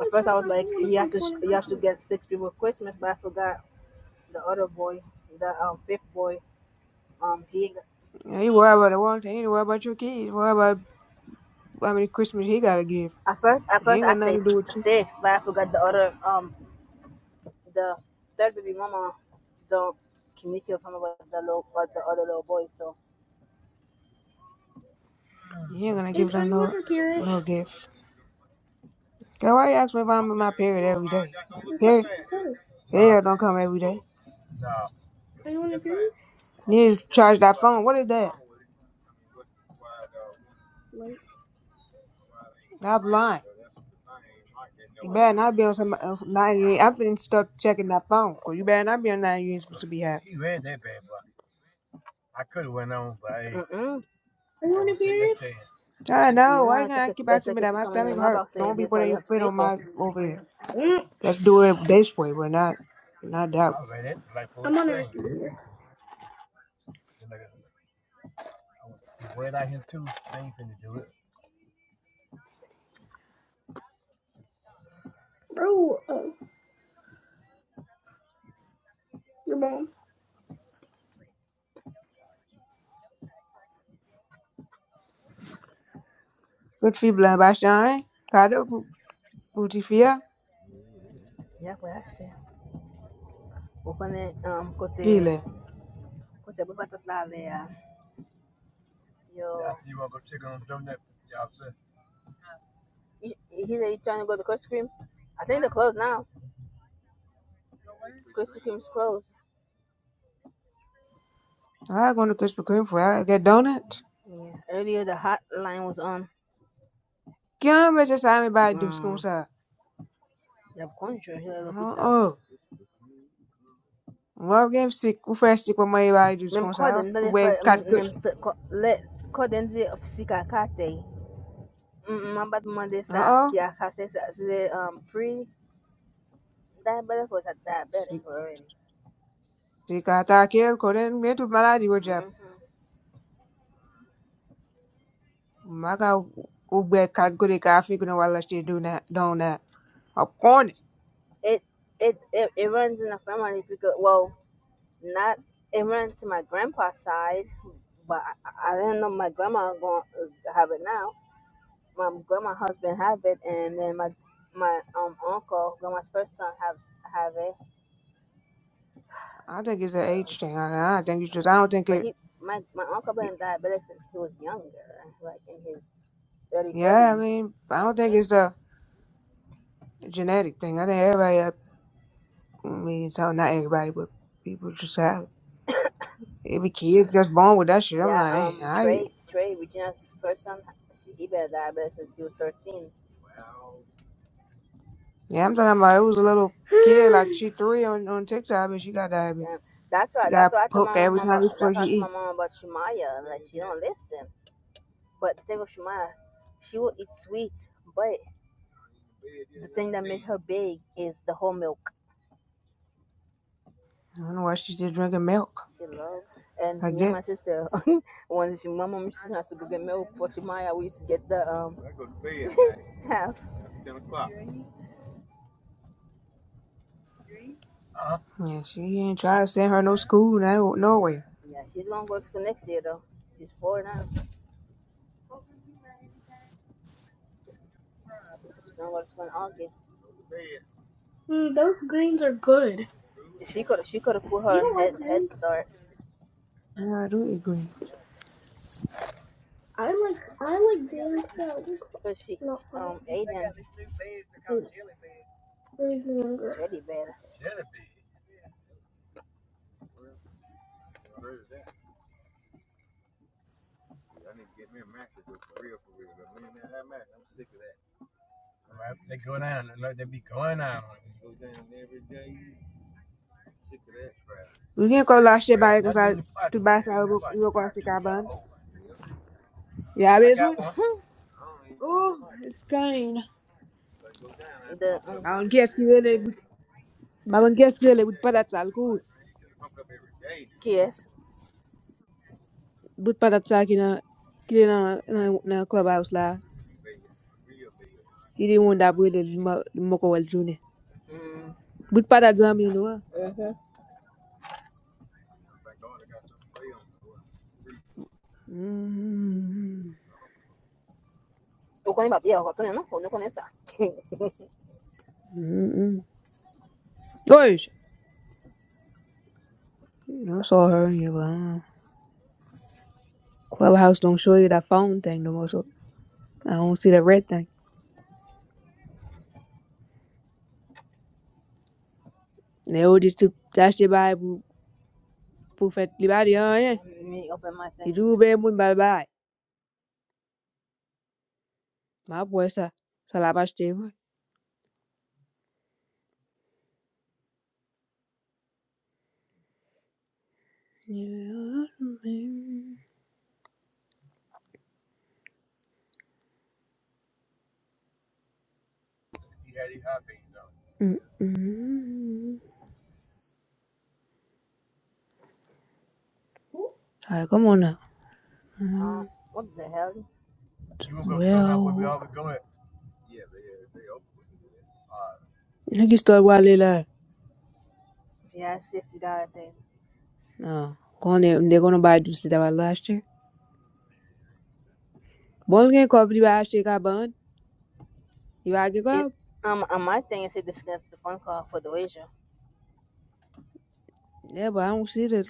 At first, I was like, you have to sh- you have to get six people Christmas, but I forgot the other boy, the um, fifth boy. Um, he Yeah, you worry about the one thing. You worry about your kids. Worry about How many Christmas he gotta give? at first at He first ain't I got say nothing to do s- with you. six, but I forgot the other um the third baby mama, the communicate from about the little about the other little boy. So He ain't gonna It's give no no gift. Girl, why you ask me if I'm in my period every day? Period, period don't come every day. You need to charge that phone. What is that? I'm blind. You better not be on some. else i am finna stuck checking that phone. Cause you better not be on ninety-eight. You ain't supposed to be happy. I you know. don't Why you want to take gonna it keep uh, asking take me it that? to My come in your stomach hurt. mailbox. Say Don't be this is what putting you your have to foot pay on for. my over here. Let's do it this way. we not not that one. Good for you, blood by shine. Kado, booty fear. Yeah, well actually, open it um kote kote baba tatla le ya yo. Yeah, you want to go check on the donut? Yeah, I'm saying. he said you trying to go to Krispy Kreme. I think they're closed now. Krispy Kreme's closed. I going to Krispy Kreme for I get donuts. Yeah. Earlier the hotline was on. Kila mtu sasa baada Um, kuskonsa. ya mgonjwa yule aliyopita. Oh, wao game sick. Ufresh sick kwa mai baada Nimemcall kuskonsa. ndani We ya cut good. mmemlet call nje ofisi kakate. Mamba mande sa Oh, kia kate sa zile um pre diabetic was a diabetic sick already. sick ata kiel koren metu maladi wajab. hmm Maka ube cat good kafi kuna wala shi do na donut. Of course, It it it it runs in the family because well not immigrant to my grandpa's side, but I, I didn't know my grandma going to have it now. My grandma husband have it, and then my my um uncle, grandma's first son, have have it. I think it's an So, age thing. I, I think it's just I don't think but it. he my my uncle been diabetic since he was younger, like in his early Yeah, I thirties. mean, I don't think it's a genetic thing. I think everybody. I mean, so not everybody, but people just have. it. It be kids just born with that shit. I'm Yeah, like, damn, um, how you? Trey Trey Regina's first son, she, he been diabetic since he was thirteen. Yeah, I'm talking about it was a little kid, like she three on, on TikTok, but she got diabetes. Damn. That's why. She That's got why I told poked my every mom time about. That's before she why I told my eat. mom about Shemaya. Like she don't listen. But the thing with Tegoshima, she will eat sweet, but the thing that made her big is the whole milk. I don't know why she's just drinking milk She loved. And like me and that. my sister, when she, my mom used to have to go get milk for Shemaya, we used to get the um half. Yeah, she ain't try to send her no school, no nowhere. Yeah, she's gonna go to school next year though. She's four now. She's gonna go to school in August. She could she could have put her on head head start Yeah, I do agree. because she um Aiden Jelly better. We can't go last year by because I to buy some work on the carbon. Yeah, this one. Oh, it's plain. The um, Malon keski vele, malon keski really. but padat sal good. yes. But padat sal kina kina na na clubhouse la. Ili munda abwele li ma- li moko wel jounen. Bout pa da dzam yon wè. Tô com a minha- Yeah, eu tô nem- não, eu tô nem essa. George! I saw her in here, but I don't know. Clubhouse don't show you that phone thing no more, so I don't see the red thing. They all just tu tache bay pou, pou fet li ba yeah, he do Ki djou be moun bal bay. Ma pwe sa. Sa la pa chete vwe. Alright, come on now. Mm, What the hell? Well, niggas start while they I think. آه. Gonna they're gonna buy do see that about last year. One game called you last year got burned. You I give It up. um on my thing it said discuss the phone call for the wager. Yeah, but I don't see the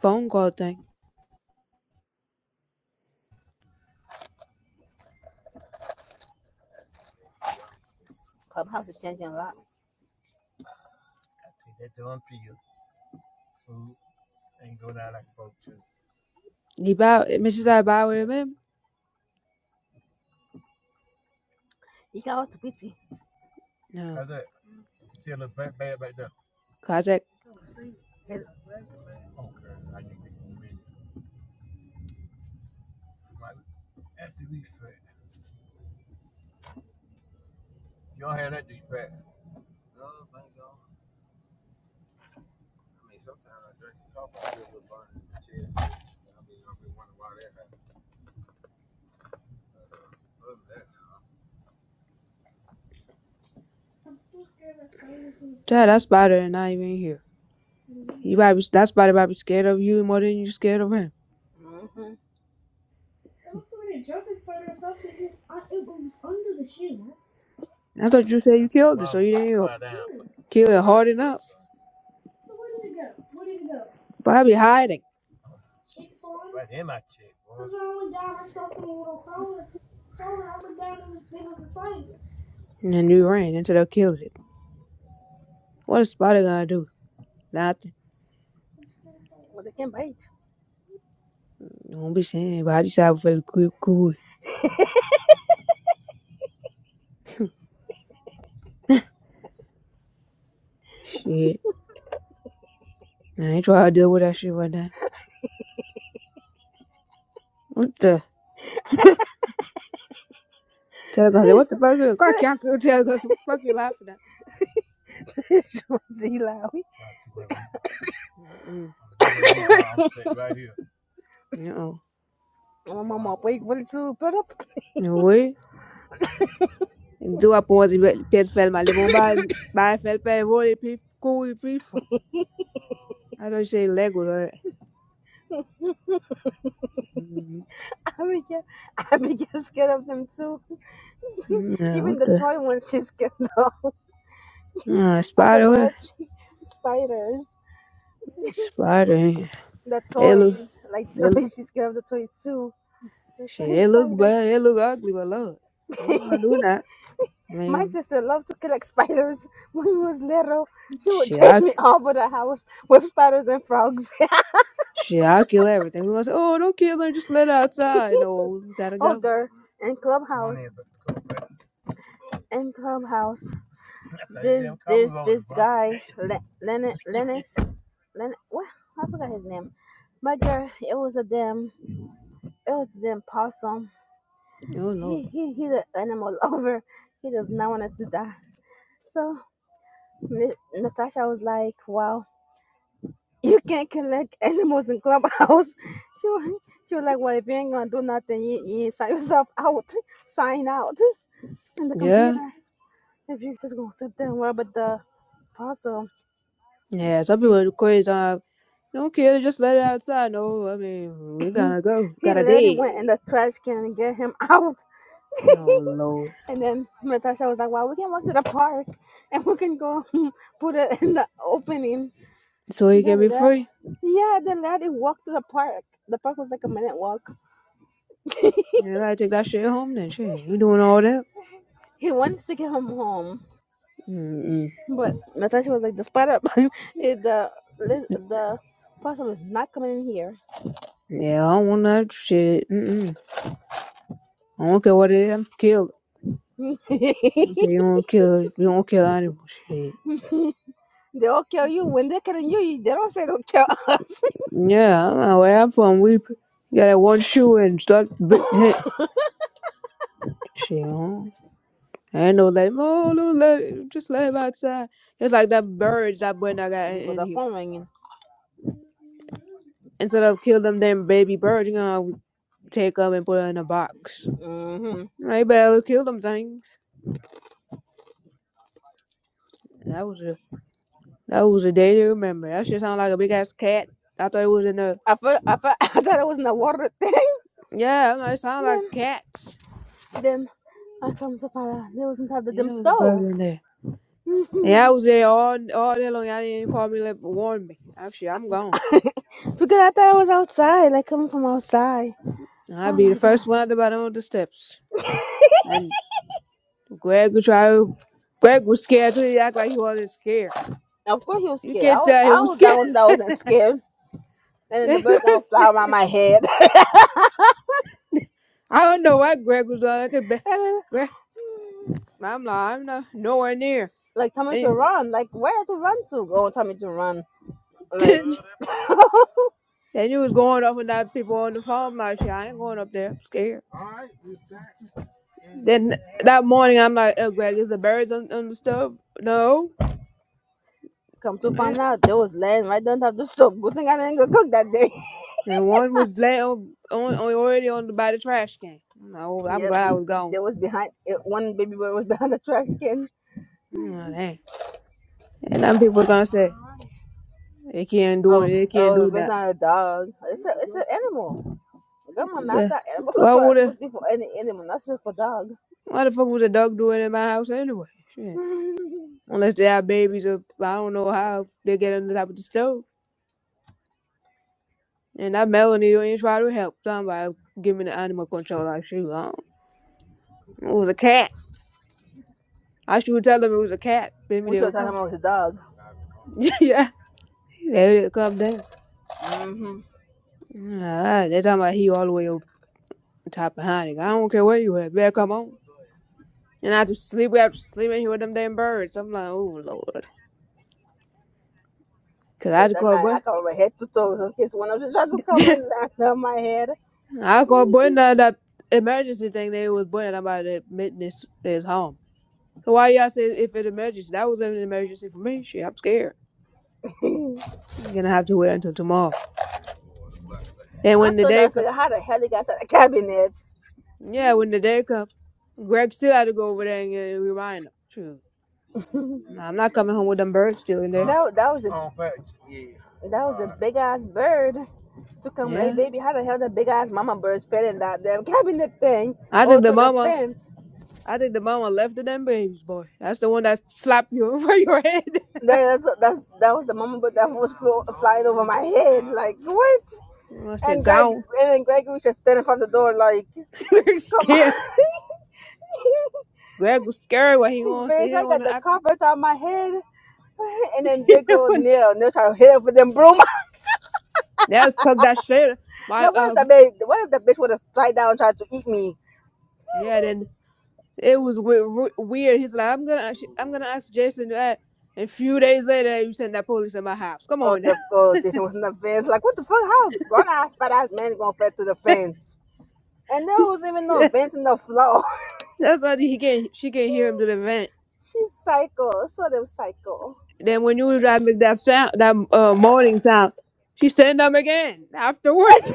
phone call thing. Clubhouse is changing a lot. You buy Mrs. I buy with him. No. Kajak. Yeah, that's better than not even here. You might be, that's why they might be scared of you more than you're scared of him. Mm-hmm. I thought you said you killed it, so you didn't go kill it hard enough. Probably hiding. And then you ran until they killed it. What is Spider gonna do? Nothing. Well, they can bite. Don't be saying anybody said for the cool. cool. Shit. I ain't trying to deal with that shit right now. What the? Tell them, I said, what the fuck? I can't go tell them, I said, what the fuck you laughing at? Z Lowy. Mm-mm. No. No way. Do I pause the bed fell my live on by by fell by roll it cool people. I don't say Lego. right? Mhm. I mean, I mean, you're scared of them too. Yeah, Even what the the? toy ones, she's scared of. Uh, At the spider, Dollar what? Tree, spiders. Spider. eh? The It look, toys, like it, toys, she's scared of the toys too. The toy shit, it look spider. bad. It look ugly, but love it. You ain't gonna do that. I My mean, sister loved to collect spiders when we was little. She would shit, chase I, c- me all over the house with spiders and frogs, shit, I'll kill everything. We gonna say, oh, don't kill her, just let her outside. No, we gotta go. ogre, and clubhouse. in Clubhouse, there's guy Le- Lennon Lennis Len what I forgot his name. But yeah, it was a damn it was a damn possum. Oh, Lord. He he he's an animal lover. He does not want to die. So N- Natasha was like, "Wow, you can't collect animals in clubhouse." She was, she was like, "Well, if you ain't gonna do nothing, you, you sign yourself out, sign out in the Yeah. computer. If you just gonna sit there and worry about the possum." Yeah, some She people are crazy. Uh, don't kill her, just let her outside. No, I mean, we gotta go. He Gotta literally went in dig. the trash can and get him out. No, Lord. And then Natasha was like, "Wow, we can walk to the park and we can go put it in the opening." So he Da, can da, be da. free. Yeah, the lady walked to the park. The park was like a minute walk. You gotta take that shit home then. Shit, you doing all that? He wants to get Mm-mm. Natasha's not coming in here. Yeah, I don't want that shit. Mm-mm. I don't care what it is. I'm scared. You you don't kill. You don't kill animals. Shit. They all say don't kill us. Yeah, I don't know where I'm from. We p- got that one shoe and start big hit. Shit. I don't I ain't no let him. Oh, no, let him- just let him outside. It's like that birds that boy I got in, They got in the here. phone ringing. Instead of kill them damn baby birds, you gonna take them and put them in a box. Mm hmm I better kill them things. That was a that was a day to remember. That shit sound like a big ass cat. I thought it was in a Yeah, I know. It sounds like cats. And Yeah, it was a bird in there. Yeah, I was there all all day long. Y'all didn't even call me, let warn me. I'm sure I'm gone. I'll be the first one at the bottom of the steps. And Greg would try to. Greg was scared too. He act like he wasn't scared. of course he was You scared. I can't was, tell he I was was the scared. one that wasn't scared. And then the bird gonna fly I around my head. and don't know why Greg was all at the back. then Greg, I'm like, I'm not nowhere near. like tell me to And, run. Like where to run to? Go tell me to run. Like. then he was going off and that people on the phone. I'm like, shit, I ain't going up there. I'm scared. Then that morning, I'm like, oh, Greg, is the birds on, on the stove? No. Come to find And out, they was laying right down top the stove. Good thing I didn't go cook that day. and one was laying on, on, on- already on the, by the trash can. I'm like, oh, I'm yeah, glad I be, was gone. they was behind eh, one baby boy was behind the trash can. Oh, dang. And then people are gonna say, they can't do it, Oh, they can't oh, do it's that. not a dog. It's a it's an animal. Grandma, not The- that animal Why control. That's would a, supposed to be for any animal, not just for dog. why the fuck was a dog doing in my house anyway? Shit. Unless they have babies, or I don't know how they get on the top of the stove. And that Melanie don't even try to help. So I'm like, give me the animal control. Like, shoot, I don't, it was a cat. I should tell them it was a cat. Maybe We they should will have told him come. I was a dog. yeah, they will come down. Mm-hmm. Uh, they are talking about he all the way up top behind it. I don't care where you at. Better come on. And I have to sleep. We have to sleep in here with them damn birds. I'm like, oh lord. Cause I Yeah, had to that call night boy. I covered my head to toes in case one of the drugs would come and land on my head. I called boy now that emergency thing. They was boy and I'm about to admit this is home. So why y'all say if it's emergency? That was an emergency for me. Shit, I'm scared. I'm gonna have to wait until tomorrow. And I'm when the still day trying to comes. figure out how the hell they got to the cabinet. Yeah, when the day come, Greg still had to go over there and uh, remind him. Shoot, Nah, I'm not coming home with them birds still in there. That that was a that was a big ass bird. To come like Yeah, baby, how the hell that big ass mama bird fell in that damn cabinet thing I all think the through the mama, fence? I think the mama left the damn babies, boy. That's the one that slapped you over your head. That, that's, that's that was the mama bird that was flo- flying over my head. Like what? I said, And Greg gone. and then Gregory was just standing across the door like, Greg come scared. on, Greg was scared what he wants. He bitch! I didn't want got to the act. carpet on my head. And then he they didn't go wanna- Neil. Neil try to hit her with them broom. Now took that shit. My now what if um, the bitch? What if the bitch would have fly down and tried to eat me? yeah. Then it was we- weird. He's like, I'm gonna, ask- I'm gonna ask Jason that. And a few days later, you send that police in my house. Come Oh, on the oh, Jason was in the fence. Like, what the fuck? How grown ass, fat ass man is gonna fit through the now. fence? And there was even no vent in the floor. That's why he can she can hear him See, to the vent. she's psycho. So them psycho. Then when you was trying to make that sound, that uh, moaning sound, she sent them again afterwards.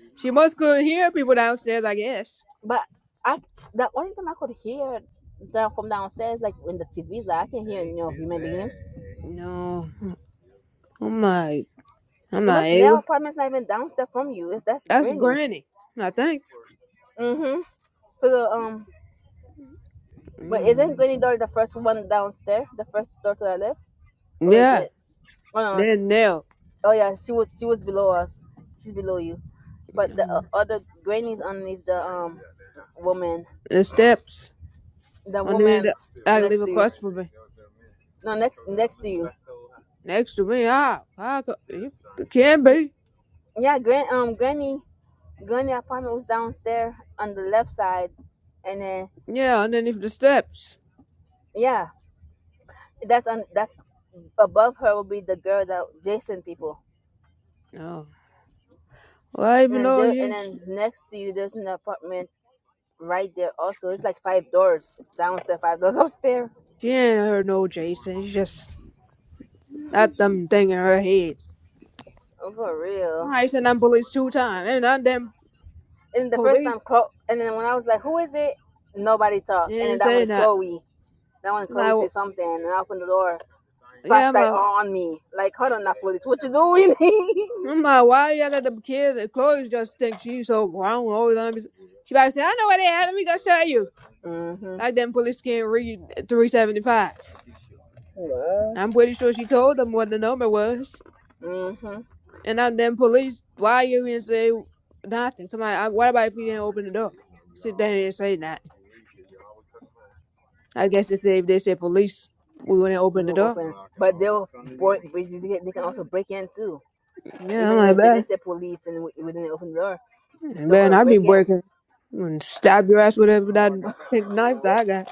she must couldn't hear people downstairs, I guess. But I, the only time I could hear the, from downstairs, like when the TV's like, I can hear no human being. No, I'm not. I'm And not but now able. apartment's not even downstairs from you. It's that's That's Granny. Granny, I think. Mm-hmm. So um, but isn't Mm, Granny door the first one downstairs? The first door to the left, or is Yeah, it? Oh no, no, no, they're nailed. Oh yeah, she was she was below us. She's below you, but the uh, Mm, other granny's underneath the um woman, The steps the underneath. woman The, I next leave to you. across for me, No, next next to you. next to me. How? How? co- You it can Y- be. Yeah, gran um granny granny apartment was downstairs on the left side, and then Yeah, underneath the steps. yeah, that's on that's above her will be the girl that Jason people, No. Well, I and even then know there and he? then next to you there's an apartment right there also. It's like five doors downstairs, five doors upstairs. She ain't heard no Jason. She just that them thing in her head. Oh, for real. I said them police two times, and then them And the first time, police Chlo- and then when I was like, "Who is it?" Nobody talked. And then didn't that say one, that. Chloe. That one, And Chloe I, said something, and I opened the door. w- yeah, I'm Flashlight like, on me. Like, hold on, that police. What you doing? I'm like, why you let them kids and Chloe just think she's so grown? Always let me. s- She about to say, I know what they had. Let me go show you. mhm, Like them police can't read three seventy five. I'm pretty sure she told them what the number was. mhm. And then them police, why you didn't say nothing? Somebody, I, what about if you didn't open the door? Sit there and say that. I guess if they, if they said police, we wouldn't open We the won't door. open, but they'll boy, they can also break in too. Yeah, I'm Even though like, if they bad. didn't say police and we, didn't open the door, they still could Man, have I'd be break in. breaking. I'm gonna stab your ass with a- with that big knife that I got.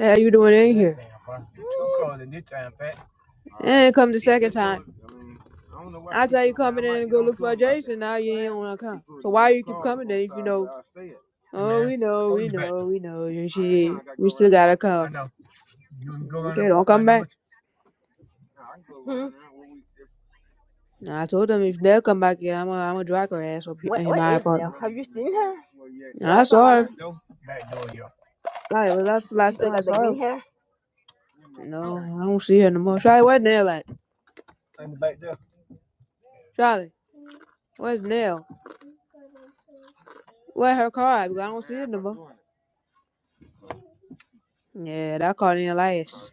How you doing in here? And come the second time. I tell you coming in and go look for Jason, now you ain't wanna come. So why you keep coming then if you know, oh, we know, we know, we know, and she, we still gotta come. Okay, don't come back. Hmm. And I told them if they'll come back here, I'm gonna I'm gonna drag her ass up here What in what my is Nell? apartment. Have you seen her? And I Last time I saw her, knew, like, that's the she last time still I got the saw her green hair. No, I don't see her no more. Charlie, where's Nell at? Charlie, where's Nell? Where her car at? Because I don't see her no more. Yeah, that car didn't last.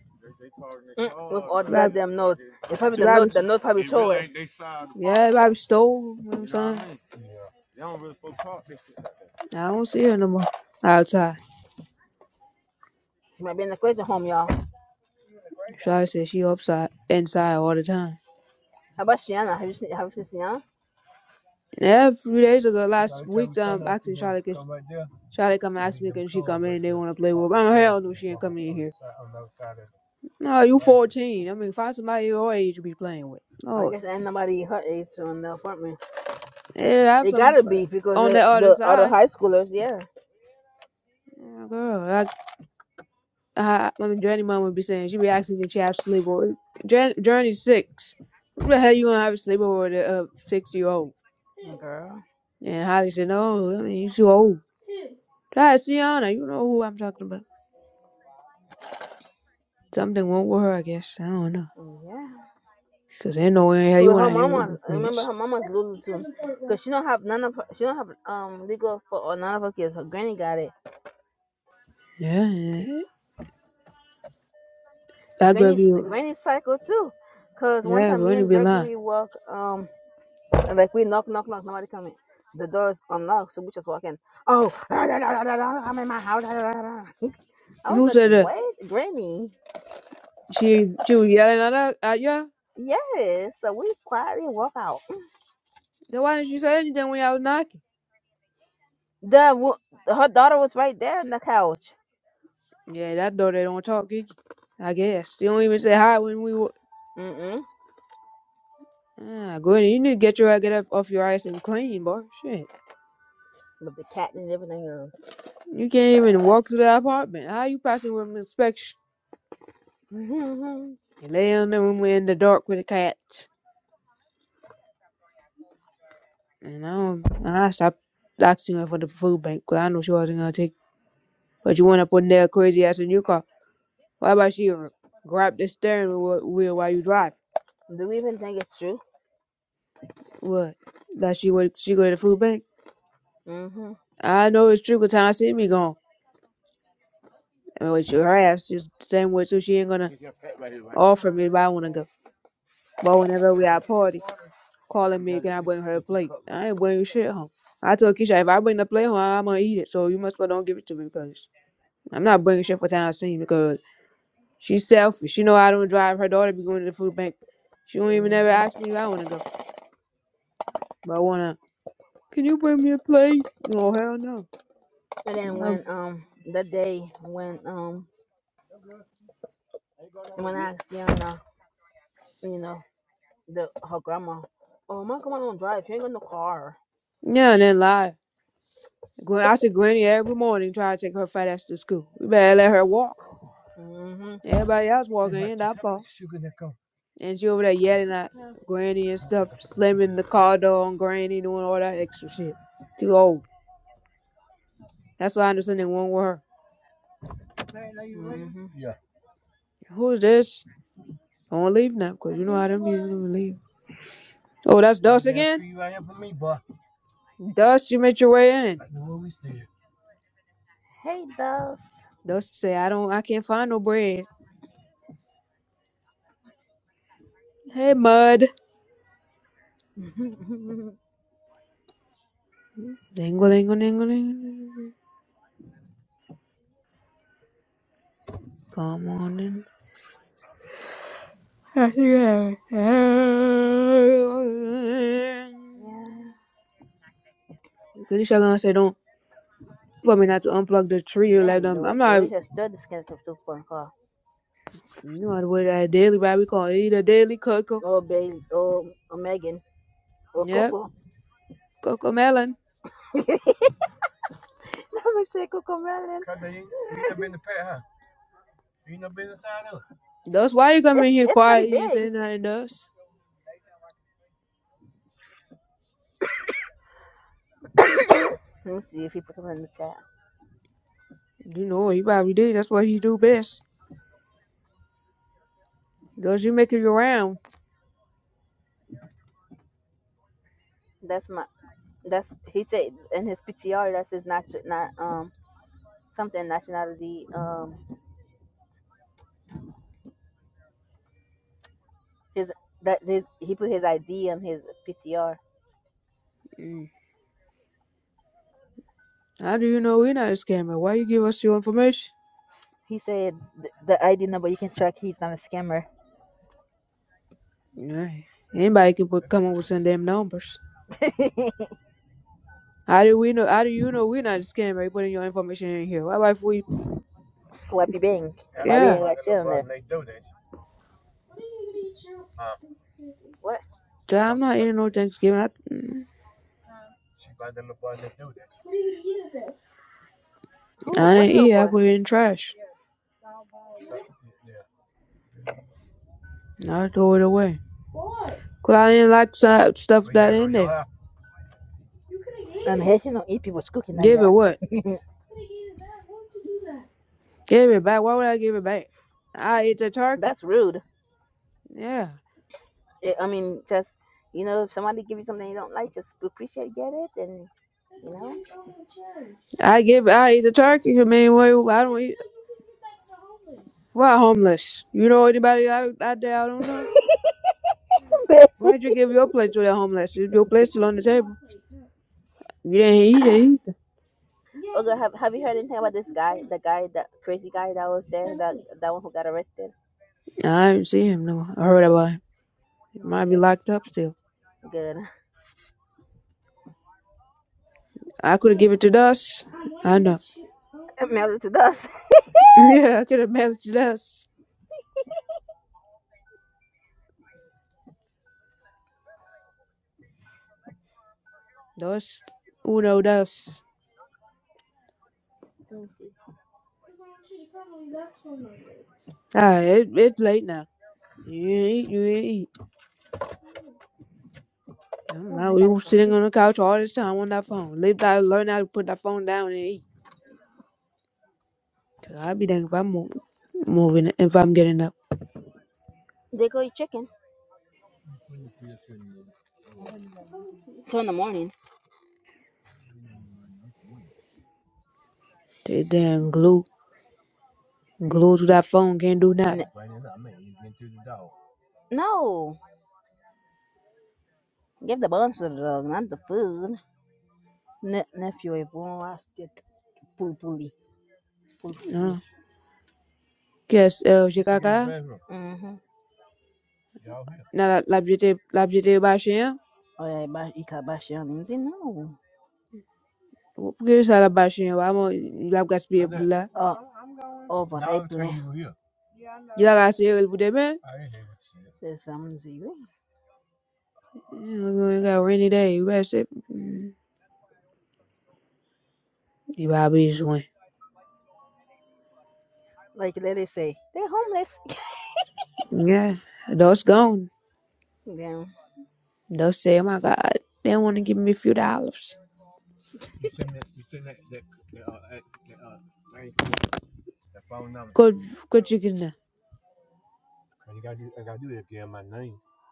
Mm, We've She ordered that probably, damn note. It's probably she the probably, note. The note probably tore it. yeah, it probably stole. You know what I'm saying? I don't see her no more. Outside. She might be in the crazy home, y'all. Charlie said she upside, inside all the time. How about Shiana? Have you seen? Have you seen Shiana? And a few days ago, last week, um, actually, Charlie, can, Charlie come ask me, can she come in? They want to play with. I'm hell no, she ain't coming in here. No, you 14. I mean, find somebody your age to be playing with. I No, guess ain't nobody her age on the apartment. yeah, have It some gotta uh, be because on the the, other the other side. high schoolers, yeah. Yeah, girl, like I, I mean, Journey mom would be saying, she be asking if she have sleepover. Journey, Journey's six. What the hell you gonna have a sleepover with a uh, six year old? Girl, And Holly said, no, I mean you too old. Try to you know who I'm talking about. Something wrong with her, I guess. I don't know, yeah. cause ain't no way in hell you Because wanna her hang with mama, the I remember kids. her mama's little too. Cause she don't have none of her, she don't have um legal for or none of her kids. Her granny got it. Yeah, yeah. that girl Granny, be, granny cycle too. Cause one yeah, time me going to and be lying. Gregory walk um And like we knock, knock, knock, nobody come in. The door's unlocked, so we just walk in. Oh, I'm in my house. I was Who like, said that? wait, Granny. She she was yelling at us at y'all. Yes. So we quietly walk out. Then why didn't you say anything when y'all was knocking? The wo- her daughter was right there on the couch. Yeah, that door. they don't talk. He, I guess they don't even say hi when we. wa- Mm-mm. Ah, good. You need to get your get up off your ass and clean, boy. Shit, With the cat and everything else. you can't even walk through the apartment. How you passing with inspection? Mm-hmm. And lay in the room in the dark with a cat. And I don't. And I stopped asking her for the food bank 'cause I know she wasn't gonna take. But you went up on that crazy ass in your car. Why about she grab the steering wheel wheel while you drive? Do we even think it's true? What? That she would she go to the food bank? Mm-hmm. I know it's true 'cause time I see me gone. And when she, her ass just the same way too. She ain't gonna offer me if I wanna go. But whenever we at a party, calling me, can I bring her a plate? I ain't bringing shit home. I told Keisha if I bring the plate home, I'm gonna eat it. So you must well don't give it to me because I'm not bringing shit for town scene because she's selfish. She know I don't drive. Her daughter be going to the food bank. She don't even ever Mm-hmm. ask me if I wanna go. But I wanna. Can you bring me a plate? No, hell no. And i then when um the day when um when I asked Yana, you know. the her grandma. Oh, my grandma don't drive. She ain't got no car. Yeah, and then lie. Gwen- I see Granny every morning trying to take her fat ass to school. We better let her walk. Mm-hmm. Everybody else walking in, not fault. And she over there yelling at Granny and stuff, slamming the car door on Granny, doing all that extra shit. Too old. That's why I understand they won't with her. hmm Who's this? Don't leave now, because you know how them people don't leave. Oh, that's Dust again? Dust, you made your way in. Hey, Dust. Dust say, I don't, I can't find no bread. Hey, Mud. Dingle, dingle, dingle, dingle. Come on in. Goody shotgun. say, don't for me not to unplug the tree or like Dang, the them. way, I'm the not, way you her study kind of super car. know, the way that daily, right? We call it either daily cocoa. Oh, Bailey, oh, or Megan, oh, Yep, Coco. cocoa melon. Let me say Coco Melon. That's why you come It's in here it's pretty quiet. You didn't big. say nothing to us. Let me see if he put something in the chat. You know, he probably did. That's what he do best. Because you make it around? That's my that's he said in his PTR. That's his nat not um something nationality um his that his, he put his ID on his PTR. Mm. How do you know we're not a scammer? Why you give us your information? He said th- the ID number you can track. He's not a scammer. Yeah. Anybody can put, come up with some damn numbers. How do we know? How do you know we're not a scammer? You putting your information in here. Why about if we? Slappy Bang by being Yeah. like shit on there. What? So I'm not eating no Thanksgiving. I, mm, Who? I What ain't little eat. I boy? put it in trash. I throw it away. 'Cause I didn't like some stuff that in there. I'm mean, you don't eat people's cooking like Give it that. what? Give it back. Why would I give it back? I eat the turkey. That's rude. Yeah. It, I mean, just you know, if somebody gives you something you don't like, just appreciate, get it, and you know. I give I eat the turkey. I mean, wait, I don't eat. Why homeless? You know anybody out, out there I don't know? Why'd you give your plate to that homeless? Is Your plate still on the table. You didn't eat it either. Okay, have have you heard anything about this guy? The guy, that crazy guy that was there, that that one who got arrested. I didn't see him no. I heard about him. He No, might be Okay, locked up still. good. I could have given it to us. I know. Melted to dust. Yeah, I could have managed to us. Dos, uno, dos. Ah, it, it's late now. You ain't eat, you ain't eat. I'm not, we were sitting on the couch all this time on that phone. Live that, learn how to put that phone down and eat. Cause I'll be dang if I'm mo- moving, if I'm getting up. They go eat chicken. Two in the morning. They damn glue, glue to that phone, can't do i that. No, give the bones to the dog, not the food. Ne- nephew ebunwa sit- pulpuli pulpuli No. Guess, uh, Chicago, mhm now that l'objectif, l'objectif bashing, I bash. oya iba him. No. pourquoi ça la bashing? Vraiment, il a gaspillé pour là. uh, over Il a gaspillé pour demain. there's some zero You know, we got a rainy day, you better sit. Mm. You probably just went. like let it say they're homeless Yeah, those gone. Damn. Those say, oh my God, they want to give me a few dollars. Good, good chicken. now.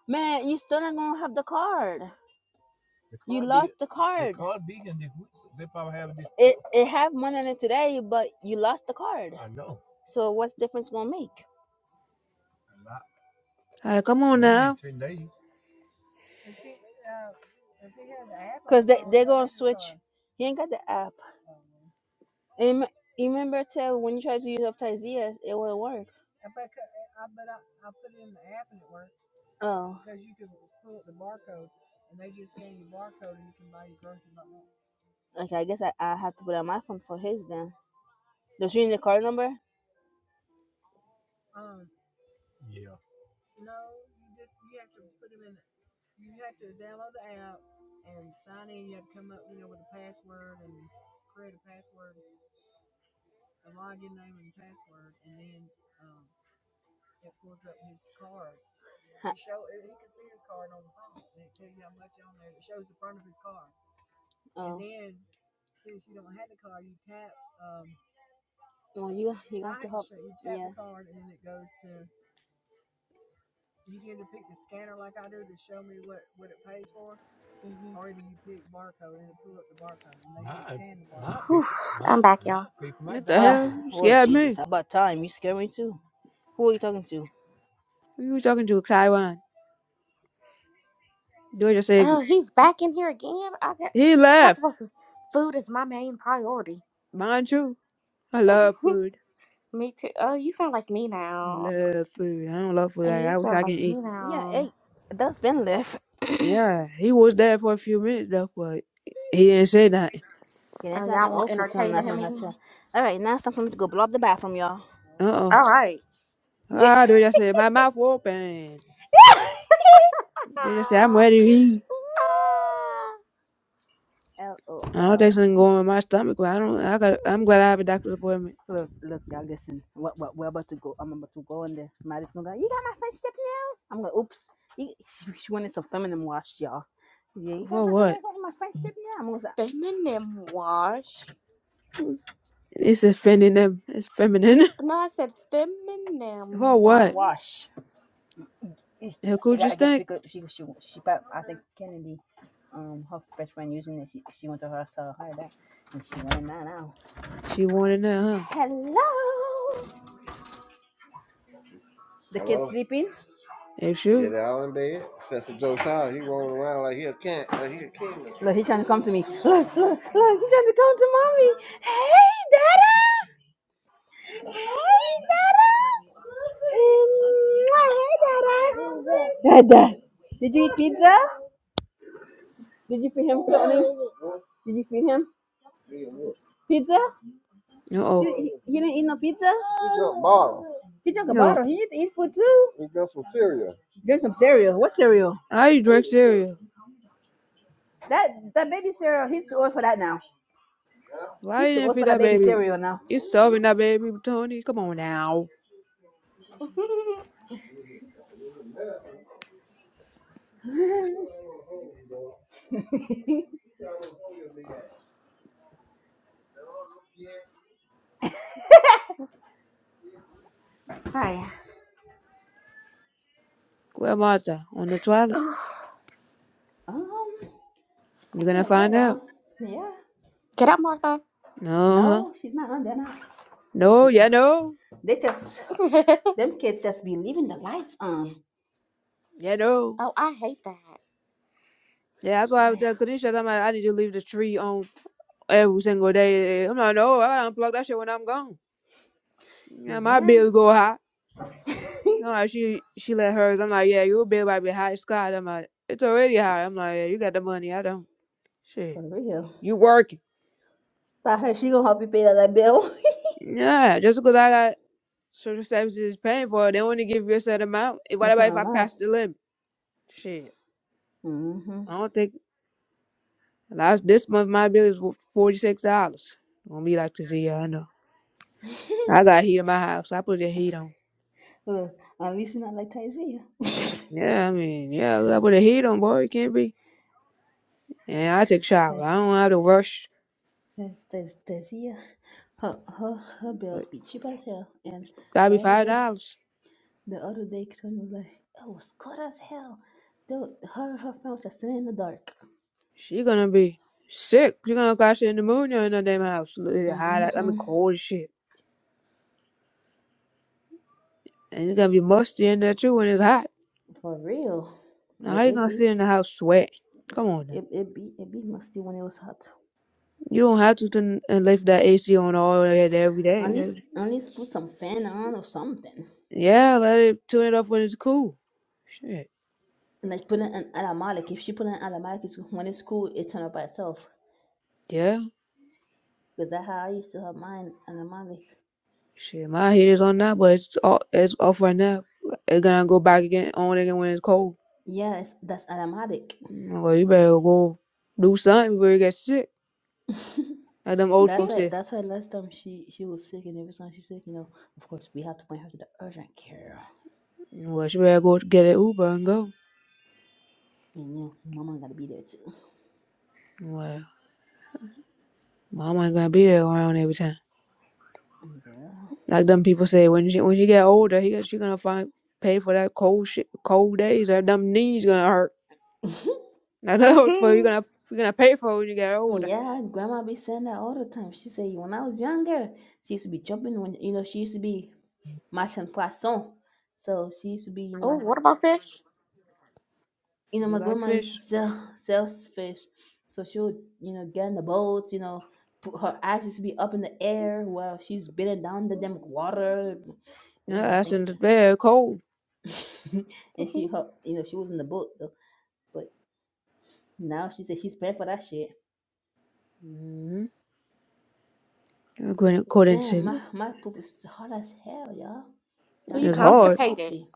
man you still not gonna have the card the card it it have money in it today but you lost the card so what's difference gonna make Uh, come on now. because they, they're gonna switch he ain't got the app and you remember tell when you tried to use up it wouldn't work Oh. Okay, I guess I, I have to put on my phone for his then. Does she need the card number? Huh, Oh, well, you you Whew, People, my I'm back, my y'all. people, my What doctor. the Uh, hell? You well, scared Jesus, me. how about time? You scare me too. Who are you talking to? Who you talking to, Taiwan? Dude just said, Oh, he's back in here again. I got he talk left. about some food is my main priority. Mind you, I love food. Me too. Oh, you sound like me I now. love food. I don't love food. Oh, Like, you I wish sound I can like eat. me Yeah, now. hey, that's been left. Yeah, he was there for a few minutes though, but he didn't say nothing. Okay, that's Oh, nothing. y'all Oh, want put on entertaining him nothing. That's right. again? All right, now it's time for me to go blow up the bathroom, y'all. Uh-oh. All right. Ah, they just said, my mouth open. They just said, I'm ready to eat. L O I don't L. think something going with my stomach, but I don't. I got. I'm glad I have a doctor's appointment. go, I'm about to go in there. Maddie's gonna go, You got my French tip nails? I'm gonna, oops. she wanted some feminine wash, y'all. Yeah, you got For my what? feminine my French tip nails? I'm gonna say, Feminine wash. It's offending them. It's feminine. No, I said feminine For what? wash. Wash. Her coochie I guess stink. because she, she, she, I think Kennedy, um, her best friend using it, she, she went to her, saw her that, and she went, Now, now. She wanted that, huh? Hello. The Hello. kid's sleeping. It Yeah, should. they all in bed. Except for Joe Shaw, he rolling around like he a king, like he a king. Look, he trying to come to me. Look, look, look, he trying to come to mommy. Hey, Dada. Dada. Did you eat pizza? Did you feed him something? Did you feed him pizza? Uh He, oh. he, he didn't eat no pizza? He drank a No. bottle. He needs to eat food too. Drink some cereal. What cereal? How you drink cereal? That that baby cereal, he's too old for that now. Why He's you too didn't old for feed that that baby baby? cereal now. You starving that baby, Tony? Come on now. Where Martha? On the toilet. you gonna find out. Get up, Martha. No, huh? No. Yeah, no. oh, Yeah, no. I hate that. Yeah, that's why I was telling Kanisha. I'm like, I need to leave the tree on. every single day. I'm like, no, I gotta unplug that shit when I'm gone. Yeah, my Yeah, bills go high. I'm like, she she let hers. I'm like, yeah, your bill might be high, Scott. I'm like, it's already high. I'm like, yeah, you got the money. I don't. for Shit, real. you working? Thought her she gonna help you pay that, that bill. Yeah, just because I got social services paying for it, they only give you a set amount. Eh, What about if I pass the limit? Shit, I don't think last this month my bill is forty six dollars. Gonna be like this year, I know. I got heat in my house. I put the heat on. Yeah, I mean, yeah, I put the heat on, boy. You can't be And I take shower. I don't have to rush. But She as hell. And gotta the be other five day, dollars. the other day, Sonya was like, "It was cold as hell." Dude, her her friend just sitting in the dark. She gonna be sick. She gonna catch the pneumonia in the damn house. It's hot. out- I mean, hmm cold as shit. And it's gonna be musty in there too when it's hot. For real, Now it, how you it gonna sit be in the house sweating? Come on now. it, it be it be musty when it was hot. You don't have to turn and leave that AC on all day every At least day. at least put some fan on or something. Yeah, let it turn it off when it's cool. Shit. Like put in an automatic. If she put in an automatic, it's, when it's cool, it turn up by itself. Yeah. Because that's how I used to have mine automatic. Shit. My heat is on now, but it's off, it's off right now. It's gonna go back again on again when it's cold. Yes, that's automatic. Well, you better go do something before you get sick. Like them old that's folks why. say. That's why last time she she was sick, and every time she's sick, you know, of course we have to bring her to the urgent care, Well, she better go get an Uber and go. and you know, mama gotta be there too. Well, mama ain't gonna be there around every time. Mm, Like them people say, when she when she get older, he, she gonna find pay for that cold shit, cold days. Or them knees gonna hurt. Girl. Now that but you hmm gonna you gonna pay for it when you get older. yeah, grandma be saying that all the time. She say when I was younger, she used to be jumping when you know she used to be matching poisson, so she used to be you Oh, know what about fish? you know, You my like grandma used to fish? sell sells fish, so she would, you know, get in the boat, you know, put, her eyes used to be up in the air while she's bending down the damn water, you Now know, that's in thinking, very cold. that- and she, hmm her, you know, she was in the boat though, but now she said she's paying for that shit. Mm-hmm. According to Damn, my me, my poop is hard as hell, y'all. And Well, I you it's drink all them hard. constipated. coffee.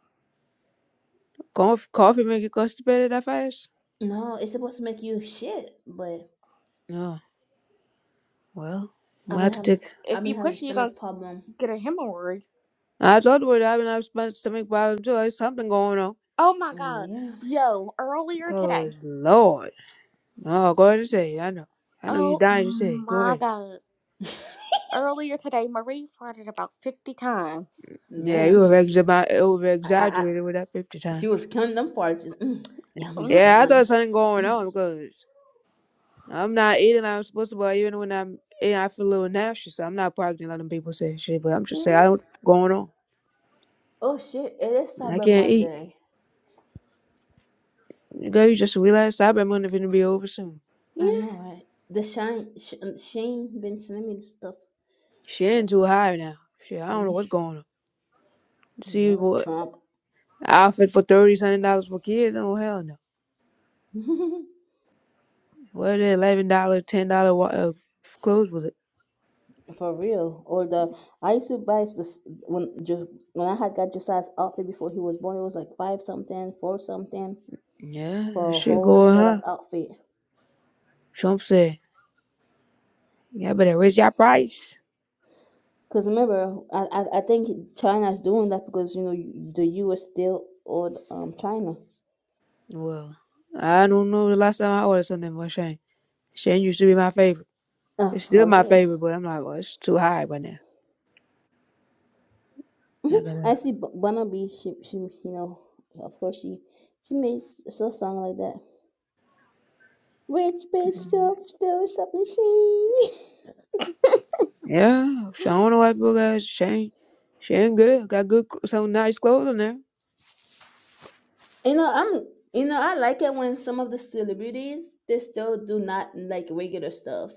Coffee, coffee make you constipated that fast? No, it's supposed to make you shit, but No. Well, I've we been have to having take If I've you been having push it, you're gonna stomach problem. get a hemorrhoid. I told you I've been having my stomach problems too. There's something going on. Oh my god. Mm, Yo, earlier today. Cause Lord, no, go ahead and say it. I know, I know you Oh dying to say it. Go my ahead. god. Earlier today, Marie farted about 50 times. Yeah. Yeah, Damn. you over I I, exaggerated with that fifty She times. was counting them it. She's, like, mm, yummy Mm-hmm. Yeah, I one. thought something going Mm. on because I'm not eating like I'm supposed to, but even when I'm eating, I feel a little nauseous. I'm not pregnant, letting people say shit, but I'm just saying I don't going on. Oh shit! It is I Cyber can't eat. Monday. Girl, you just realized I've been wanting to be over soon. I know, right? The shine, sh- um, Shane been sending me this stuff Shit ain't was too high now. Shit, I don't know mm, what's going on. See, girl, boy, Trump. outfit for thirty something dollars for kids? Oh hell no. What the eleven dollar, ten dollar wa- uh, clothes was it? For real, or the I used to buy this when just when I had got Josiah's outfit before he was born. It was like five something, four something Yeah, that for a shit whole going, set of huh? outfit. Trump said, "Y'all better raise your price." Cause remember, I, I I think China's doing that because you know you- the U.S. still owed um China. Well, I don't know the last time I ordered something from Shane. Shane used to be my favorite. Oh, It's still for my real. favorite, but I'm like, well, it's too high by now. I I gotta, see B- Barnaby. She, she, you know, of course she, she made s- a song like that. Rich bitch shop still shopping she. yeah, so I don't know why people got Shane. Shane good, got good, cl- some nice clothes on there. You know, I'm. You know, I like it when some of the celebrities they still do not like regular stuff.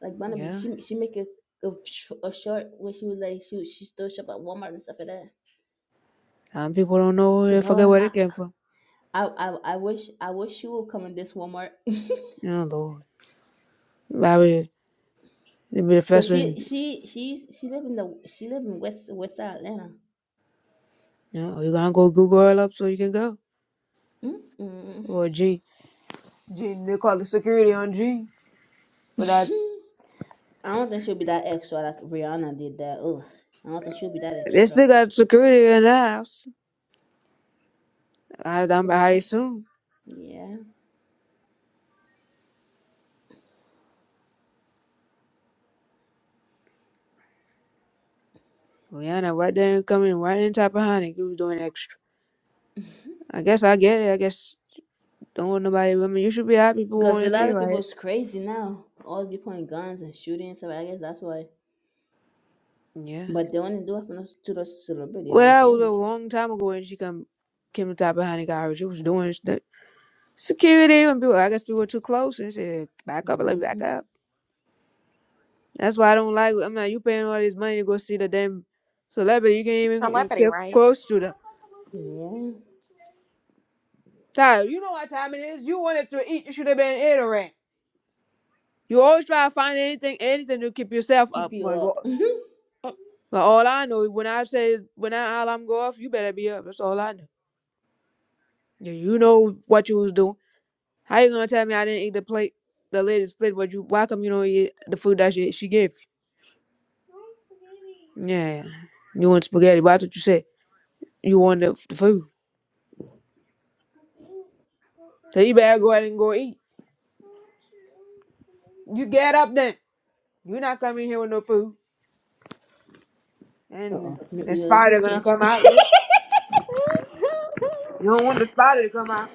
Like Barnaby, Yeah, she she make a a, sh- a short where she was like she she still shop at Walmart and stuff like that. some people don't know, they forget Lord, where I they came from. I I, I wish I wish she would come in this Walmart. Oh Lord, probably. It'd be the first Cause one. she she she's she live in the she live in West West Side Atlanta. You know, you gonna go Google her up so you can go. Mm-mm. Or G. G, they call the security on G for that. I don't think she'll be that extra like Rihanna did that. Oh, I don't think she'll be that They extra. still got security in the house. I, I'm, I Yeah, assume. yeah. Rihanna right there coming right in top of honey. You was doing extra. I guess I get it. I guess don't want nobody. I mean, you should be happy people Cause want a to see lot of your people is ass. crazy now. All be pointing guns and shooting and stuff. I guess that's why. Yeah. But they only do it for those, to those celebrity. I don't Well, that was a think. long time ago when she come came to top of honey guy. She was doing st- security when people. I guess people were too close and she said back up, let me Mm-hmm. back up. That's why I don't like. I'm like, you paying all this money to go see the damn celebrity. You can't even Celebrity, get right? close to them. Yeah. Tyler, you know what time it is. You wanted to eat. You should have been eating. You always try to find anything, anything to keep yourself Keep up. you But wha- up. but all I know, when I say when I alarm go off, you better be up. That's all I know. Yeah, you know what you was doing. How you gonna tell me I didn't eat the plate, the lady's plate? But you, why come you don't eat the food that she she gave? you? Yeah, you want spaghetti? Why did you say you want the, the food? So you better go ahead and go eat. You get up then. You're not coming here with no food. And the spider gonna come out. You don't want the spider to come out.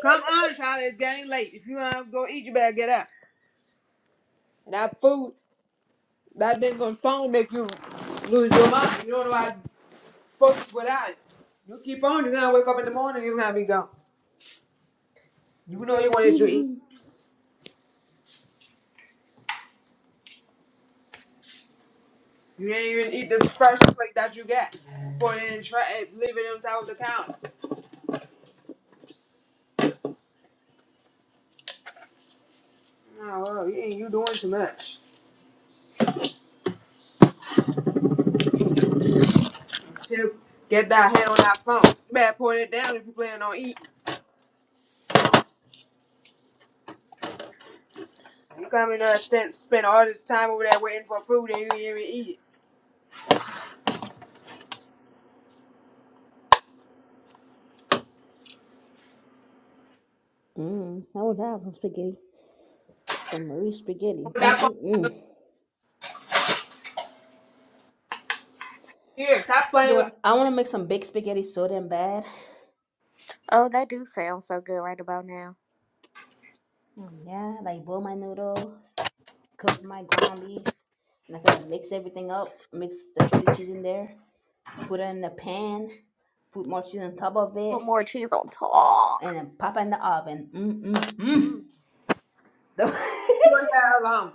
Come on, Charlie. It's getting late. If you wanna go eat, you better get up. And that food, that thing on phone make you lose your mind. You don't know how to focus without it. You keep on, you're gonna wake up in the morning, you're gonna be gone. You know you wanted to eat. Hmm You didn't even eat the first plate that you got. Put it and try it, leave it on top of the counter. No, well, you, you doing too much. To get that head on that phone. You better put it down if you plan on eating. You coming to spend, spend all this time over there waiting for food and you ain't even eat it. mm, I would have some spaghetti, some Marie spaghetti. Put that phone Mm-mm-mm. here. Stop playing Yo, with I want to make some baked spaghetti so damn bad. oh, that do sound so good right about now. Mm, Yeah, like boil my noodles, cook my ground beef, and I said put more cheese on top of Put it. more cheese on top. And mm, Mm. the, your hair alone.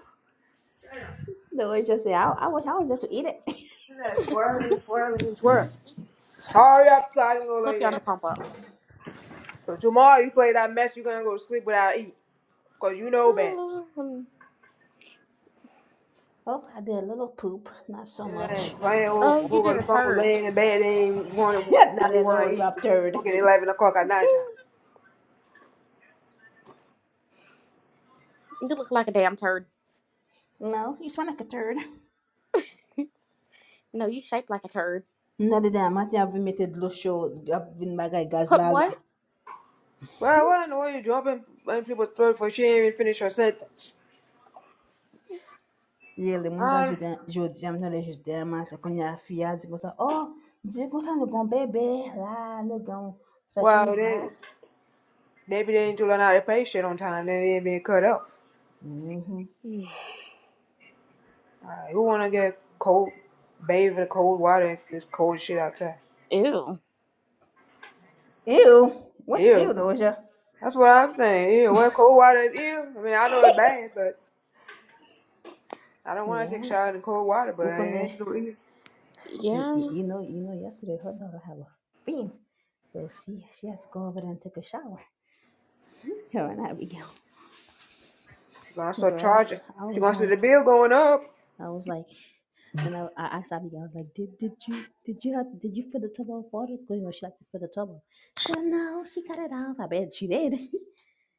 the way you say, I, I wish I was there to eat it. Look at that, Squirrel and squirrel and squirrel. Hurry up, so I can go Flip you lay on down. the pump up. So tomorrow you play that mess, you're gonna go to sleep without eating. Cause you know better. Mm. Oh, I did a little poop, not so Sitting there much. and playing over, Oh, you over did the a phone, turd. laying in bed, ain't want to, I now you did a little wanna eat. drop turd. Fucking 11 o'clock at night time. You look like a damn turd. No, you smell like a turd. No, you shaped like a turd. Not that I'm not having made a show I've been my guy Put what? Gazlala. Well, I wanna know why you dropping in people's throat for she ain't even finished her sentence. I Well, they, maybe they didn't do an out of pay shit on time. Then they been cut up. Mm. Alright, who wanna get cold, bathed in the cold water if it's cold shit outside? Ew. Ew. That's what I'm saying. Ew. Well, cold water is ew. I mean, I know it's bad, but I don't want to take a shower in cold water. But it ain't no ew. Yeah. She's gonna start charging. She's gonna see the bill going up.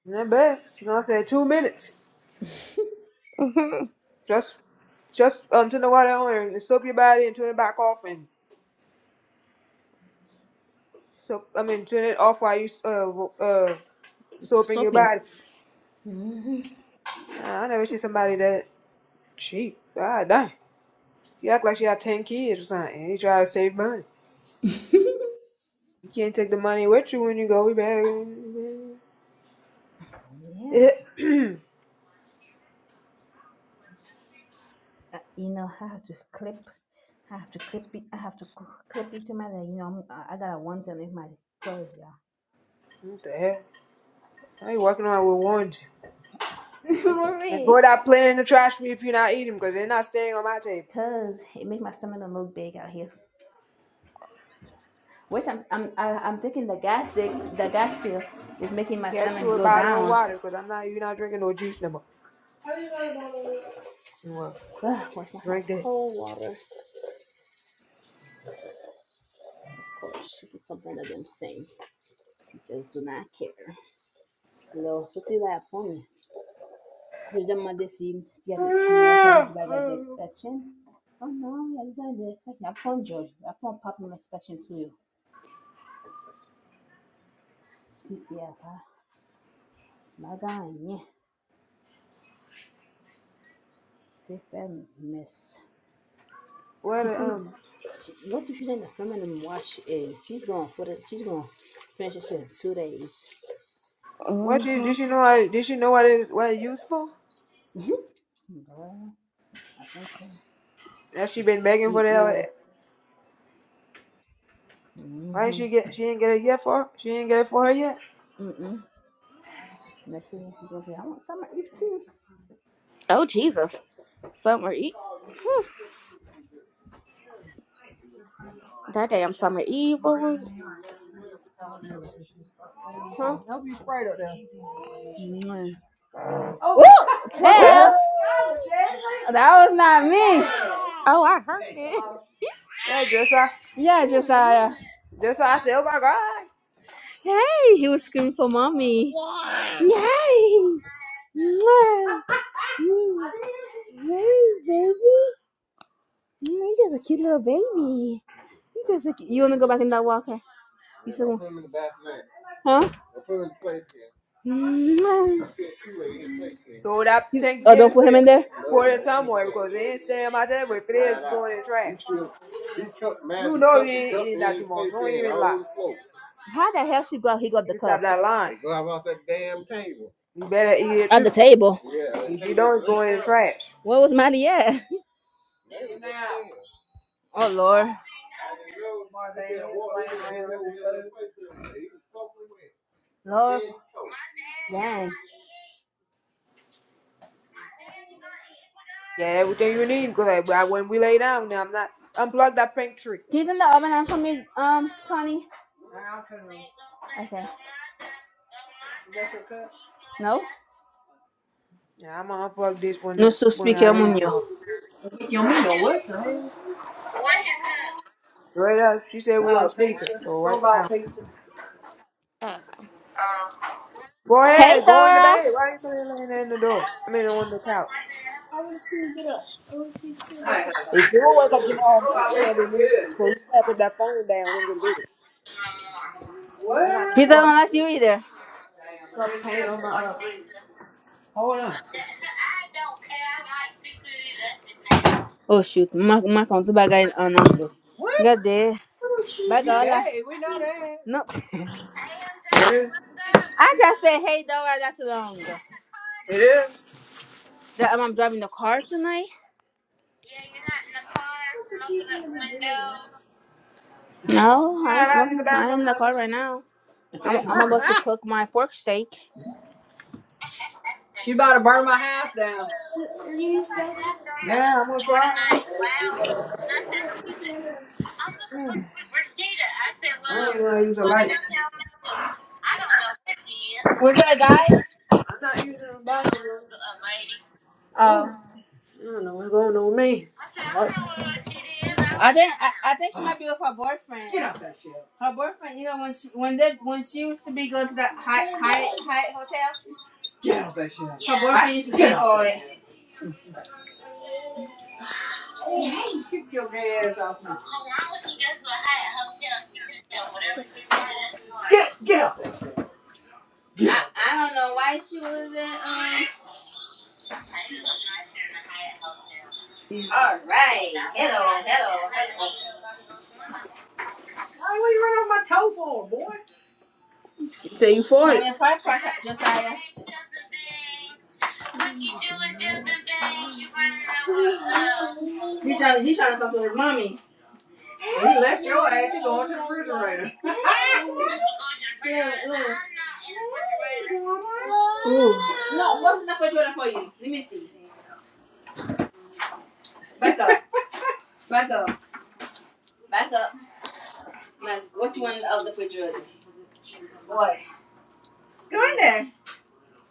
Not bad. She's gonna say two minutes. Mm-hmm. Just, just um, turn the water on and soak your body and turn it back off and soak. I mean, turn it off while you uh w- uh soaping your body. Uh, I never seen somebody that cheap. God damn. You act like she got 10 kids or something. You try to save money. You can't take the money with you when you go. We back. what the hell? I ain't walking around with ones. And pour that plate in the trash for me if you're not eating because they're not staying on my table. Get you a bottle of water because I'm not, you're not drinking no juice no more. Well, drink that. What, um, what she, hmm did she know I, did she know what it, what it used for? That she been begging for that Right? She get she didn't get it yet for her. She didn't get it for her yet. Oh, Jesus. Summer Eve. Phew. That damn Summer Eve, boy. What the Ooh. hell? That was not me. Oh, I heard it. Yeah, just I Yeah, Josiah. Oh just I said, oh my god, Hey, he was screaming for mommy. Yay! Mwah. Hey, baby. You're just a cute little baby. You just a cute. You wanna go back in that walker, huh? Mwah. throw that You, oh, don't Thanksgiving put him in plate there. for it somewhere because they ain't staying in my table. If it is, it's going in the trash. You know you ain't eating that too much. Don't even lie. How the hell she go? out? He got the You cup stop that line. You better eat it at the too. table. If you don't, it's going in the trash. Where was Maddie at? Oh Lord, Lord, dang. Yeah, everything you need because like, I- when we lay down, now I'm not unplug that pink tree. He's in the oven and for me, um, Tony. Okay. No. Yeah, I'm gonna unplug this when this when I leave tomorrow. You. Right now, she said we on speaker, so right now. Lord. Go Hey, ahead, go in the Dora. bed. Why you still laying there in the door? I mean, on the couch. If you don't wake up tomorrow morning, you're gonna be me. So you gotta put that phone down and go to bed. I got to He doesn't sort like this. you either. Hold on. Oh shoot, my my phone's back in on on glue. What? God damn. Bye, God. I- No, It is. I just said hey, Dora. not too long. ago. It is. That um, I'm driving the car tonight? No, Yeah, I I ain't gotta use the smoking. I ain't bathroom. in the like, car right now. I'm Thing I'm about hurt. to cook my pork steak. Yeah, I'm gonna try. I ain't gonna use a light. I'm not using a bathroom. I don't know what's going on with me. It hurt. I think I, I think she might be a friend. Her boyfriend, you know, when she when they when she used to be going to that Hyatt Hyatt, Hyatt hotel, her boyfriend used to just go it.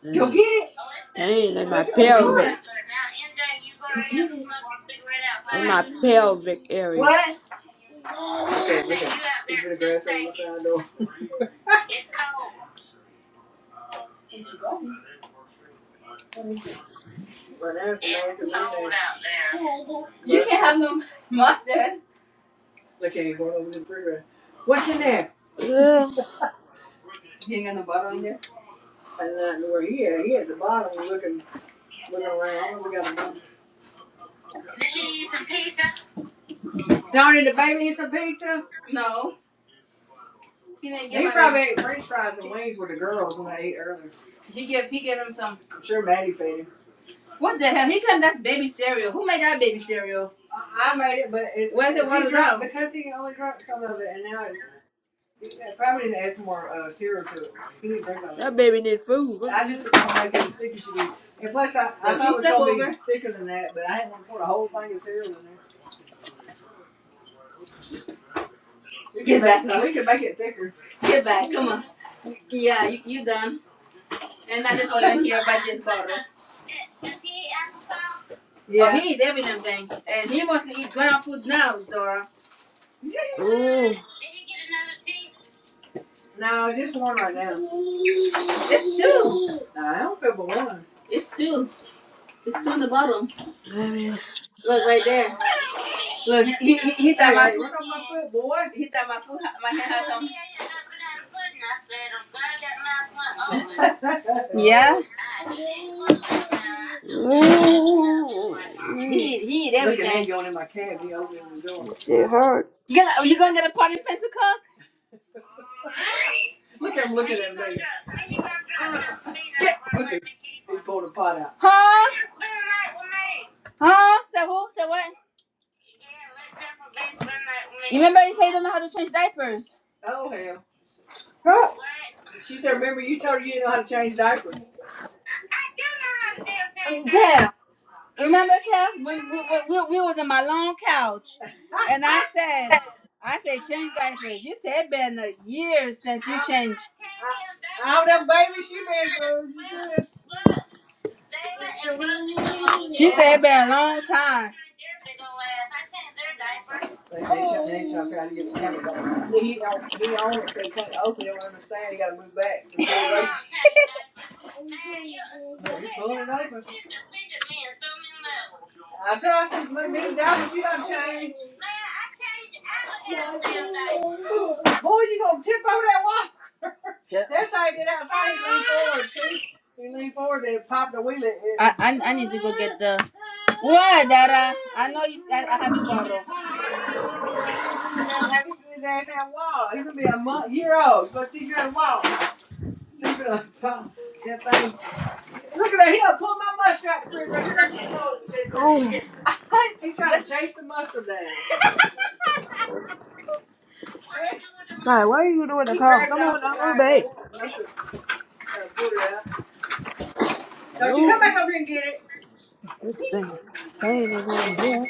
There's pain in my pelvic, in my pelvic area. You can That baby need food. What the get back up. Yeah. Oh, he- no, just one right now. Nah, I don't feel but one. It's two. It's two in the bottom. Look right there. Yeah. hell? He he. There we go. Shit hurt. You gonna you gonna get a party pen to cook? Huh? Huh? Say who? Say what? You remember you say you don't know how to change diapers? Fuck. Tab, remember Tab? We, we, we, we was in my long couch and I said, I said change diapers. You said it been a year since you changed. She said it Ugh. been a long time. Like, why are you doing the call? Come on now, go to bed. No, this thing, this pain is over here.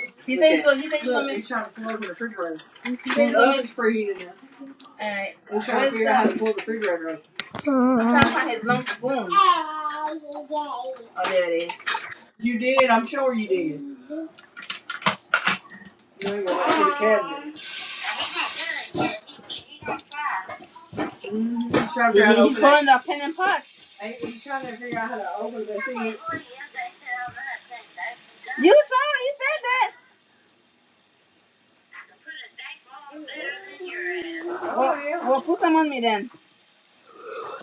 He- He's pulling the pen and pots. He's trying to figure out how to open the thing. You told her you said that. Oh, yeah. Well, put some on me then.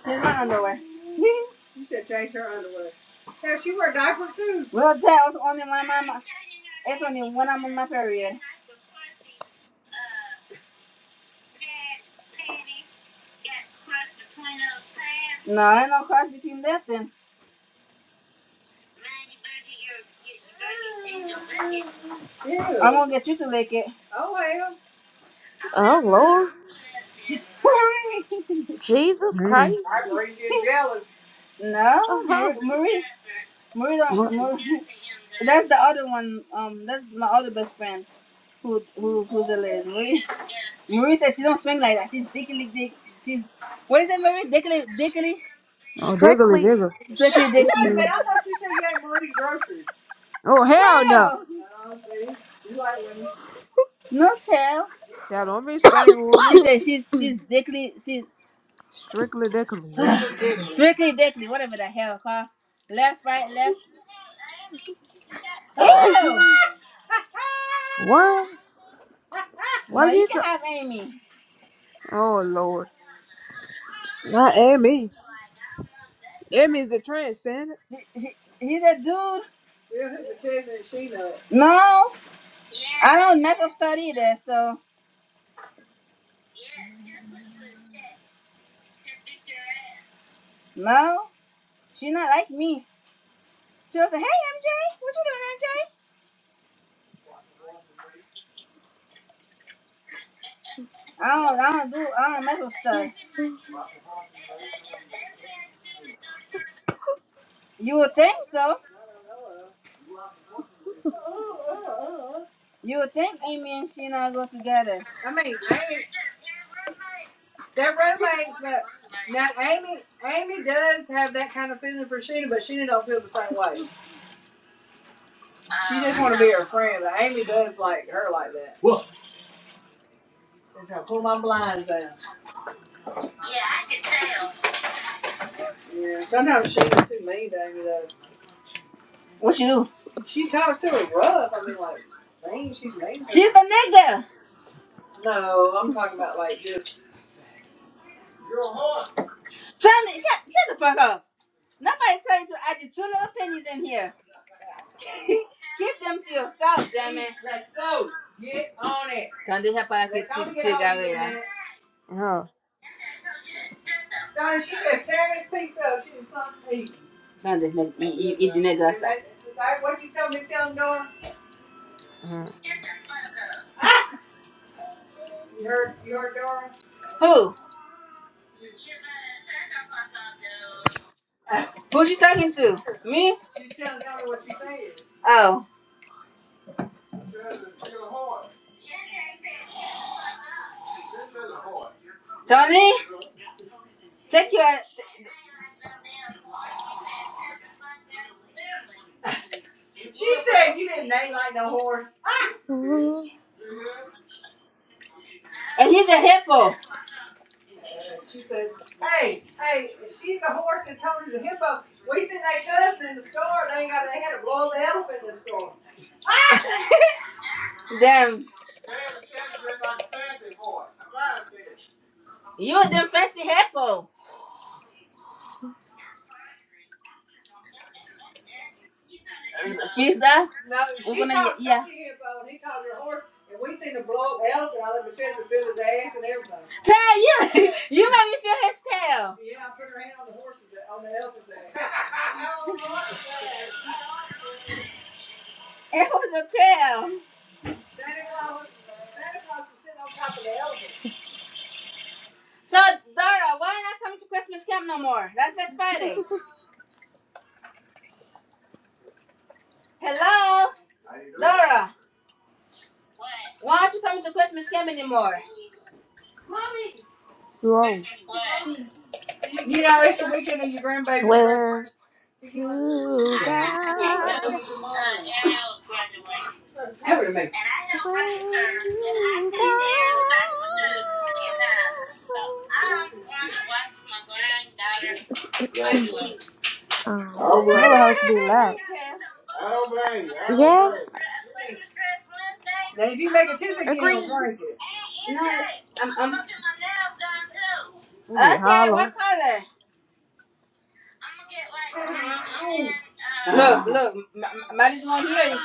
Change my underwear. You said change her underwear. Yeah, she wear diapers too. well, Tab was only one of my. It's only when I'm on my period. No, I ain't no cross between that then. I'm gonna get you to lick it. Oh, Lord. Jesus Mm. Christ. Marie. no, Marie, Oh, Marie, Marie, don't, What? Marie. That's the other one. Um, that's my other best friend who who who's a lesbian. Marie, Marie says she don't swing like that. She's dickily dick. She's what is it, Marie? Dickily, dickily, Oh, diggly strictly diggly. strictly dickily. Strictly. Oh, hell no. Tail, no tail. Yeah, don't be spreading She rumors. said she's she's dickily, she's Strictly diggly. Yes. strictly dickily, whatever the hell, huh? Left, right, left. Ew! What? Why No, you you can try? have Amy. Oh, Lord. Not Amy. Amy's a transcendent. He's a dude. No, I don't mess up start either. So No. uh your your daughter. who? Who she talking to? Me? She's telling me what she's saying. Oh, Tony? Take your. Um, no, she here, but when he called her a horse, and we seen the blow up elephant all over the chest and feel his ass and everything. Yeah, I put her hand on the horse's on the elephant's ass. Santa Claus, Santa Claus was sitting on top of the elephant. so Dora, why not come to Christmas camp no more? That's next Friday. Hello, Dora. Why aren't you coming to Christmas camp anymore? Too old. swear to God. Swear to God. Um, Her house be loud. yeah, agree. No, I'm, I'm. It'll be Okay, what hollow. color? Uh-huh. Look, look, M- Maddie's gonna hear you.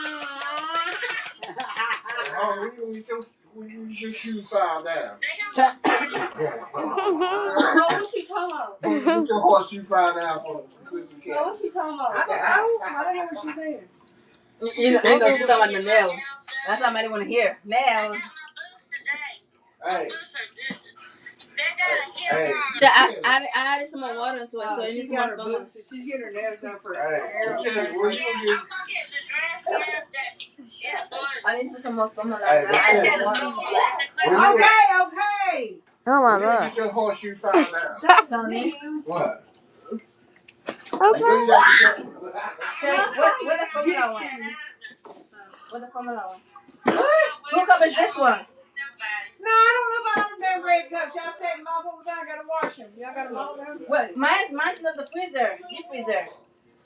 okay. What's You she know, you know talking she's about? talking about the nails. That's what Maddie wanna hear. Nails. So, oh, so oh, she got her boots. Oh, my God.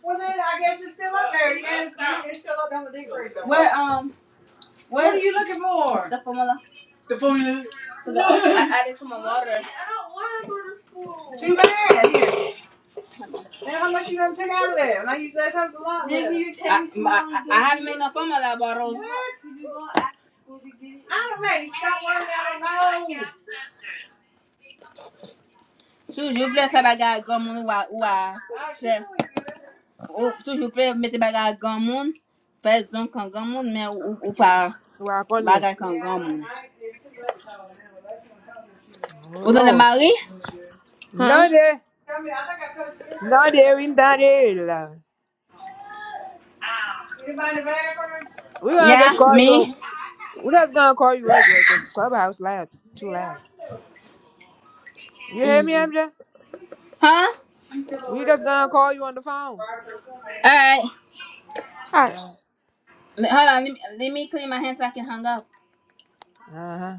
Well, then I guess it's still up in my area here. Then how much you gonna take out of there? I don't know. Maddie, Stop worrying about it. No. Choose you play for bagay gamun wa wa. Choose you play mete bagay gamun. Fais zon kan gamun, mais ou, ou ou pas Walk only. bagay kan gamun. Oh Ou dans le Lord. mari? Huh? Not there. Not there in that area, Lord. We're gonna Yeah, just call me. you we're just gonna call you regular because clubhouse loud too loud. You hear me, E. MJ? Huh? we just gonna call you on the phone. All right. All right. Hold on. Let me, let me clean my hands so I can hang up. Uh-huh.